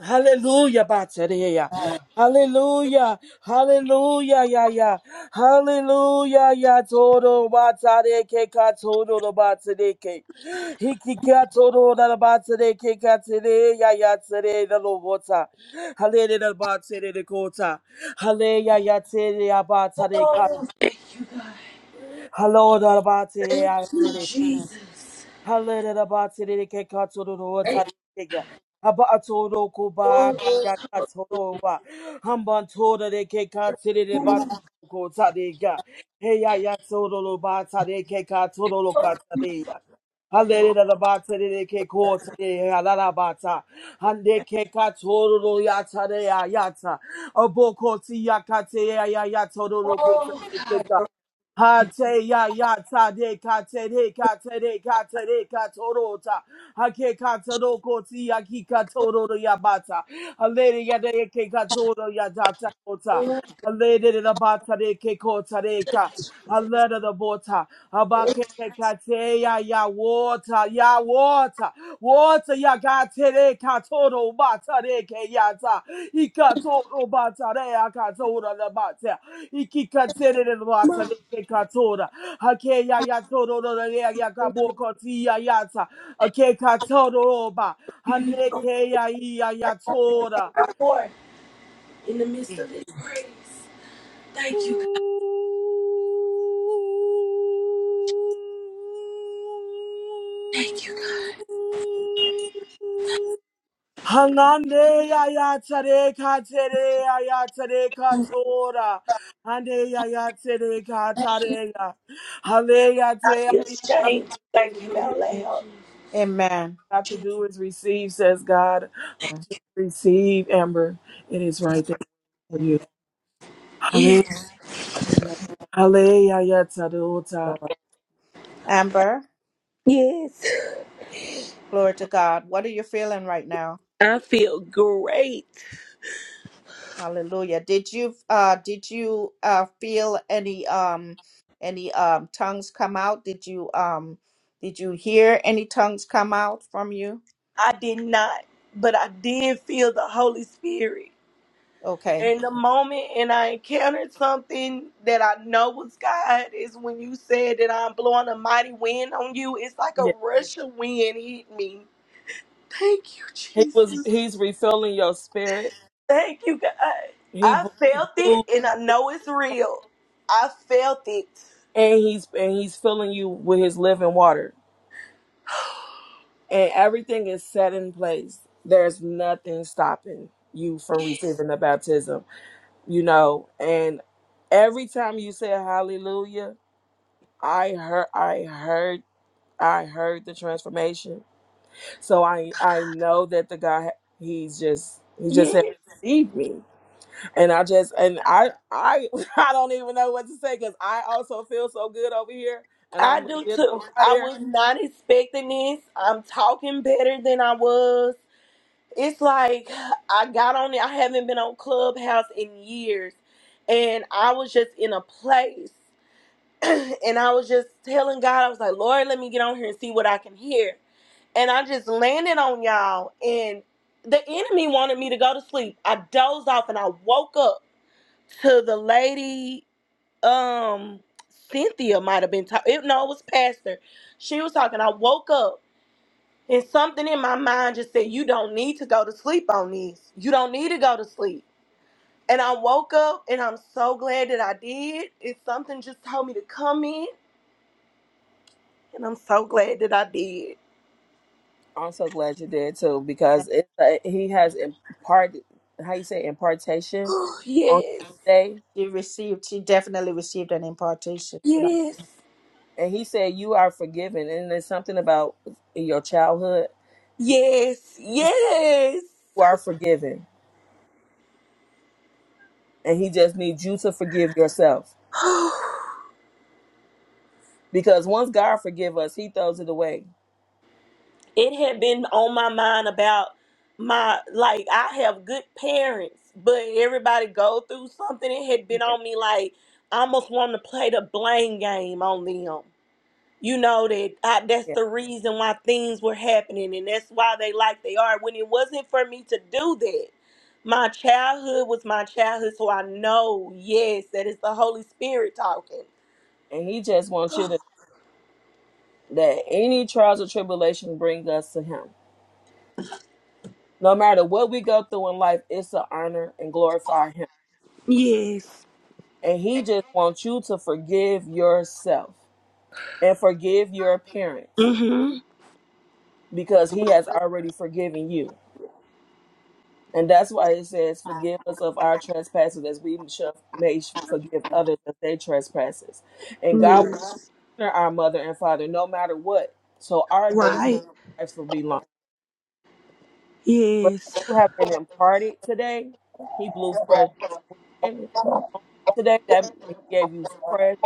D: Hallelujah. Batareya. Hallelujah. Hallelujah. Ya ya. Hallelujah. Ya toro batareke ka toro no batareke. Hiki ka toro na batareke ka tere ya ya tere na lo bota. Hallelujah. na Batere de kota. Hallelujah. Ya tere ya batare ka. Hallelujah. na Batere
E: Thank
D: ya
E: you,
D: tere.
E: Jesus.
D: Hallelujah, batiri ke katoro tari ke Haba atoro kuba
E: Glory
D: ya katoro wa. Hamban tora de ke katiri de bat ko tari ga. Hey ya ya toro lo batiri ke katoro lo katari. Hallelujah, batiri de ke ko tari halala bata. Hande ke katoro lo ya tari ya ya ta. Aboko ti ya kate ya ya ya toro lo ko tari Ha te ya ya ta de ka te de ka te de ka te de ka toro ta ha ke ka toro ko ti ya ki ka toro ro ya bata ha le de ya de ke ka toro ya ta ta ko ta ha le de de la bata de ke ko ta de ka Halada da bota. Abakekekate ya ya water ya water. Water ya katere katoro bata de keyata. Ikatoro bata de akatora da bata. Ikikatere de bata de kekatora. Hake ya ya toro da ya ya kaboko ti ya yata. Ake katoro ba.
E: be
D: Haneke ya ya ya tora.
E: Lord, in the midst of his praise.
D: Hangande
E: Thank you, God. Thank you, God.
D: ayatere katere ayatere katora. Hande ayatere katareya. Haleyate
E: I feel
D: ayatere.
E: shame to
D: What
E: thank him out loud.
A: Amen.
D: we have to do is receive, says God. Just receive, Amber. It is right there for you.
A: Amen.
D: Hale,
E: Yes.
A: Amen,
D: hale, ayatadota.
A: Lord. Amber,
E: Yes.
A: glory to God. What are you feeling right now?
E: I feel great.
A: Hallelujah. Did you uh did you uh feel any um any um tongues come out? Did you um did you hear any tongues come out from you?
E: I did not, but I did feel the Holy Spirit.
A: Okay.
E: And the moment and I encountered something that I know was God is when you said that I'm blowing a mighty wind on you. It's like a rush of wind hit me. Thank you,
D: He was
E: Jesus.
D: he's refilling your spirit.
E: Thank you, God.
D: He,
E: I
D: bl- he
E: felt
D: blew
E: it and I know it's real. I felt it.
D: and he's and he's filling you with his living water. And everything is set in place. There's nothing stopping you from receiving the baptism. You know, and every time you said hallelujah, I heard I heard I heard the transformation. So I I know that the God he's just he just said
E: Yes,
D: receive me. and I just and I I I don't even know what to say because I also feel so good over here, and
E: I
D: I'm
E: do
D: legit on
E: too. I
D: fire.
E: was not expecting this. I'm talking better than I was. It's like I got on it. I haven't been on Clubhouse in years. And I was just in a place. and I was just telling God, I was like, Lord, let me get on here and see what I can hear. And I just landed on y'all. And the enemy wanted me to go to sleep. I dozed off and I woke up to the lady um Cynthia might have been talking. No, it was Pastor. She was talking. I woke up and something in my mind just said, "You don't need to go to sleep on this. You don't need to go to sleep." And I woke up and I'm so glad that I did. And something just told me to come in, and I'm so glad that I did.
D: I'm so glad you did too
A: And
D: because it uh, he has impart how you say impartation on
E: yes,
D: today,
A: She received she definitely received an impartation tonight.
E: yes,
D: and he said you are forgiven, and there's something about in your childhood
E: yes,
D: he said
E: yes.
D: you are forgiven, and he just needs you to forgive yourself because once God forgive us, He throws it away.
E: it had been on my mind about my like I have good parents, but everybody go through something. It had been
D: Yeah,
E: on me like I almost wanted to play the blame game on them. You know that I, that's
D: yeah.
E: the reason why things were happening, and that's why they like they are. When it wasn't for me to do that, my childhood was my childhood, so I know yes that is the Holy Spirit talking.
D: And he just wants you to that any trials or tribulation bring us to him. No matter what we go through in life, it's to honor and glorify him.
E: Yes.
D: And he just wants you to forgive yourself and forgive your parents
E: Mm-hmm.
D: because he has already forgiven you. And that's why it says, Forgive us of our trespasses as we shall- may forgive others of their trespasses. And God
E: Yes.
D: will honor our mother and father no matter what. So our days
E: Right.
D: of life will be long. but
E: Yes.
D: you have been imparted today. He blew fresh wind on you today. That he gave you fresh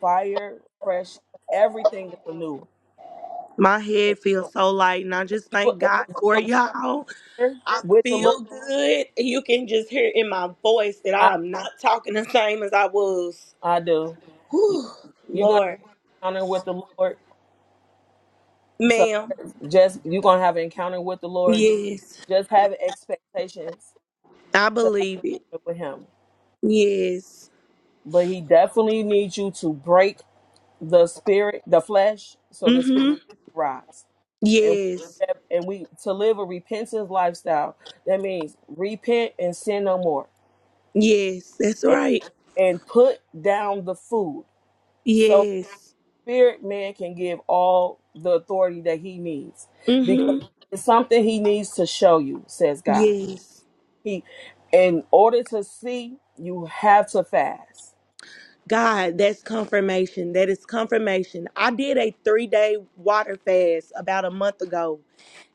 D: fire, fresh everything is anew.
E: My
D: And
E: head feels so light, and I just
D: You
E: thank God for
D: and you're
E: y'all.
D: gonna
E: I
D: honor with the Lord.
E: feel good. You can just hear in my voice that
D: I
E: I am not talking the same as I was.
D: I do. You-
E: Whew,
D: You're gonna
E: Lord,
D: have an encounter with the Lord. So
E: ma'am,
D: just you're gonna have an encounter with the Lord. Just,
E: yes,
D: just have expectations
E: I
D: to have
E: believe it.
D: an encounter with Him.
E: Yes,
D: But He definitely needs you to break the spirit, the flesh, so the spirit
E: mm-hmm.
D: rise. and
E: Yes,
D: and we to live a repentance lifestyle. That means repent and sin no more,
E: yes, that's
D: and,
E: right.
D: and put down the food. So
E: Yes,
D: spirit man can give all the authority that he needs because
E: mm-hmm.
D: it's something he needs to show you, says God.
E: Yes.
D: He, in order to see, you have to fast.
E: God, that's confirmation. That is confirmation. I did a three day water fast about a month ago,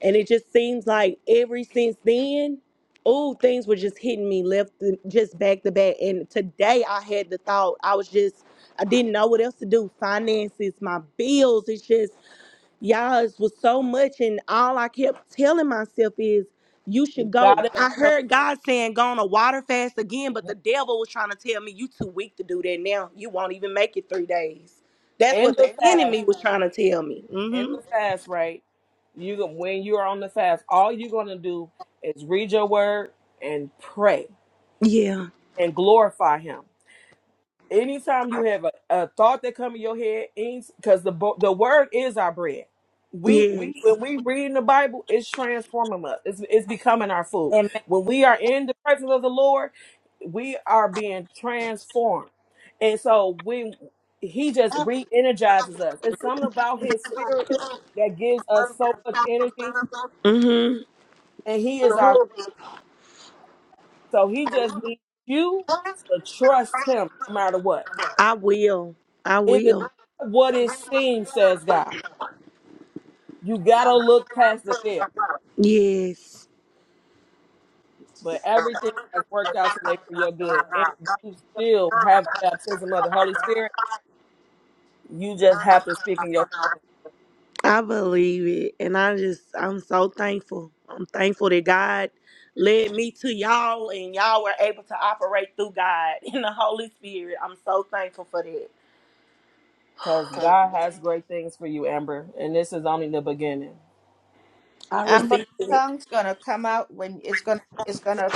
E: and it just seems like every since then, oh, things were just hitting me left, just back to back. And today I had the thought, I was just, I didn't know what else to do. Finances, my bills, it's just, y'all it was so much and all i kept telling myself is you
D: You
E: should go
D: gotta
E: i heard god saying go on a water fast again but the devil was trying to tell me you too weak to do that now you won't even make it three days that's
D: end
E: what
D: the
E: the
D: fast,
E: enemy was trying to tell me
D: end
E: hmm
D: the fast, right? You when you're on the fast, all you're gonna do is read your word and pray
E: yeah
D: and glorify him. Anytime you have a, a thought that come in your head, because the bo- the word is our bread. We
E: yeah
D: when we read in the Bible, it's transforming us. It's, it's becoming our food. When we are in the presence of the Lord, we are being transformed. And so when he just re-energizes us. It's something about his spirit that gives us so much energy.
E: hmm
D: And he is our so he just needs you to trust him no matter what
E: i will i
D: It is
E: will
D: not what it seems, says God. You gotta look past the veil.
E: yes
D: But everything has worked out today for your good. And you still have the baptism of the Holy Spirit. You just have to speak in your
E: I believe it. And I just, I'm so thankful. I'm thankful that God led me to y'all and y'all were able to operate through God in the Holy Spirit. I'm so thankful for that.
D: because God has great things for you, Amber. And this is only the beginning.
E: I
A: Amber,
E: received
A: the
E: it.
A: tongue's gonna come out when it's gonna it's gonna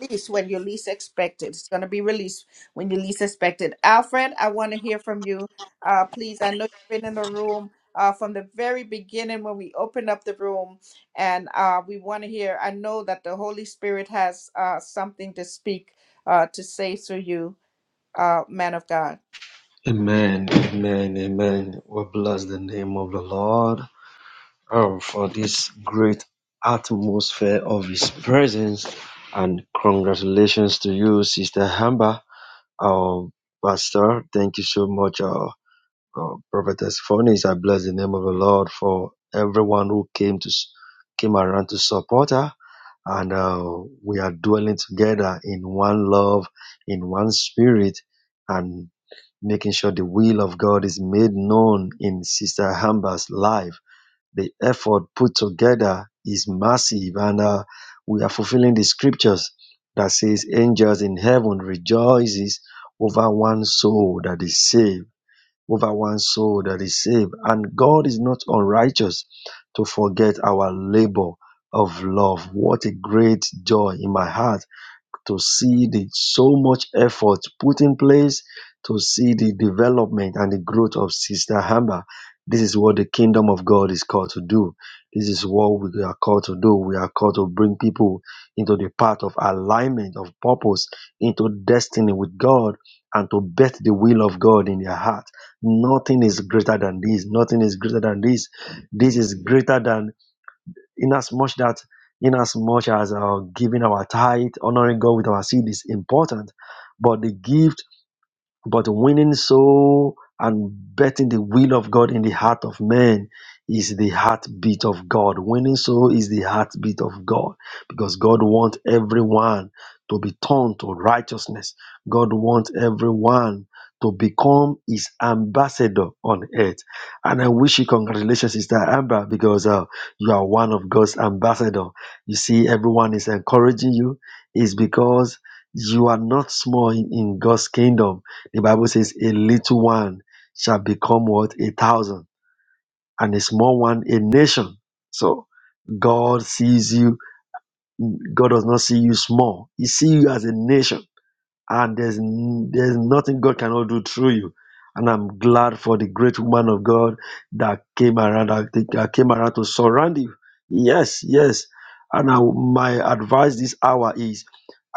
A: release when you least expect it. It's gonna be released when you least expect it. Alfred, I want to hear from you. Uh, please, I know you've been in the room uh, from the very beginning when we opened up the room, and uh, we want to hear. I know that the Holy Spirit has uh, something to speak uh, to say through you, uh, man of God.
F: Amen, amen, amen. We bless the name of the Lord um, for this great atmosphere of His presence. And congratulations to you, Sister Hamba. uh, Pastor. Thank you so much, uh, uh, Prophetess Phonies. I bless the name of the Lord for everyone who came to s- came around to support her, and uh, we are dwelling together in one love, in one spirit, and making sure the will of God is made known in Sister Hamba's life the effort put together is massive. And uh, we are fulfilling the scriptures that says angels in heaven rejoices over one soul that is saved, over one soul that is saved. And God is not unrighteous to forget our labor of love. What a great joy in my heart to see the so much effort put in place, to see the development and the growth of Sister Hammer. This is what the kingdom of God is called to do. This is what we are called to do. We are called to bring people into the path of alignment, of purpose, into destiny with God, and to bet the will of God in their heart. Nothing is greater than this. Nothing is greater than this. This is greater than in as much that in as much as uh, giving our tithe honoring god with our seed is important but the gift but winning soul and betting the will of God in the heart of man is the heartbeat of God. Winning soul is the heartbeat of God because God wants everyone to be turned to righteousness. God wants everyone to become his ambassador on earth. And I wish you congratulations, Sister Amber, because uh, you are one of God's ambassador. You see, everyone is encouraging you. It's because you are not small in in God's kingdom the Bible says, a little one shall become what? A thousand, and a small one, a nation. So God sees you. God does not see you small. He sees you as a nation and there's n- there's nothing God cannot do through you. And I'm glad for the great woman of God that came around that that- that came around to surround you. Yes, yes. And I, my advice this hour is,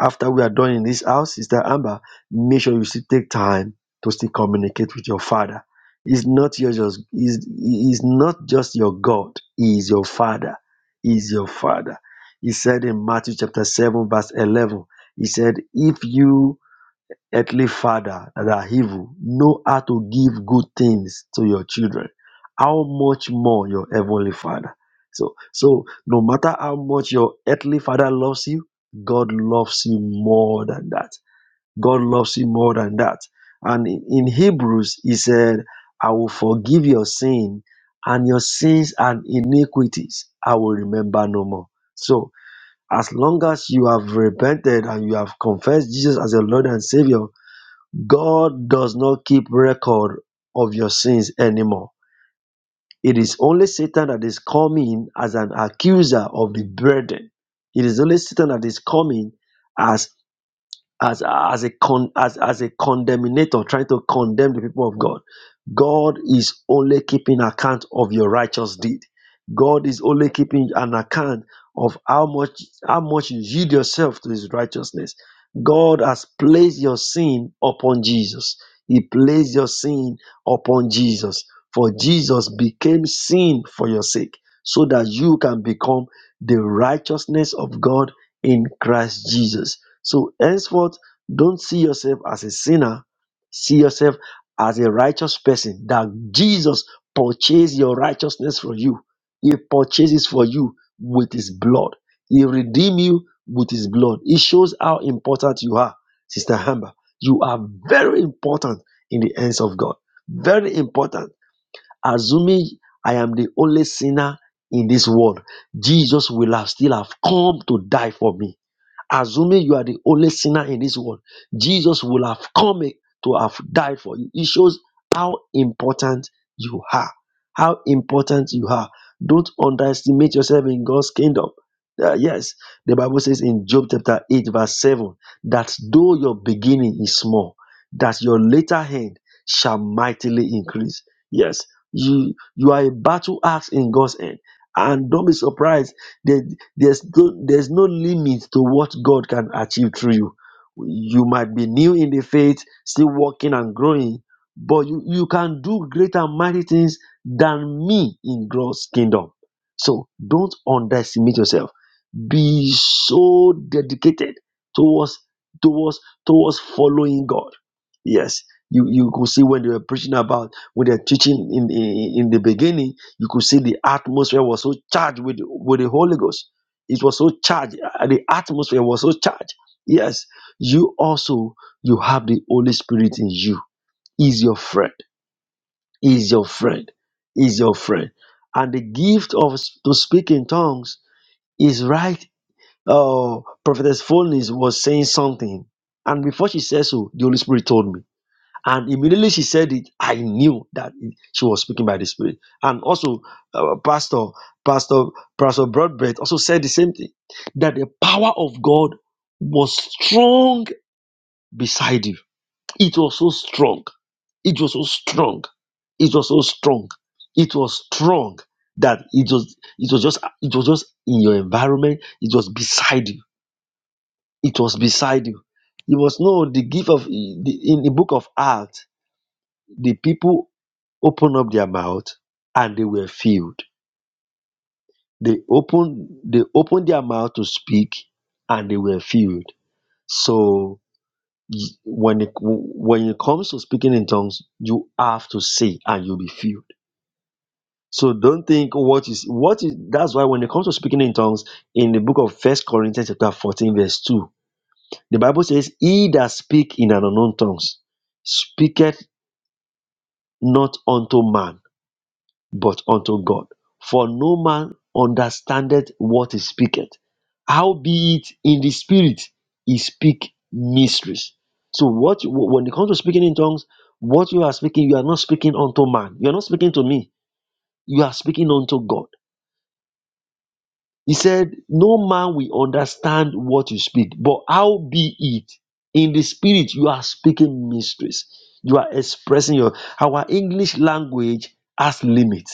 F: after we are done in this house, Sister Amber, make sure you still take time to still communicate with your Father. He's not your just is is not just your God. He is your Father. He is your Father. He said in Matthew chapter seven verse eleven. He said, if you Earthly Father that are evil know how to give good things to your children. How much more your Heavenly Father? So, so no matter how much your earthly father loves you, God loves you more than that. God loves you more than that. And in, in Hebrews, he said, I will forgive your sin and your sins and iniquities. I will remember no more. So, as long as you have repented and you have confessed Jesus as your Lord and Savior, God does not keep record of your sins anymore. It is only Satan that is coming as an accuser of the brethren. It is only Satan that is coming as as as a con as as a condemnator trying to condemn the people of god god is only keeping account of your righteous deed god is only keeping an account of how much how much you yield yourself to his righteousness god has placed your sin upon jesus he placed your sin upon jesus for jesus became sin for your sake so that you can become the righteousness of god in christ jesus so henceforth, don't see yourself as a sinner. See yourself as a righteous person that Jesus purchased your righteousness for you. He purchases for you with his blood. He redeemed you with his blood. It shows how important you are, Sister Amber. You are very important in the hands of God. Very important. Assuming I am the only sinner in this world, Jesus will have still have come to die for me. Assuming you are the only sinner in this world, Jesus will have come to have died for you. It shows how important you are. How important you are. Don't underestimate yourself in God's kingdom. Uh, yes, the Bible says in Job chapter 8, verse 7, that though your beginning is small, that your later end shall mightily increase. Yes, you you are a battle axe in God's hand. And don't be surprised. The, there's no, there's no limit to what God can achieve through you. You might be new in the faith, still working and growing, but you, you can do greater and mighty things than me in God's kingdom. So don't underestimate yourself. Be so dedicated towards towards towards following God. Yes. You, you could see when they were preaching about when they're teaching in, in in the beginning, you could see the atmosphere was so charged with with the Holy Ghost it was so charged. Uh, The atmosphere was so charged. Yes, you also you have the Holy Spirit in you. Is your friend. Is your friend. Is your friend. And the gift of s- to speak in tongues is right. Uh, Prophetess Phoenix was saying something, and before she said so, the Holy Spirit told me. And immediately she said it, I knew that it- she was speaking by the Spirit. And also, uh, Pastor, Pastor, Pastor Broadbent also said the same thing that the power of God was strong beside you. It was so strong. It was so strong. It was so strong. It was strong that it was it was just it was just in your environment. It was beside you. It was beside you. It was no the gift of the, in the book of Acts the people opened up their mouth and they were filled. They opened they opened their mouth to speak and they were filled. So y- when it when it comes to speaking in tongues, you have to say and you'll be filled. So don't think what is what is that's why when it comes to speaking in tongues in the book of First Corinthians chapter 14, verse 2, the Bible says, He that speak in an unknown tongues speaketh not unto man but unto God. For no man understandeth what he speaketh. Howbeit in the spirit he speak mysteries. So what you- when it comes to speaking in tongues, what you are speaking, you are not speaking unto man. You are not speaking to me. You are speaking unto God. He said, No man will understand what you speak, but how be it in the spirit you are speaking mysteries. You are expressing your our English language has limit.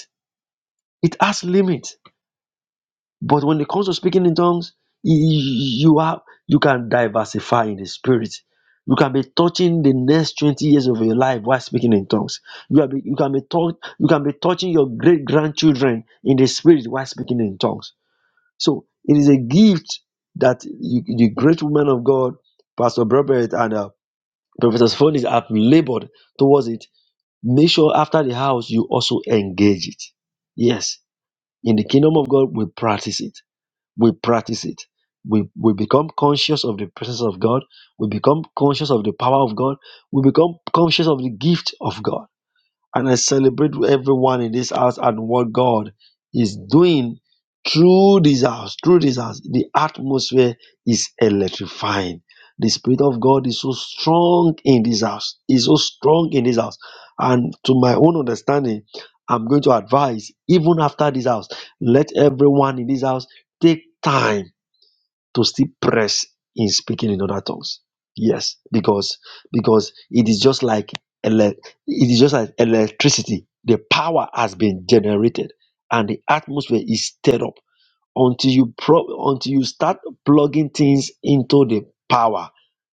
F: It has limit But when it comes to speaking in tongues, y- y- you have you can diversify in the spirit. You can be touching the next 20 years of your life while speaking in tongues. You, are be, you, can be touch, you can be touching your great grandchildren in the spirit while speaking in tongues. So it is a gift that you, the great woman of God, Pastor Robert and uh, Professor Phoenix have labored towards it. Make sure after the house you also engage it. Yes, in the kingdom of God, we practice it we practice it. We, we become conscious of the presence of God. We become conscious of the power of God. We become conscious of the gift of God. And I celebrate with everyone in this house and what God is doing through this house, through this house. The atmosphere is electrifying. The Spirit of God is so strong in this house, is so strong in this house. And to my own understanding, I'm going to advise, even after this house, let everyone in this house take time to still press in speaking in other tongues. Yes, because because it is just like ele- it is just like electricity. The power has been generated, and the atmosphere is stirred up until you pro- until you start plugging things into the power.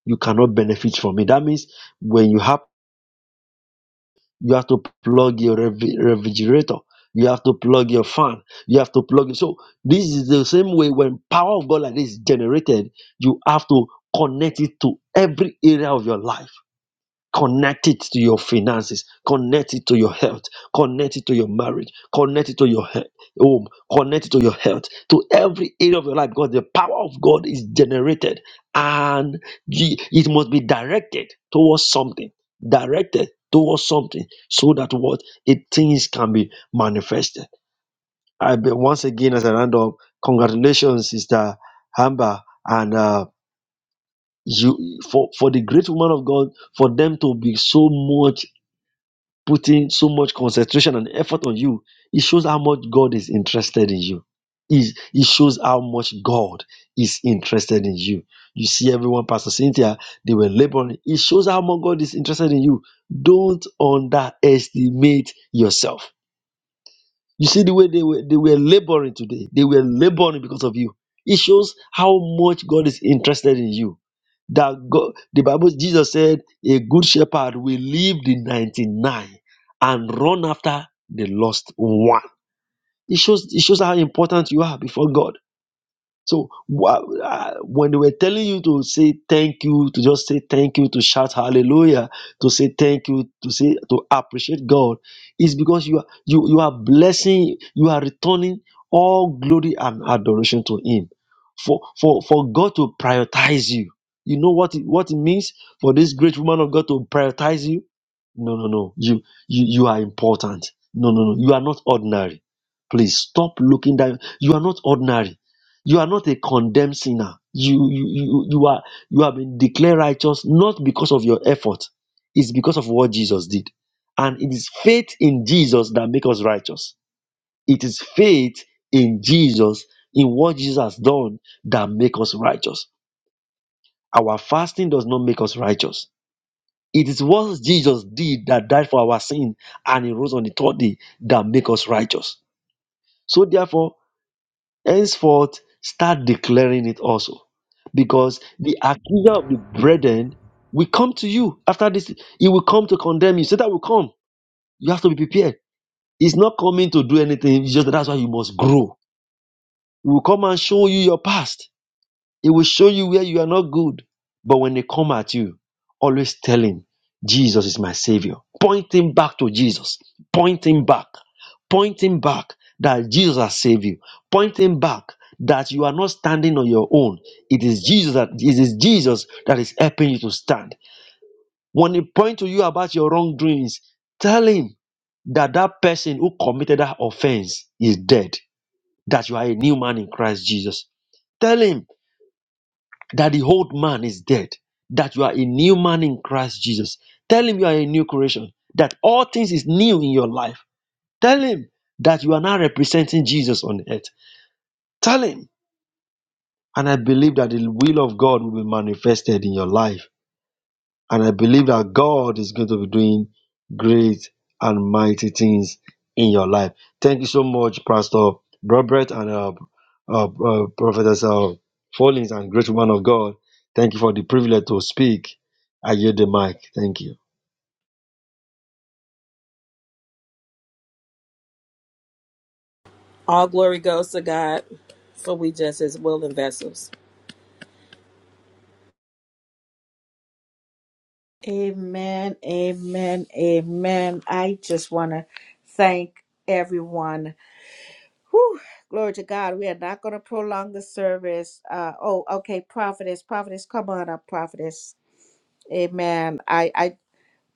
F: You cannot benefit from it. That means when you have you have to plug your rev- refrigerator. You have to plug your fan. You have to plug. So this is the same way when power of God like this is generated, you have to connect it to every area of your life Connect it to your finances. Connect it to your health. Connect it to your marriage. Connect it to your he- home. Connect it to your health. To every area of your life because the power of God is generated and ye- it must be directed towards something. Directed towards something so that what it things can be manifested. I be, once again as a round up, congratulations, Sister Hamba, and uh, you for for the great woman of God for them to be so much putting so much concentration and effort on you, it shows how much God is interested in you. It, it shows how much God is interested in you. You see, everyone, Pastor Cynthia, they were laboring. It shows how much God is interested in you. Don't underestimate yourself you see the way they were they were laboring today. They were laboring because of you. It shows how much God is interested in you. That God, the Bible, Jesus said, a good shepherd will leave the 99 and run after the lost one. It shows it shows how important you are before God. So wha- uh, when they were telling you to say thank you, to just say thank you, to shout hallelujah, to say thank you, to say to appreciate God, is because you are you you are blessing, you are returning all glory and adoration to Him. For for for God to prioritize you, you know what it, what it means for this great woman of God to prioritize you. No no no, you you you are important. No no no, you are not ordinary. Please stop looking down. You are not ordinary you are not a condemned sinner. You, you, you, you are, you have been declared righteous not because of your effort. It's because of what Jesus did. And it is faith in Jesus that makes us righteous. It is faith in Jesus, in what Jesus has done that makes us righteous. Our fasting does not make us righteous. It is what Jesus did that died for our sin and he rose on the third day that makes us righteous. So therefore, henceforth start declaring it also because the accuser of the brethren will come to you after this he will come to condemn you satan will come you have to be prepared he's not coming to do anything it's just that's why you must grow he will come and show you your past he will show you where you are not good. But when they come at you, always tell him, Jesus is my savior. Point him back to Jesus. Point him back. Point him back that Jesus has saved you. Point him back that you are not standing on your own. It is Jesus that it is Jesus that is helping you to stand. When he point to you about your wrongdoings, tell him that that person who committed that offense is dead. That you are a new man in Christ Jesus. Tell him that the old man is dead, that you are a new man in Christ Jesus. Tell him you are a new creation, that all things is new in your life. Tell him that you are now representing Jesus on earth. Tell him, and I believe that the will of God will be manifested in your life and I believe that God is going to be doing great and mighty things in your life. Thank you so much, Pastor Robert and uh, uh, uh, Prophetess uh, Fallings and great woman of God. Thank you for the privilege to speak. I yield the mic. Thank you.
D: All glory goes to God, for we just as willing vessels.
A: Amen, amen, amen. I just want to thank everyone. Whew, glory to God. We are not going to prolong the service. Uh, oh, okay, prophetess, prophetess, come on up, prophetess. Amen. I, I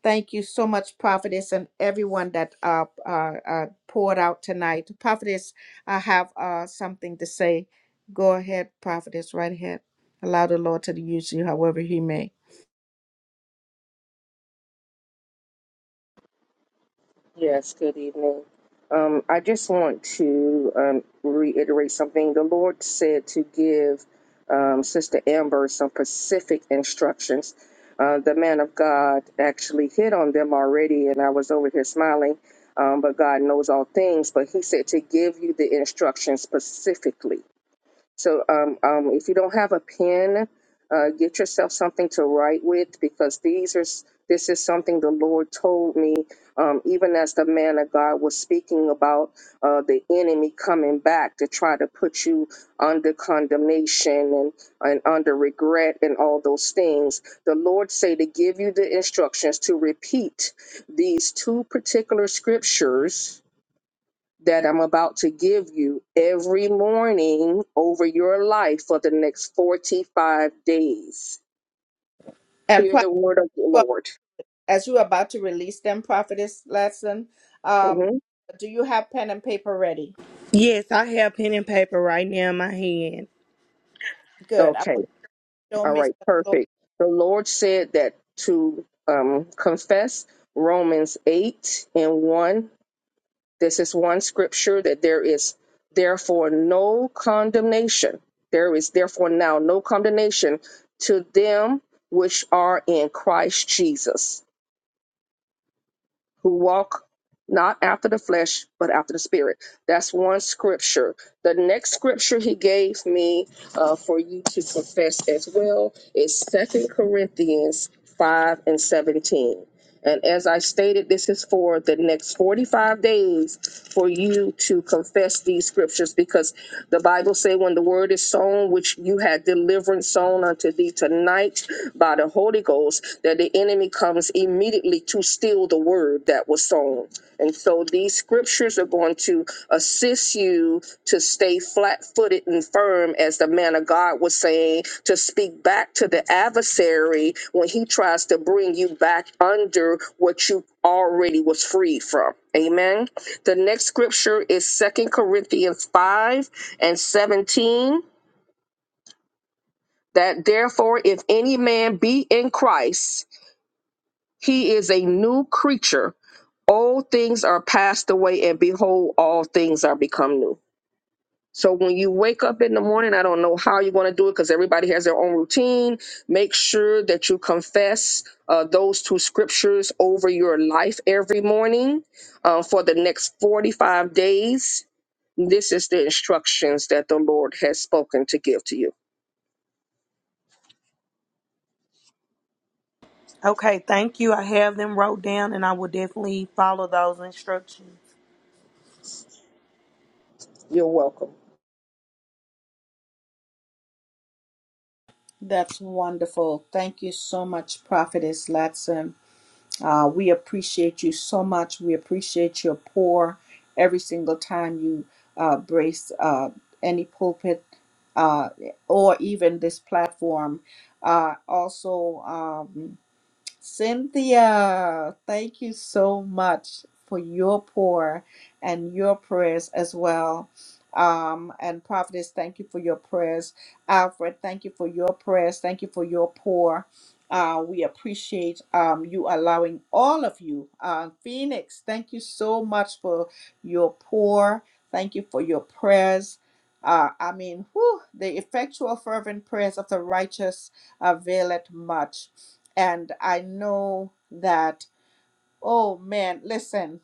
A: thank you so much, prophetess, and everyone that uh, uh, uh, poured out tonight. Prophetess, I have uh, something to say. Go ahead, prophetess, right ahead. Allow the Lord to use you however he may.
B: Yes, good evening. Um, I just want to um, reiterate something. The Lord said to give um, Sister Amber some specific instructions. Uh, the man of God actually hit on them already, and I was over here smiling. Um, but God knows all things. But He said to give you the instructions specifically. So um, um, if you don't have a pen, uh, get yourself something to write with because these are s- this is something the Lord told me um, even as the man of God was speaking about uh, the enemy coming back to try to put you under condemnation and, and under regret and all those things. The Lord say to give you the instructions to repeat these two particular scriptures that I'm about to give you every morning over your life for the next 45 days.
A: And
B: Hear
A: prophet.
B: the word of the Lord.
A: as you're about to release them, Prophetess Latson, um,
B: hmm
A: do you have pen and paper ready?
E: Yes, I have pen and paper right now in my hand.
A: Good. I want
B: Okay.
A: to don't
B: All
A: miss
B: right.
A: the floor.
B: Perfect. The Lord said that to um, confess Romans 8 and 1. This is one scripture that there is therefore no condemnation. There is therefore now no condemnation to them which are in Christ Jesus, who walk not after the flesh, but after the spirit. That's one scripture. The next scripture he gave me uh, for you to confess as well is Second Corinthians 5 and 17. And as I stated, this is for the next 45 days for you to confess these scriptures because the Bible say when the word is sown, which you had deliverance sown unto thee tonight by the Holy Ghost, that the enemy comes immediately to steal the word that was sown and so these scriptures are going to assist you to stay flat footed and firm, as the man of God was saying, to speak back to the adversary when he tries to bring you back under what you already was free from. Amen. The next scripture is Second Corinthians 5 and 17 that therefore, if any man be in Christ, he is a new creature Old things are passed away, and behold, all things are become new. So when you wake up in the morning, I don't know how you're going to do it because everybody has their own routine. Make sure that you confess uh, those two scriptures over your life every morning uh, for the next 45 days. This is the instructions that the Lord has spoken to give to you.
E: Okay, thank you. I have them wrote down and I will definitely follow those instructions.
B: You're welcome.
A: That's wonderful. Thank you so much, Prophetess Latson. Uh, we appreciate you so much. We appreciate your pour every single time you uh, brace uh, any pulpit uh, or even this platform. Uh, also, um, Cynthia, thank you so much for your pour and your prayers as well. Um, and Prophetess, thank you for your prayers. Alfred, thank you for your prayers. Thank you for your pour. Uh, we appreciate um, you allowing all of you. Uh, Phoenix, thank you so much for your pour. Thank you for your prayers. Uh, I mean, whew, the effectual, fervent prayers of the righteous availeth much and I know that, oh man, listen,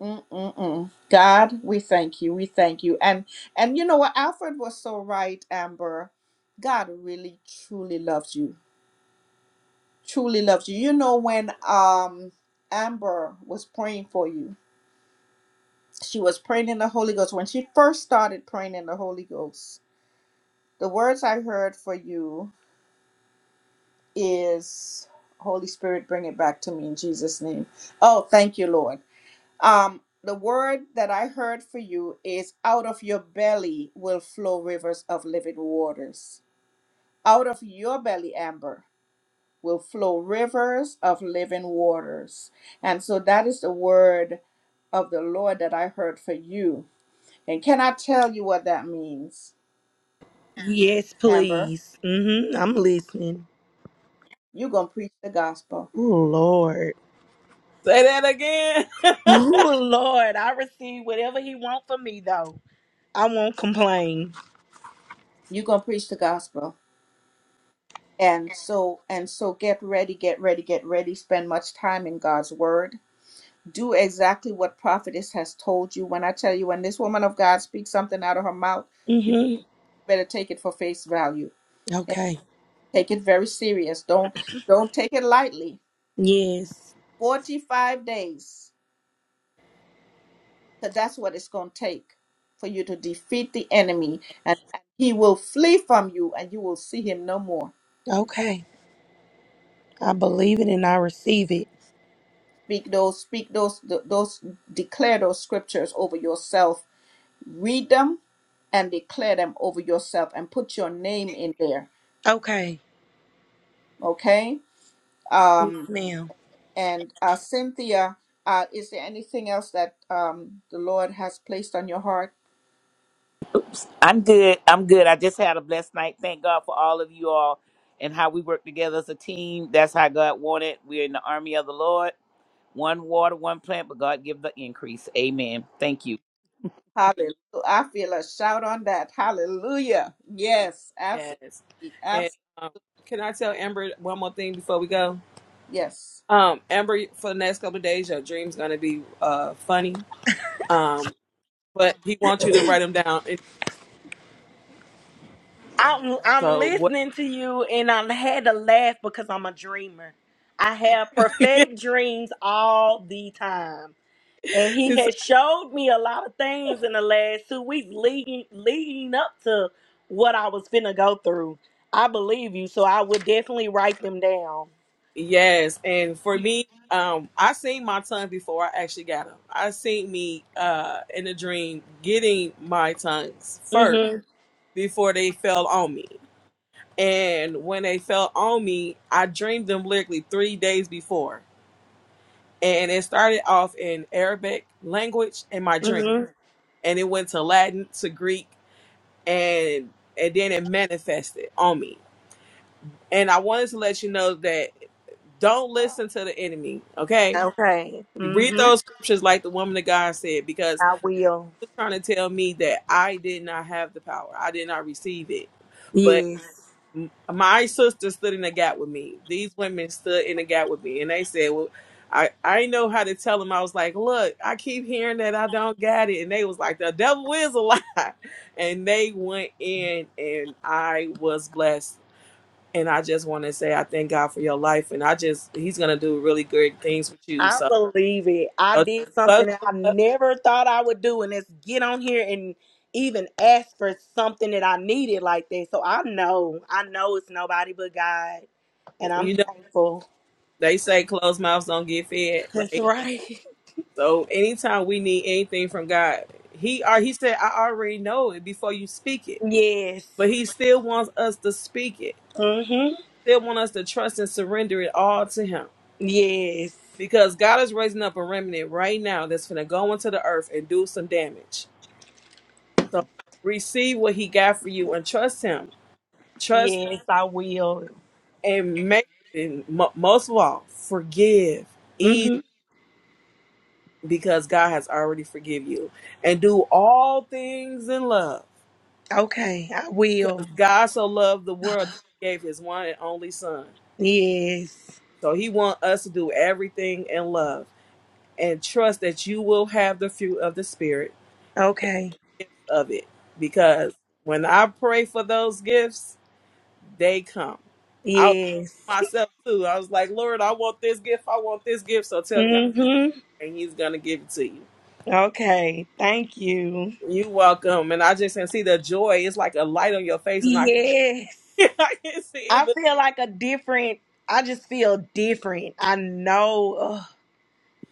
A: mm-mm-mm. God, we thank you, we thank you, and and you know what, Alfred was so right, Amber. God really truly loves you, truly loves you. You know when um Amber was praying for you, she was praying in the Holy Ghost. When she first started praying in the Holy Ghost, the words I heard for you is. Holy Spirit, bring it back to me in Jesus' name. Oh, thank you, Lord. Um, the word that I heard for you is out of your belly will flow rivers of living waters. Out of your belly, Amber, will flow rivers of living waters. And so that is the word of the Lord that I heard for you. And can I tell you what that means,
E: Yes,
A: Amber?
E: please. Mm-hmm. I'm listening.
A: You're going to preach the gospel.
E: Oh, Lord.
D: Say that again.
E: Oh, Lord. I receive whatever He wants for me, though. I won't complain.
A: You're going to preach the gospel. And so and so get ready, get ready, get ready. Spend much time in God's word do exactly what prophetess has told you. When I tell you, when this woman of God speaks something out of her mouth, you
E: hmm
A: better take it for face value and
E: Okay.
A: take it very serious. Don't don't take it lightly.
E: Yes.
A: Forty five days, because that's what it's going to take for you to defeat the enemy, and, and he will flee from you, and you will see him no more.
E: Okay. I believe it and I receive it.
A: Speak those, speak those, th- those, declare those scriptures over yourself. Read them and declare them over yourself, and put your name in there.
E: Okay.
A: Okay
E: Yes,
A: Um,
E: ma'am.
A: and uh, Cynthia, uh, is there anything else that um, the Lord has placed on your heart?
C: I'm good. I'm good. I just had a blessed night. Thank God for all of you all and how we work together as a team. That's how God wanted. We're in the army of the Lord. One water, one plant, but God give the increase. Amen. Thank you,
A: Hallelujah. I feel a shout on that. Hallelujah. Yes, absolutely.
D: yes. And
A: Absolutely.
D: um, can I tell Amber one more thing before we go?
A: Yes.
D: Um, Amber, for the next couple of days, your dream's gonna be uh funny. Um, but he wants you to write them down. And
E: I'm I'm
D: so what?
E: listening to you and I had to laugh because I'm a dreamer. I have
D: and
E: prophetic dreams all the time. And he
D: so,
E: has showed me a lot of things in the last two weeks leading leading up to what I was finna go through. I believe you, so I would definitely write them down.
D: yes, and for me, um, I seen my tongue before I actually got them. I seen me uh in a dream getting my tongues first
E: Mm-hmm.
D: before they fell on me. And when they fell on me, I dreamed them literally three days before. And it started off in Arabic language in my dream
E: Mm-hmm.
D: and it went to Latin to Greek and and then it manifested on me. And I wanted to let you know that don't listen to the enemy, okay?
E: Okay.
D: You read
E: Mm-hmm.
D: those scriptures like the woman of God said, because
E: I will.
D: he was trying to tell me that I did not have the power. I did not receive it. But
E: Yes,
D: m- my sister stood in the gap with me. These women stood in the gap with me. And they said, well, I, I did know how to tell them. I was like, look, I keep hearing that I don't got it. And they was like, the devil is a lie. And they went in and I was blessed And I just want to say I thank God for your life, and I just He's gonna do really good things with you.
E: I
D: So,
E: believe it. I
D: so just
E: did something that
D: buckle
E: I
D: up.
E: never thought I would do, and it's get on here and even ask for something that I needed like that. So I know, I know it's nobody but God, and I'm
D: you know
E: thankful.
D: they say closed mouths don't get fed,
E: That's
D: right?
E: right.
D: So anytime we need anything from God, He are He said I already know it before you speak it,
E: Yes.
D: but He still wants us to speak it,
E: Mhm.
D: still want us to trust and surrender it all to Him
E: Yes.
D: because God is raising up a remnant right now that's gonna go into the earth and do some damage. So receive what He got for you and trust Him. Trust
E: Yes, I will.
D: And make and mo- most of all, forgive easy
E: Mhm.
D: because God has already forgive you, and do all things in love
E: Okay, I
D: because
E: will.
D: God so loved the world that He gave His one and only Son.
E: Yes.
D: So He wants us to do everything in love and trust that you will have the fruit of the Spirit and
E: Okay.
D: gifts of it. Because when I pray for those gifts, they come. I was
E: Yes.
D: myself too. I was like, Lord, I want this gift. I want this gift. So tell God.
E: Mhm.
D: and he's gonna give it to you.
E: Okay. Thank you.
D: You welcome, and I just can see the joy. It's like a light on your face, and I can,
E: Yes.
D: I can see
E: I
D: it.
E: feel like a different. I just feel different. I know ugh,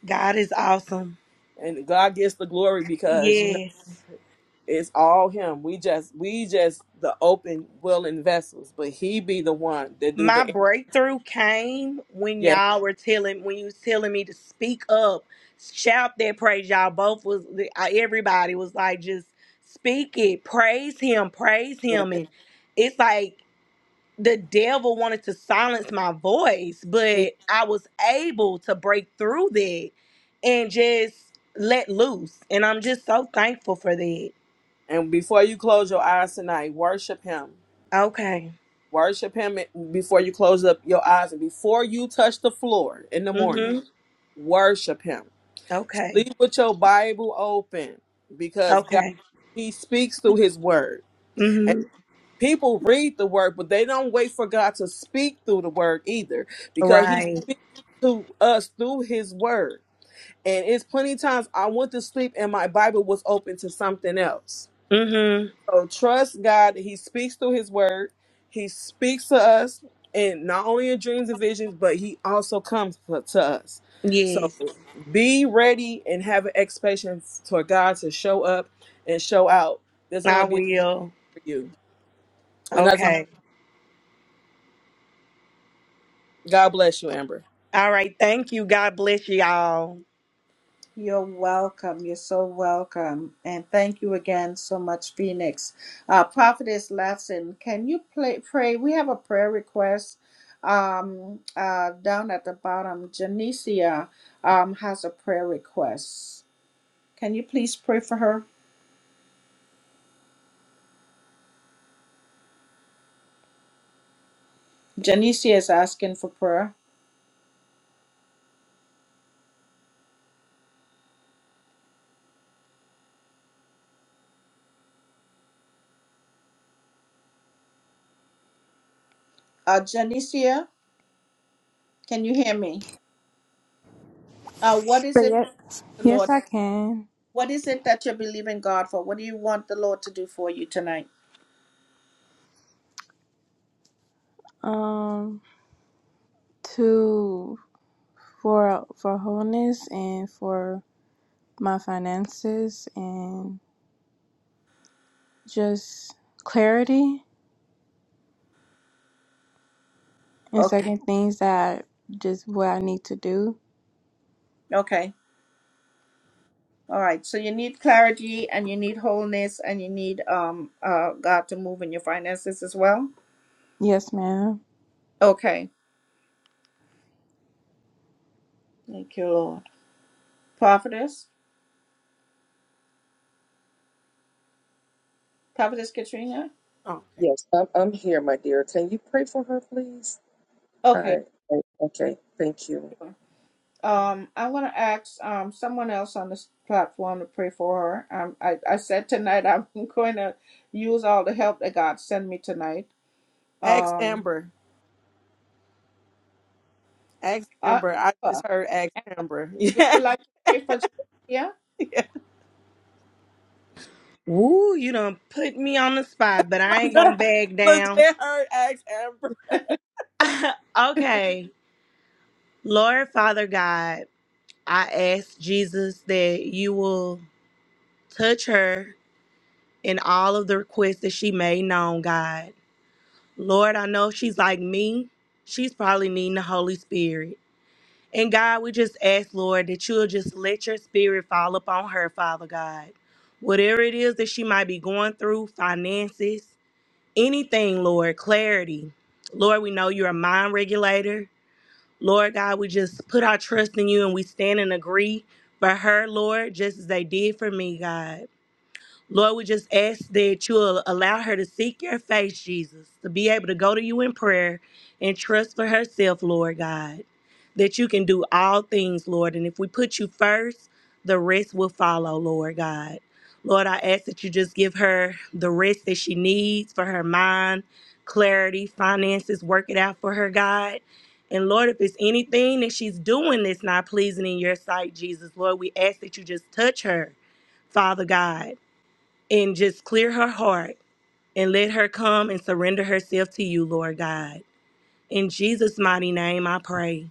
E: God is awesome.
D: And God gets the glory because you know
E: Yes.
D: it's all Him. We just, we just the open, willing vessels, but He be the one that do
E: My
D: the
E: breakthrough came when
D: yes.
E: y'all were telling when you was telling me to speak up, shout that praise. Y'all both was everybody was like just speak it, praise him, praise him,
D: yes.
E: and it's like the devil wanted to silence my voice,
D: He
E: but I was able to break through that and just let loose. And I'm just so thankful for that.
D: and before you close your eyes tonight, worship Him.
E: Okay.
D: Worship Him before you close up your eyes, and before you touch the floor in the morning,
E: Mm-hmm.
D: worship Him
E: Okay.
D: Sleep with your Bible open because God,
E: Okay.
D: He speaks through His Word. And
E: Mm-hmm.
D: people read the Word, but they don't wait for God to speak through the Word either because He
E: Right.
D: speaks to us through His Word. And it's plenty times I went to sleep and my Bible was open to something else.
E: Mm-hmm.
D: So trust God. He speaks through His Word. He speaks to us, and not only in dreams and visions, but He also comes for- to us. So
E: Yes.
D: be ready and have an expectation for God to show up and show out. There's
E: I
D: gonna be
E: will.
D: for you, and that's all.
E: Okay.
D: God bless you, Amber.
E: All right. Thank you. God bless you all.
A: You're welcome. You're so welcome. And thank you again so much, Phoenix. Uh, Prophetess Latson, can you play, pray? We have a prayer request um, uh, down at the bottom. Janicia um, has a prayer request. Can you please pray for her? Janicia is asking for prayer. Uh, Janicia, can you hear me? Uh, what is
G: But
A: it,
G: yes,
A: the Lord?
G: yes, I can.
A: What is it that you're believing God for? What do you want the Lord to do for you tonight?
G: Um, to for for wholeness and for my finances and just clarity and
A: Okay.
G: certain things that just what I need to do.
A: Okay. All right. So you need clarity and you need wholeness and you need um uh God to move in your finances as well.
G: Yes, ma'am.
A: Okay. Thank you, Lord. Prophetess, Prophetess Katrina.
D: Oh,
B: Yes, I'm, I'm here, my dear. Can you pray for her, please? All
A: Okay.
B: right. Okay. Thank you.
A: sure. Um, I want to ask um, someone else on this platform to pray for her. Um, I, I said tonight I'm going to use all the help that God sent me tonight.
D: ask
A: Um,
D: Amber. Ask
A: uh,
D: Amber. I
A: Amber,
D: just heard ask
A: Amber,
D: Amber.
A: would you like to pray for Julia?
D: Yeah, yeah.
E: Woo, you done put me on the spot, but I ain't gonna bag down.
D: legit heard ask Amber.
E: okay. Lord Father God. I ask Jesus that you will touch her in all of the requests that she made known, God. Lord, I know she's like me. She's probably needing the Holy Spirit. And God, we just ask, Lord, that you'll just let your spirit fall upon her, Father God. Whatever it is that she might be going through, finances, anything, Lord, clarity. Lord, we know you're a mind regulator. Lord God, we just put our trust in you and we stand and agree for her, Lord, just as they did for me, God. Lord, we just ask that you will allow her to seek your face, Jesus, to be able to go to you in prayer and trust for herself, Lord God, that you can do all things, Lord. And if we put you first, the rest will follow, Lord God. Lord, I ask that you just give her the rest that she needs for her mind, clarity, finances, work it out for her, God. And Lord, if it's anything that she's doing that's not pleasing in your sight, Jesus, Lord, we ask that you just touch her, Father God and just clear her heart and let her come and surrender herself to you, Lord God. In Jesus' mighty name, I pray.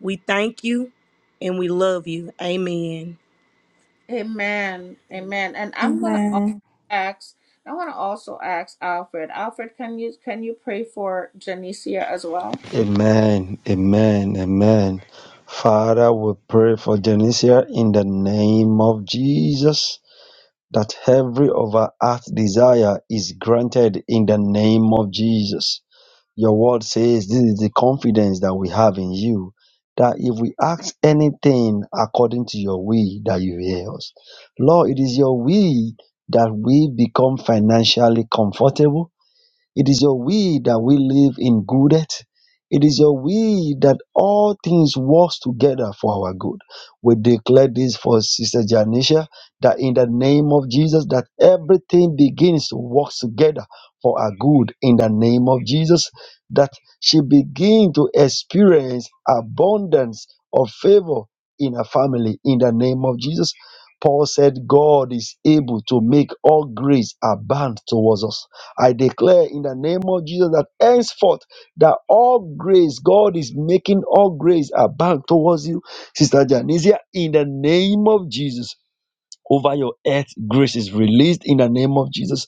E: We thank you and we love you. Amen.
A: Amen. Amen. And I'm going to
G: Amen.
A: ask. I want to also ask Alfred. Alfred, can you can you pray for Janicia as well?
F: Amen. Amen. Amen. Father, we pray for Genesia in the name of Jesus that every of our heart desire is granted in the name of Jesus. Your word says this is the confidence that we have in you that if we ask anything according to your will, that you hear us. Lord, it is your will that we become financially comfortable it is your will that we live in good health. It is your will that all things work together for our good. We declare this for Sister Janisha that in the name of Jesus that everything begins to work together for our good in the name of Jesus that she begin to experience abundance of favor in her family in the name of Jesus. Paul said God is able to make all grace abound towards us I declare in the name of Jesus that henceforth that all grace, God is making all grace abound towards you, Sister Janisia, in the name of Jesus. Over your earth, grace is released in the name of Jesus.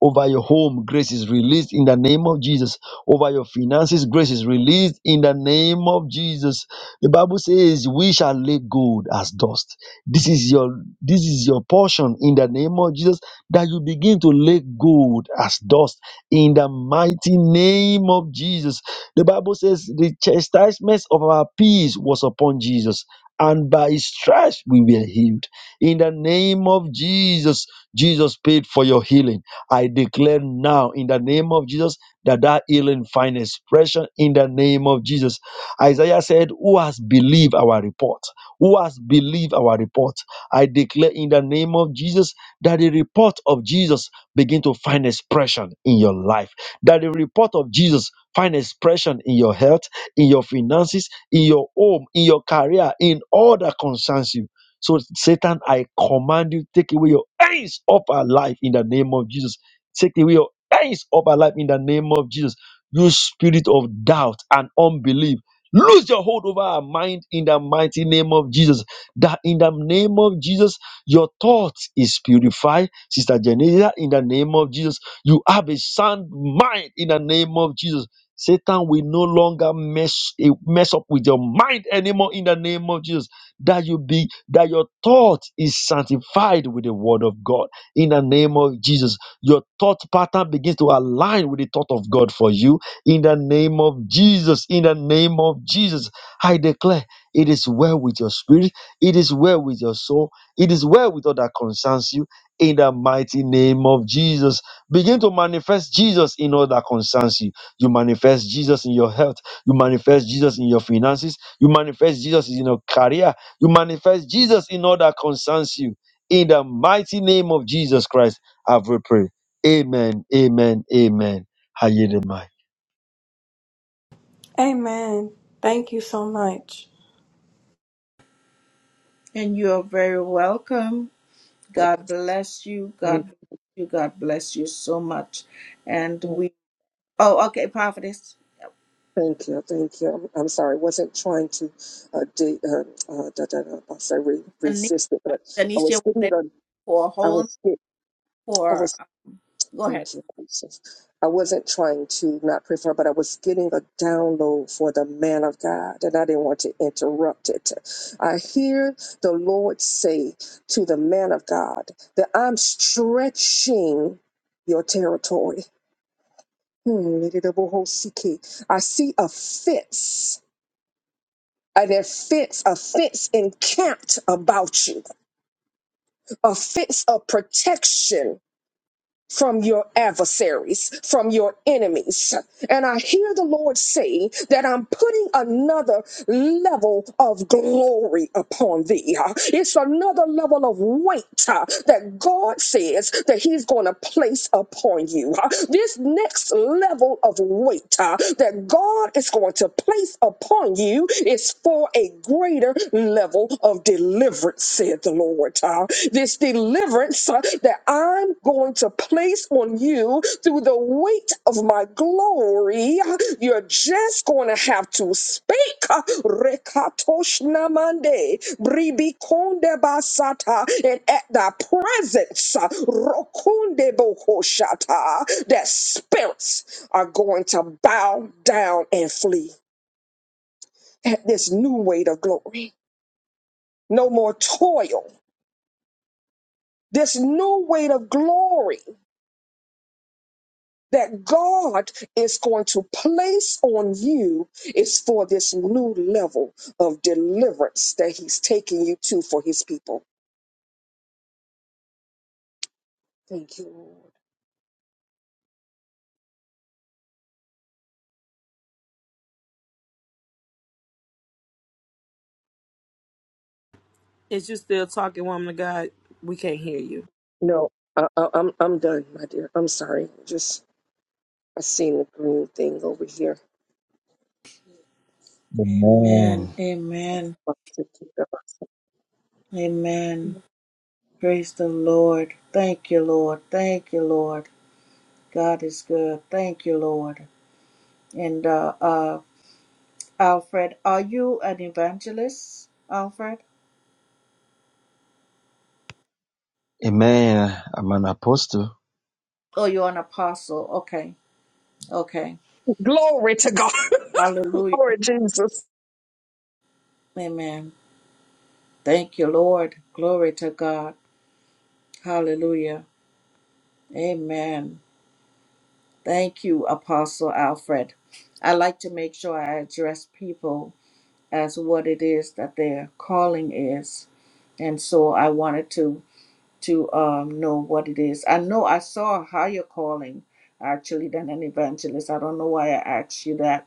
F: Over your home, grace is released in the name of Jesus. Over your finances, grace is released in the name of Jesus. The Bible says, "We shall lay gold as dust." This is your this is your portion in the name of Jesus. That you begin to lay gold as dust in the mighty name of Jesus. The Bible says, "The chastisement of our peace was upon Jesus, and by His stripes we were healed." In the name of Jesus, Jesus paid for your healing. I declare now, in the name of Jesus, that that healing find expression in the name of Jesus. Isaiah said, Who has believed our report? Who has believed our report? I declare in the name of Jesus that the report of Jesus begin to find expression in your life. That the report of Jesus find expression in your health, in your finances, in your home, in your career, in all that concerns you so, Satan, I command you, take away your hands off our life in the name of Jesus. Take away your hands off our life in the name of Jesus. You spirit of doubt and unbelief, lose your hold over our mind in the mighty name of Jesus. That in the name of Jesus, your thoughts is purified. Sister Genesia, in the name of Jesus, you have a sound mind in the name of Jesus. Satan will no longer mess, eh, mess up with your mind anymore in the name of Jesus that you be that your thought is sanctified with the word of God in the name of Jesus. Your thought pattern begins to align with the thought of God for you in the name of Jesus. In the name of Jesus, I declare it is well with your spirit, it is well with your soul, it is well with all that concerns you. In the mighty name of Jesus, begin to manifest Jesus in all that concerns you. You manifest Jesus in your health. You manifest Jesus in your finances. You manifest Jesus in your career. You manifest Jesus in all that concerns you. In the mighty name of Jesus Christ, I will pray. Amen. Amen. Amen. I yield the mic.
G: Amen. Thank you so much.
A: And you are very welcome. God bless you. God bless you. God bless you so much. And we Oh, okay, prophetess.
B: Thank you, thank you. I'm, I'm sorry, I wasn't trying to uh, de- uh, uh, da, da, da, I say re-
A: Tanisha,
B: resist it, but I
A: Tanisha
B: was getting
A: wanted
B: the,
A: for
B: I
A: wholeness
B: was, get, I
A: for.
B: was,
A: Go ahead.
B: thank you, Jesus. I wasn't trying to not pray for her, but I was getting a download for the man of God, and I didn't want to interrupt it. I hear the Lord say to the man of God that I'm stretching your territory. Hmm, I see a fence Are there fence, a fence encamped about you, a fence of protection from your adversaries, from your enemies? And I hear the Lord say that I'm putting another level of glory upon thee. Uh, It's another level of weight uh, that God says that He's going to place upon you. Uh, This next level of weight uh, that God is going to place upon you is for a greater level of deliverance, said the Lord. Uh, This deliverance uh, that I'm going to place on you through the weight of my glory. You're just going to have to speak. Rekatoshnamande, bribikondebasata, And at the presence, uh, rokondebohoshata, that spirits are going to bow down and flee at this new weight of glory. No more toil. This new weight of glory that God is going to place on you is for this new level of deliverance that He's taking you to for His people. Thank you, Lord.
D: Is you still talking, woman of God? We can't hear you.
B: No, I, I, I'm I'm done, my dear. I'm sorry. Just I seen the green thing over here.
A: Amen.
F: Amen.
A: Amen. Amen. Praise the Lord. Thank you, Lord. Thank you, Lord. God is good. Thank you, Lord. And uh, uh, Alfred, are you an evangelist, Alfred?
F: Amen. I'm an apostle.
A: Oh, you're an apostle. Okay. Okay.
B: Glory to God,
A: Hallelujah.
B: Lord Jesus.
A: Amen. Thank you, Lord. Glory to God. Hallelujah. Amen. Thank you, Apostle Alfred. I like to make sure I address people as what it is that their calling is, and so I wanted to to um, know what it is. I know I saw a higher calling actually than an evangelist. I don't know why I asked you that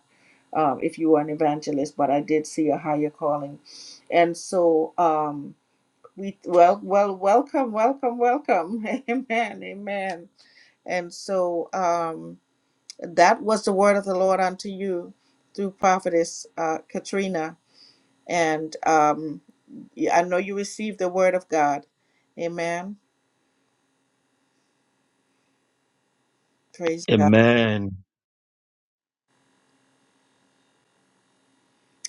A: um, if you were an evangelist, but I did see a higher calling, and so um, we well well welcome welcome welcome amen amen and so. Um, that was the word of the Lord unto you through prophetess uh, Katrina. And um, y- I know you received the word of God. Amen. Praise God.
F: Amen.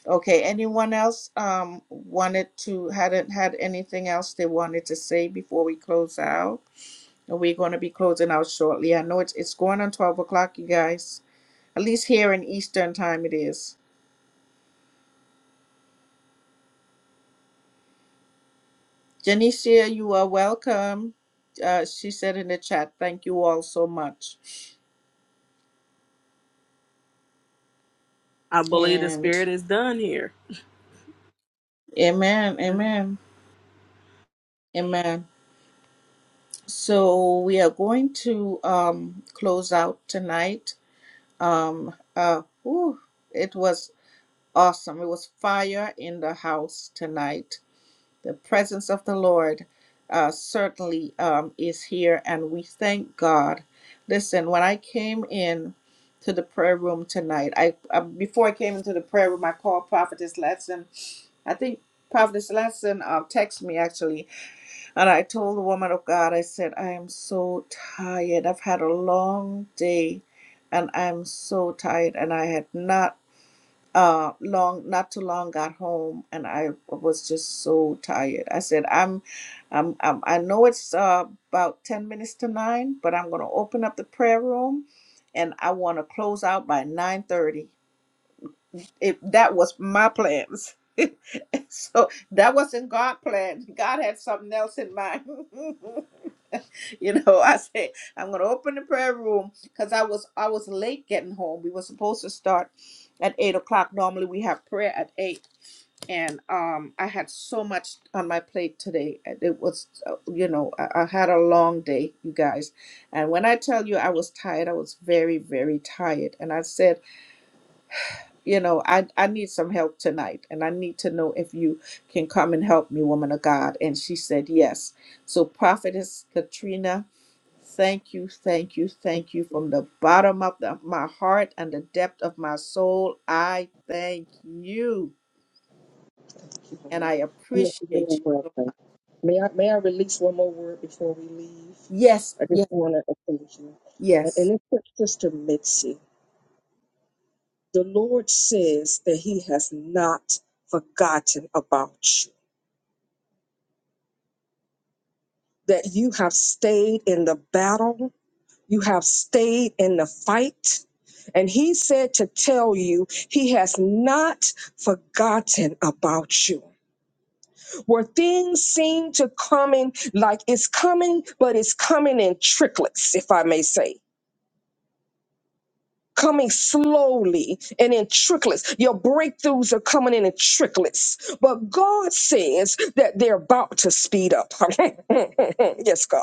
A: Okay. Anyone else um, wanted to hadn't had anything else they wanted to say before we close out? And We're going to be closing out shortly. I know it's it's going on twelve o'clock, you guys. At least here in Eastern time, it is. Janicia, you are welcome. Uh, she said in the chat, "Thank you all so much."
D: I believe the
A: And
D: spirit is done here.
A: amen, amen, amen. So we are going to um, close out tonight. Um, uh, whew, it was awesome. It was fire in the house tonight. The presence of the Lord uh, certainly um, is here, and we thank God. Listen, when I came in to the prayer room tonight, I uh, before I came into the prayer room, I called Prophetess Letson. I think Prophetess Lesson uh, texted me actually And I told the woman of God, I said, I am so tired. I've had a long day and I'm so tired. And I had not uh long not too long got home and I was just so tired. I said, I'm I'm, I'm I know it's uh, about 10 minutes to 9, but I'm going to open up the prayer room and I want to close out by 9:30. It that was my plans. so that wasn't God plan. God had something else in mind. you know i said i'm gonna open the prayer room because i was i was late getting home we were supposed to start at eight o'clock normally we have prayer at eight and um i had so much on my plate today and it was uh, you know I, I had a long day you guys and when i tell you i was tired i was very very tired and i said you know i i need some help tonight and i need to know if you can come and help me woman of god and she said yes so prophetess katrina Thank you, thank you, thank you from the bottom of the- my heart and the depth of my soul. I thank you
B: Thank you,
A: and I
B: Lord. You're, you're
A: appreciate you so
B: welcome.
A: much.
B: May I may I release one more word before we leave?
A: Yes,
B: I just
A: yes,
B: want to thank you. And, and
A: yes.
B: it's for Sister Mitzi. The Lord says that He has not forgotten about you, that you have stayed in the battle, you have stayed in the fight. And He said to tell you, He has not forgotten about you. Where things seem to coming like it's coming, but it's coming in tricklets, if I may say. coming slowly and in tricklets. Your breakthroughs are coming in in tricklets. But God says that they're about to speed up. yes, God.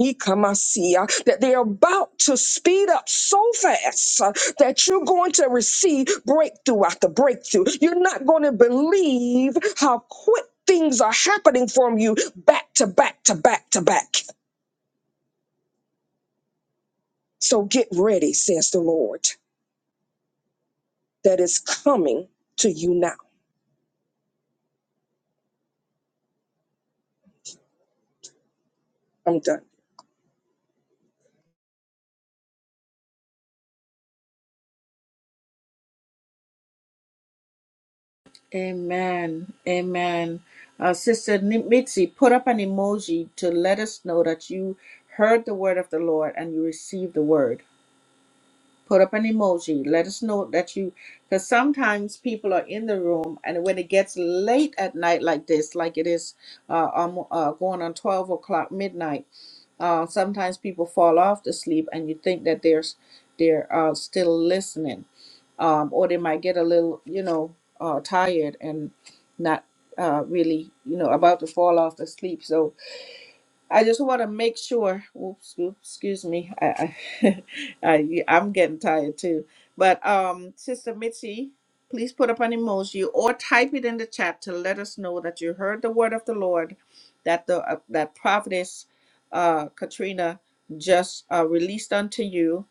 B: Ikamasia, That they're about to speed up so fast uh, that you're going to receive breakthrough after breakthrough. You're not going to believe how quick things are happening from you back to back to back to back. So get ready, says the Lord, that is coming to you now. I'm done.
A: Amen. Amen. Uh, Sister Ni- Mitzi, put up an emoji to let us know that you heard the word of the Lord and you received the word. put up an emoji let us know that you because sometimes people are in the room and when it gets late at night like this like it is uh, um, uh going on 12 o'clock midnight uh sometimes people fall off to sleep and you think that they're s- they're uh, still listening um or they might get a little you know uh tired and not uh really you know about to fall off to sleep so I just want to make sure. Oops, oops, excuse me. I, I, I, I'm getting tired too. But um, Sister Mitzi, please put up an emoji or type it in the chat to let us know that you heard the word of the Lord, that the uh, that prophetess uh, Katrina just uh, released unto you,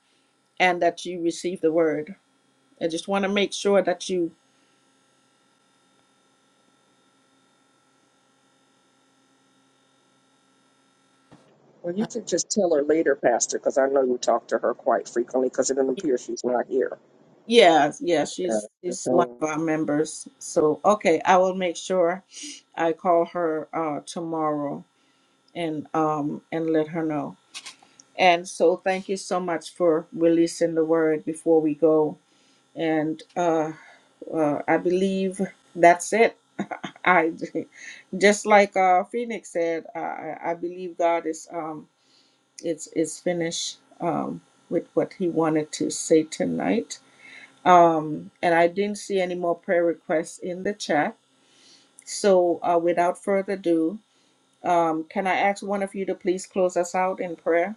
A: and that you received the word. I just want to make sure that you
B: Well, you could just tell her later, Pastor, because I know you talk to her quite frequently because it doesn't appear she's not here.
A: Yeah, yeah,
B: Yeah.
A: she's she's one
B: So,
A: of our members. So okay, I will make sure I call her uh tomorrow and um and let her know. And so thank you so much for releasing the word before we go. And uh, uh I believe that's it. I just like uh Phoenix said, I I I believe God is um it's is finished um with what he wanted to say tonight. Um, and I didn't see any more prayer requests in the chat. So uh, without further ado, um, can I ask one of you to please close us out in prayer?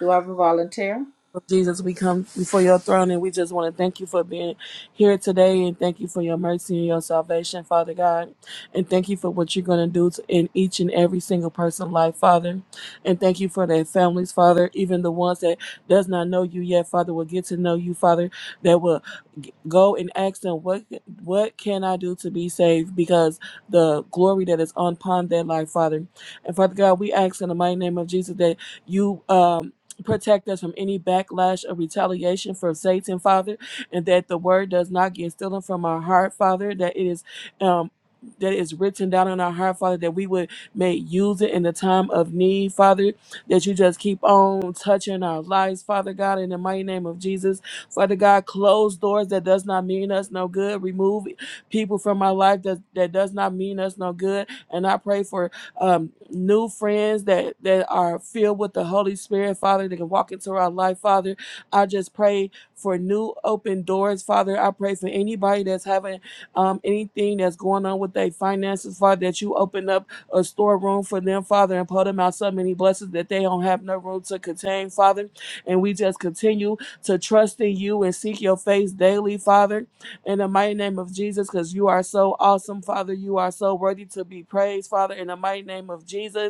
A: Do I have a volunteer?
D: Lord Jesus, we come before your throne and we just want to thank you for being here today and thank you for your mercy and your salvation, Father God. And thank you for what you're going to do to- in each and every single person's life, Father. And thank you for their families, Father. Even the ones that does not know you yet, Father, will get to know you, Father, that will g- go and ask them, what, what can I do to be saved? Because the glory that is upon their life, Father. And Father God, we ask in the mighty name of Jesus that you, um, Protect us from any backlash or retaliation from Satan, Father, and that the word does not get stolen from our heart, Father, that it is um that it is written down in our heart, Father, that we would may use it in the time of need, Father, that you just keep on touching our lives, Father God, in the mighty name of Jesus. Father God, close doors that does not mean us no good. Remove people from our life that, that does not mean us no good. And I pray for um, new friends that that are filled with the Holy Spirit, Father, that can walk into our life, Father. I just pray for new open doors, Father. I pray for anybody that's having um, anything that's going on with their finances, Father, that you open up a storeroom for them, Father, and pour them out so many blessings that they don't have no room to contain, Father. And we just continue to trust in you and seek your face daily, Father in the mighty name of Jesus because you are so awesome, Father. You are so worthy to be praised, Father, in the mighty name of Jesus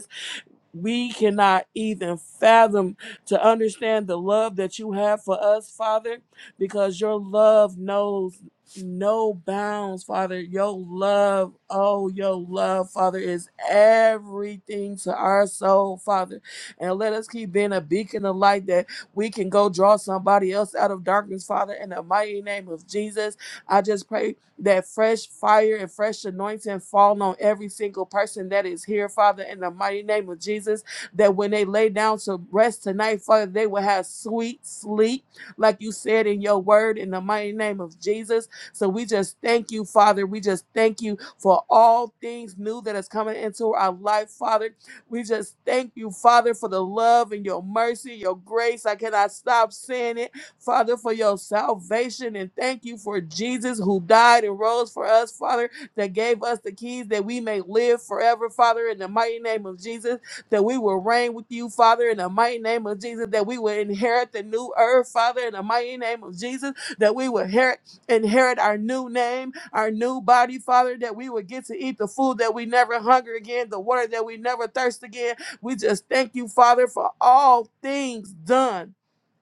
D: we cannot even fathom to understand the love that you have for us, Father, because your love knows no bounds, Father. Your love, oh, your love, Father, is everything to our soul, Father. And let us keep being a beacon of light that we can go draw somebody else out of darkness, Father, in the mighty name of Jesus. I just pray that fresh fire and fresh anointing fall on every single person that is here, Father, in the mighty name of Jesus. That when they lay down to rest tonight, Father, they will have sweet sleep, like you said in your word, in the mighty name of Jesus. So we just thank you, Father. We just thank you for all things new that is coming into our life, Father. We just thank you, Father, for the love and your mercy, your grace. I cannot stop saying it Father, for your salvation. And thank you for Jesus who died and rose for us, Father, that gave us the keys that we may live forever, Father, in the mighty name of Jesus, that we will reign with you, Father, in the mighty name of Jesus, that we will inherit the new earth, Father, in the mighty name of Jesus, that we will inherit, inherit our new name, our new body, Father, that we will get to eat the food that we never hunger again, the water that we never thirst again. We just thank you, Father, for all things done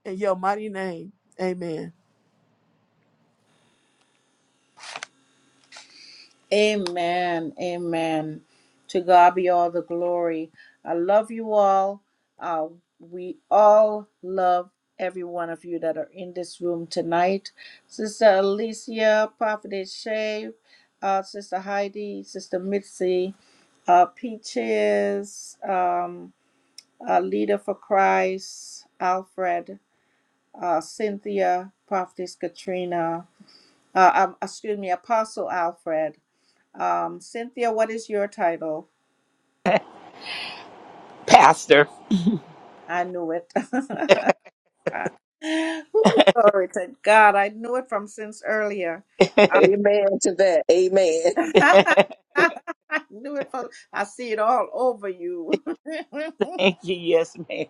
D: in your mighty name. Amen.
A: Amen. Amen. To God be all the glory. I love you all. Uh, we all love every one of you that are in this room tonight. Sister Alicia, Prophetess Shay, uh, Sister Heidi, Sister Mitzi, uh, Peaches, um, uh, Leader for Christ, Alfred, uh, Cynthia, Prophetess Katrina, uh, um, excuse me, Apostle Alfred. Um, Cynthia, what is your title?
C: Pastor.
A: I knew it. Ooh, glory to God. I knew it from since earlier. Uh,
C: Thank
B: Amen to that. Amen.
A: I knew it from, I see it all over you.
C: you. Yes, ma'am.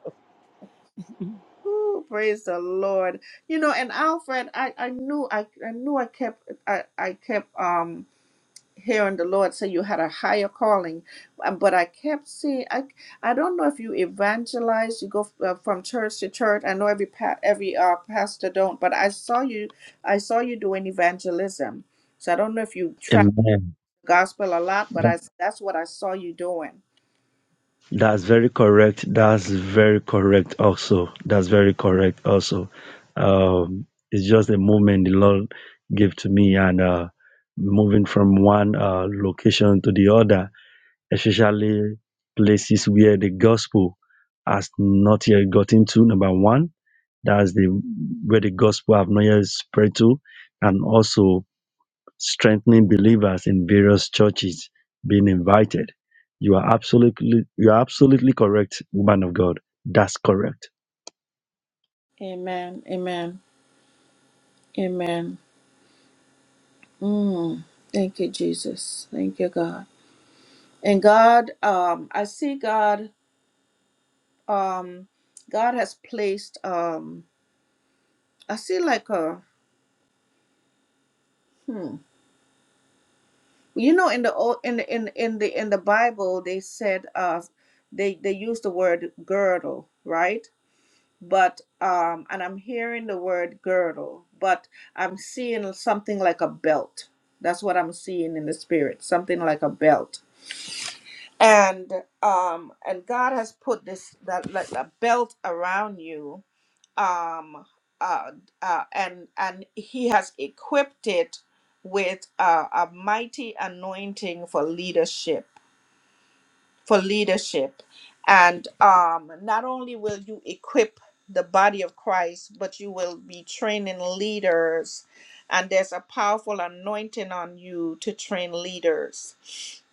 A: Ooh, praise the Lord. You know, and Alfred, I, I knew I, I knew I kept I, I kept um hearing the Lord say you had a higher calling, uh, but I kept seeing I I don't know if you evangelize, you go uh, from church to church. I know every pa- every uh, pastor don't, but I saw you I saw you doing evangelism. So I don't know if you track
F: Amen.
A: the gospel a lot, but I that's what I saw you doing.
F: That's very correct. That's very correct also. That's very correct also. Um, it's just a moment the Lord gave to me and uh, moving from one uh, location to the other especially places where the gospel has not yet gotten to. Number one, that's the where the gospel have not yet spread to, and also strengthening believers in various churches being invited. You are absolutely you are absolutely correct, woman of God. That's correct.
A: Amen. Amen. Amen. Mm. Thank you, Jesus. Thank you, God. And God, um, I see God, um, God has placed, um, I see like a, hmm, you know, in the old, in the, in, in the, in the Bible, they said, uh, they, they use the word girdle, right? But, um, and I'm hearing the word girdle, but I'm seeing something like a belt. That's what I'm seeing in the spirit, something like a belt. And, um, and God has put this, that, like a belt around you um, uh, uh, and and he has equipped it with uh, a mighty anointing for leadership for leadership and um, not only will you equip the body of christ but you will be training leaders and there's a powerful anointing on you to train leaders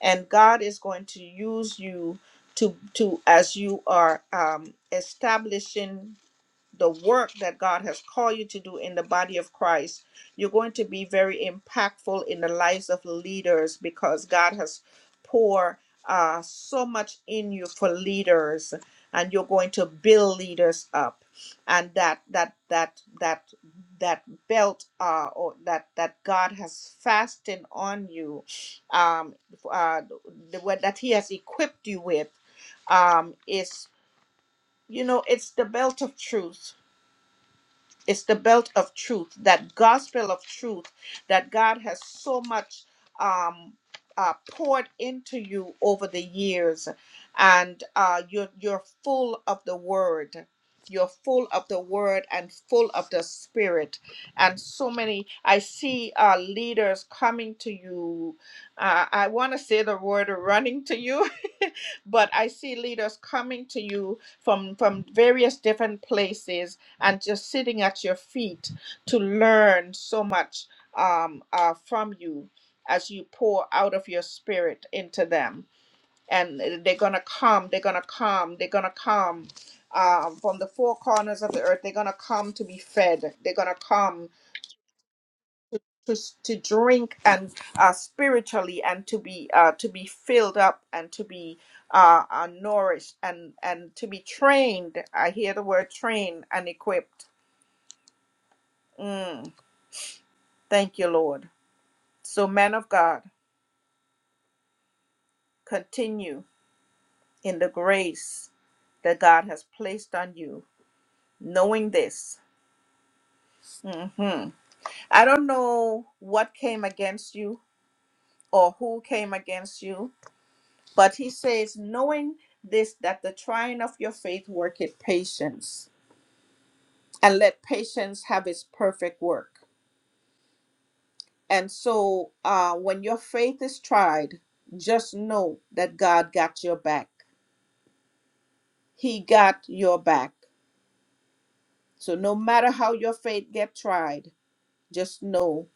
A: and god is going to use you to to as you are um, establishing the work that God has called you to do in the body of Christ, you're going to be very impactful in the lives of leaders because God has poured uh, so much in you for leaders, and you're going to build leaders up, and that that that that that belt uh, or that that God has fastened on you, um, uh, the, what that He has equipped you with um, is you know it's the belt of truth it's the belt of truth, that gospel of truth that God has so much um, uh, poured into you over the years, and uh, you're you're full of the word. You're full of the word and full of the spirit, and so many. I see uh, leaders coming to you. Uh, I want to say the word running to you, but I see leaders coming to you from from various different places and just sitting at your feet to learn so much um, uh, from you as you pour out of your spirit into them. And they're going to come, they're going to come, they're going to come um, from the four corners of the earth. They're going to come to be fed, they're going to come. To, s- to drink and uh, spiritually and to be uh, to be filled up and to be uh, uh, nourished and and to be trained. I hear the word trained and equipped. Mm. Thank you, Lord. So, man of God, continue in the grace that God has placed on you, knowing this. hmm I don't know what came against you or who came against you, but he says, knowing this, that the trying of your faith worketh patience, and let patience have its perfect work. And so, uh, when your faith is tried, just know that God got your back. He got your back. So no matter how your faith get tried, just know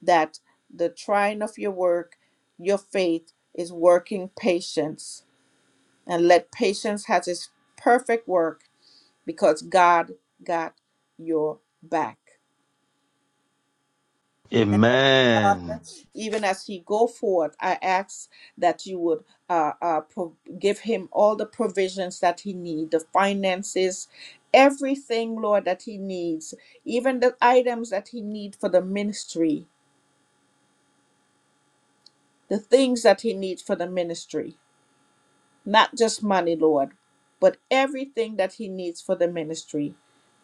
A: that the trying of your work, your faith is working patience. And let patience has its perfect work because God got your back. And
F: Amen.
A: even as he go forward, I ask that you would uh, uh, pro- give him all the provisions that he need, the finances, everything, Lord, that he needs, even the items that he need for the ministry the things that he needs for the ministry. Not just money, Lord, but everything that he needs for the ministry.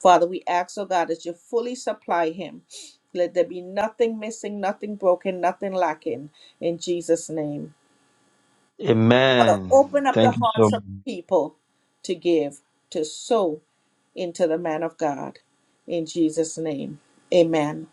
A: Father, we ask, oh God, that you fully supply him. Let there be nothing missing, nothing broken, nothing lacking in Jesus' name. Father,
F: Amen.
A: open up the
F: Thank you so
A: hearts of
F: much.
A: the people to give, to sow into the man of God. In Jesus' name, amen.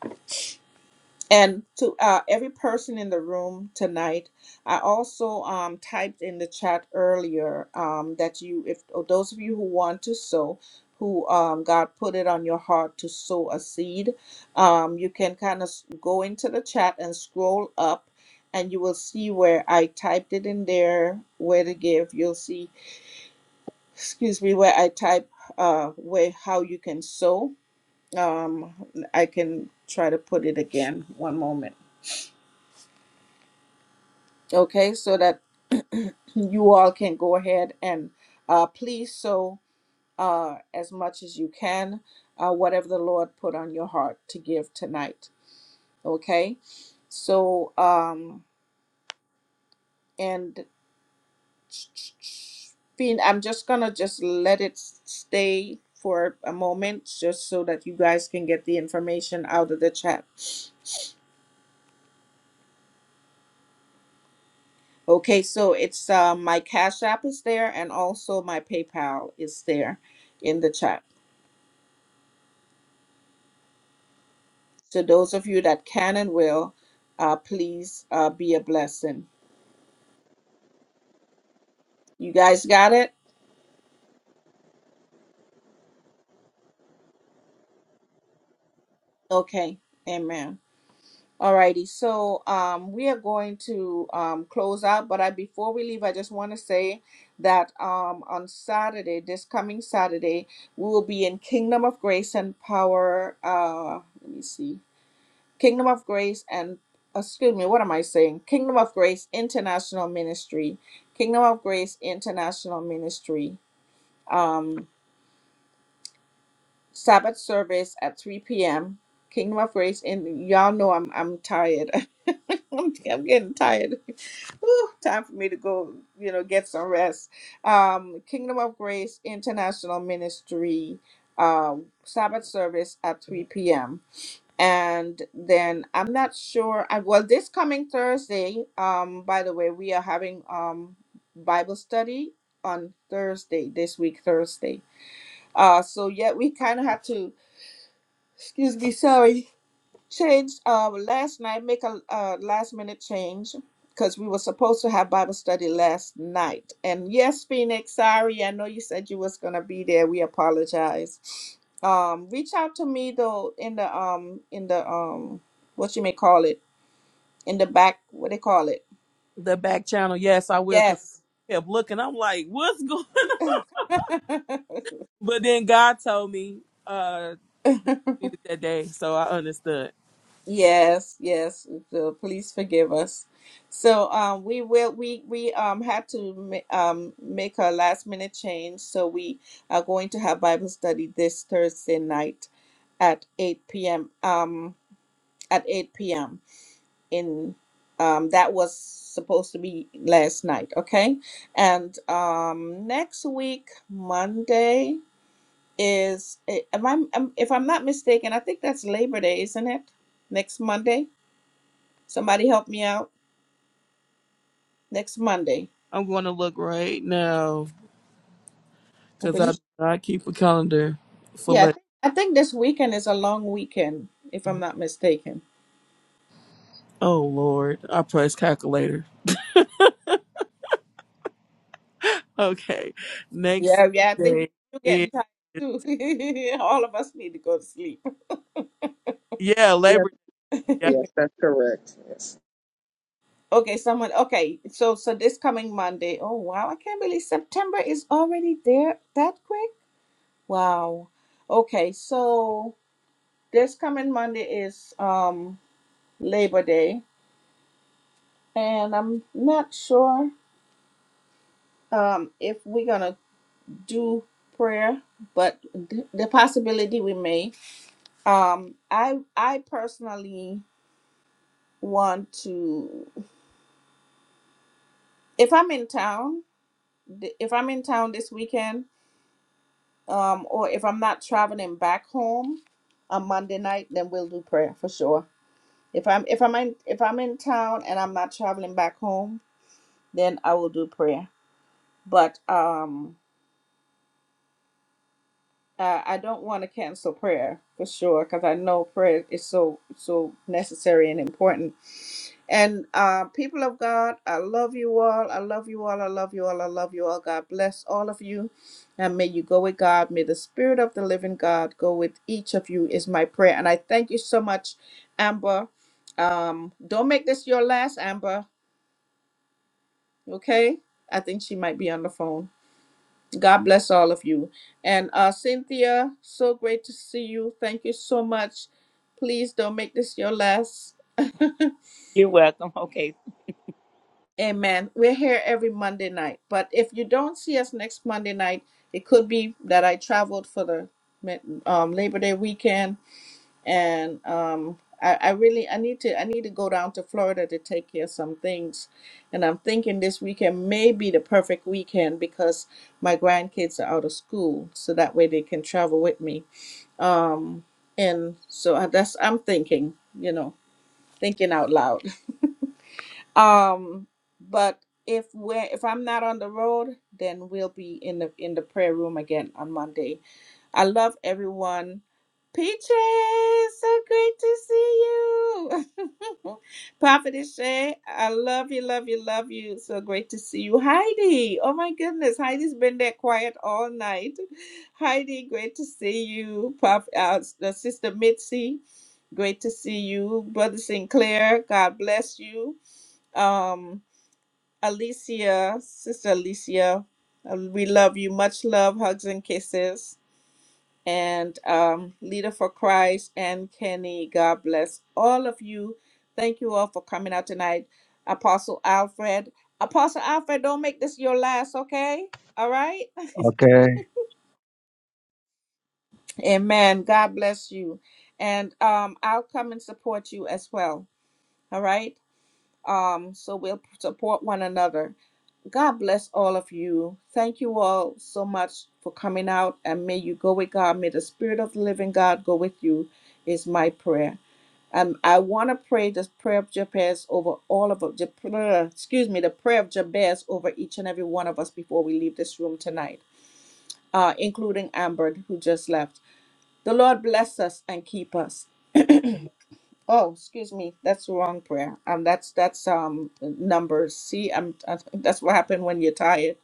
A: And to uh, every person in the room tonight, I also um, typed in the chat earlier um, that you, if or those of you who want to sow, who um, God put it on your heart to sow a seed, um, you can kind of go into the chat and scroll up, and you will see where I typed it in there, where to give. You'll see, excuse me, where I type uh, where how you can sow. Um, I can try to put it again. One moment. okay, so that you all can go ahead and uh, please sow uh, as much as you can, uh, whatever the Lord put on your heart to give tonight, okay? So, um, and Fiend, I'm just gonna just let it stay for a moment just so that you guys can get the information out of the chat. Okay, so it's uh, my Cash App is there and also my PayPal is there in the chat. So those of you that can and will, uh, please uh, be a blessing. You guys got it? Okay. Amen. Alrighty. So um, we are going to um, close out, but I before we leave, I just want to say that um, on Saturday, this coming Saturday, we will be in Kingdom of Grace and Power. Uh, let me see. Kingdom of Grace and excuse me, what am I saying? Kingdom of Grace International Ministry. Kingdom of Grace International Ministry um, Sabbath service at 3 p.m. Kingdom of Grace, and y'all know I'm I'm tired. I'm, I'm getting tired. Whew, time for me to go, you know, get some rest. Um, Kingdom of Grace International Ministry uh, Sabbath service at 3 p.m. And then I'm not sure. I, well, this coming Thursday, um, by the way, we are having um, Bible study on Thursday this week, Thursday. Uh, so yeah, we kind of had to excuse me, sorry, changed uh, last night, make a uh, last minute change because we were supposed to have Bible study last night. And yes, Phoenix, sorry, I know you said you was gonna be there. We apologize. Um, reach out to me though in the um in the um what you may call it in the back what they call it.
D: The back channel. Yes, I will. Because
A: Yes.
D: I kept looking. I'm like, what's going on? But then God told me uh needed that day. So I understood.
A: Yes, yes. So please forgive us. So um, we will. We we um had to ma- um make a last minute change. So we are going to have Bible study this Thursday night at eight p.m. Um, at eight p.m. in um that was supposed to be last night. Okay, and um next week Monday is eh, am I am, if I'm not mistaken I think that's Labor Day, isn't it? Next Monday. Somebody help me out next Monday.
D: I'm going to look right now
A: I
D: because I,
A: believe.
D: I keep a calendar for
A: Yeah, I,
D: let.
A: think I think this weekend is a long weekend, if I'm not mistaken.
D: Oh, Lord. I press calculator. Okay. Next
A: Yeah, yeah, I think you,
D: day
A: you're
D: is,
A: getting tired too. All of us need to go to sleep.
D: yeah,
B: Yes,
D: Labor Day.
B: yes, that's correct. Yes.
A: Okay, someone. Okay, so so this coming Monday. Oh wow, I can't believe September is already there that quick. Wow. Okay, so this coming Monday is um Labor Day, and I'm not sure um if we're gonna do prayer, but th- the possibility we may. Um, I I personally want to if I'm in town, th- if I'm in town this weekend, um, or if I'm not traveling back home on Monday night, then we'll do prayer for sure. If I'm if I'm in if I'm in town and I'm not traveling back home, then I will do prayer. But um, uh, I don't want to cancel prayer for sure because I know prayer is so so necessary and important And uh, people of God, I love you all. I love you all. I love you all. I love you all. God bless all of you. And may you go with God. May the Spirit of the living God go with each of you, is my prayer. And I thank you so much, Amber. Um, don't make this your last, Amber. Okay? I think she might be on the phone. God bless all of you. And uh, Cynthia, so great to see you. Thank you so much. Please don't make this your last.
C: You're welcome. Okay.
A: Amen. We're here every Monday night. But if you don't see us next Monday night, it could be that I traveled for the um, Labor Day weekend, and um, I, I really I need to I need to go down to Florida to take care of some things, and I'm thinking this weekend may be the perfect weekend because my grandkids are out of school, so that way they can travel with me. Um, and so I- that's I'm thinking, you know, thinking out loud. Um, but if we're if I'm not on the road, then we'll be in the in the prayer room again on Monday. I love everyone. Peaches, so great to see you. Prophetess Shay, I love you, love you, love you. So great to see you. Heidi, oh my goodness, Heidi's been there quiet all night. Heidi, great to see you. Prof, uh, Sister Mitzi, great to see you. Brother Sinclair, God bless you um Alicia, sister Alicia, uh, we love you. Much love, hugs and kisses. And um Leader for Christ and Kenny, God bless all of you. Thank you all for coming out tonight. Apostle Alfred. Apostle Alfred, don't make this your last, okay? All right?
F: Okay,
A: Amen. God bless you. And um I'll come and support you as well. All right? Um so we'll support one another. God bless all of you. Thank you all so much for coming out and may you go with God. May the Spirit of the living God go with you, is my prayer. Um, I want to pray this prayer of Jabez over all of us, the prayer- excuse me, the prayer of Jabez over each and every one of us before we leave this room tonight, uh, including Amber, who just left. The Lord bless us and keep us. Oh, excuse me, that's the wrong prayer. Um, that's that's um numbers. See, I'm, I, that's what happened when you're tired.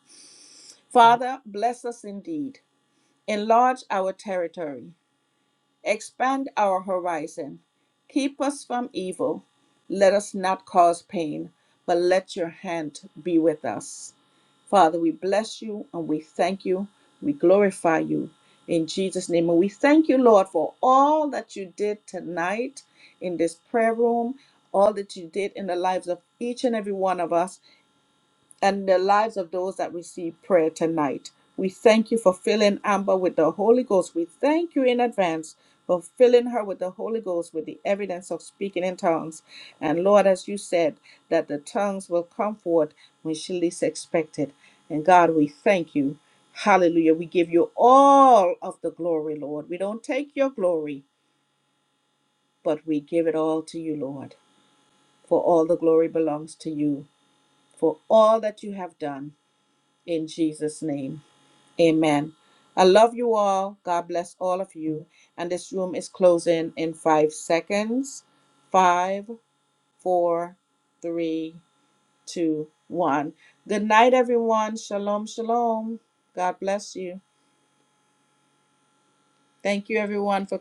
A: Father, bless us indeed. Enlarge our territory. Expand our horizon. Keep us from evil. Let us not cause pain, but let your hand be with us. Father, we bless you and we thank you. We glorify you in Jesus' name. And we thank you, Lord, for all that you did tonight in this prayer room, all that you did in the lives of each and every one of us and the lives of those that receive prayer tonight. We thank you for filling Amber with the Holy Ghost. We thank you in advance for filling her with the Holy Ghost with the evidence of speaking in tongues. And Lord, as you said, that the tongues will come forth when she least expected. And God, we thank you. Hallelujah. We give you all of the glory, Lord. We don't take your glory, but we give it all to you, Lord. For all the glory belongs to you, for all that you have done. In Jesus' name. Amen. I love you all. God bless all of you. And this room is closing in five seconds. Five, four, three, two, one. Good night, everyone. Shalom, shalom. God bless you. Thank you, everyone, for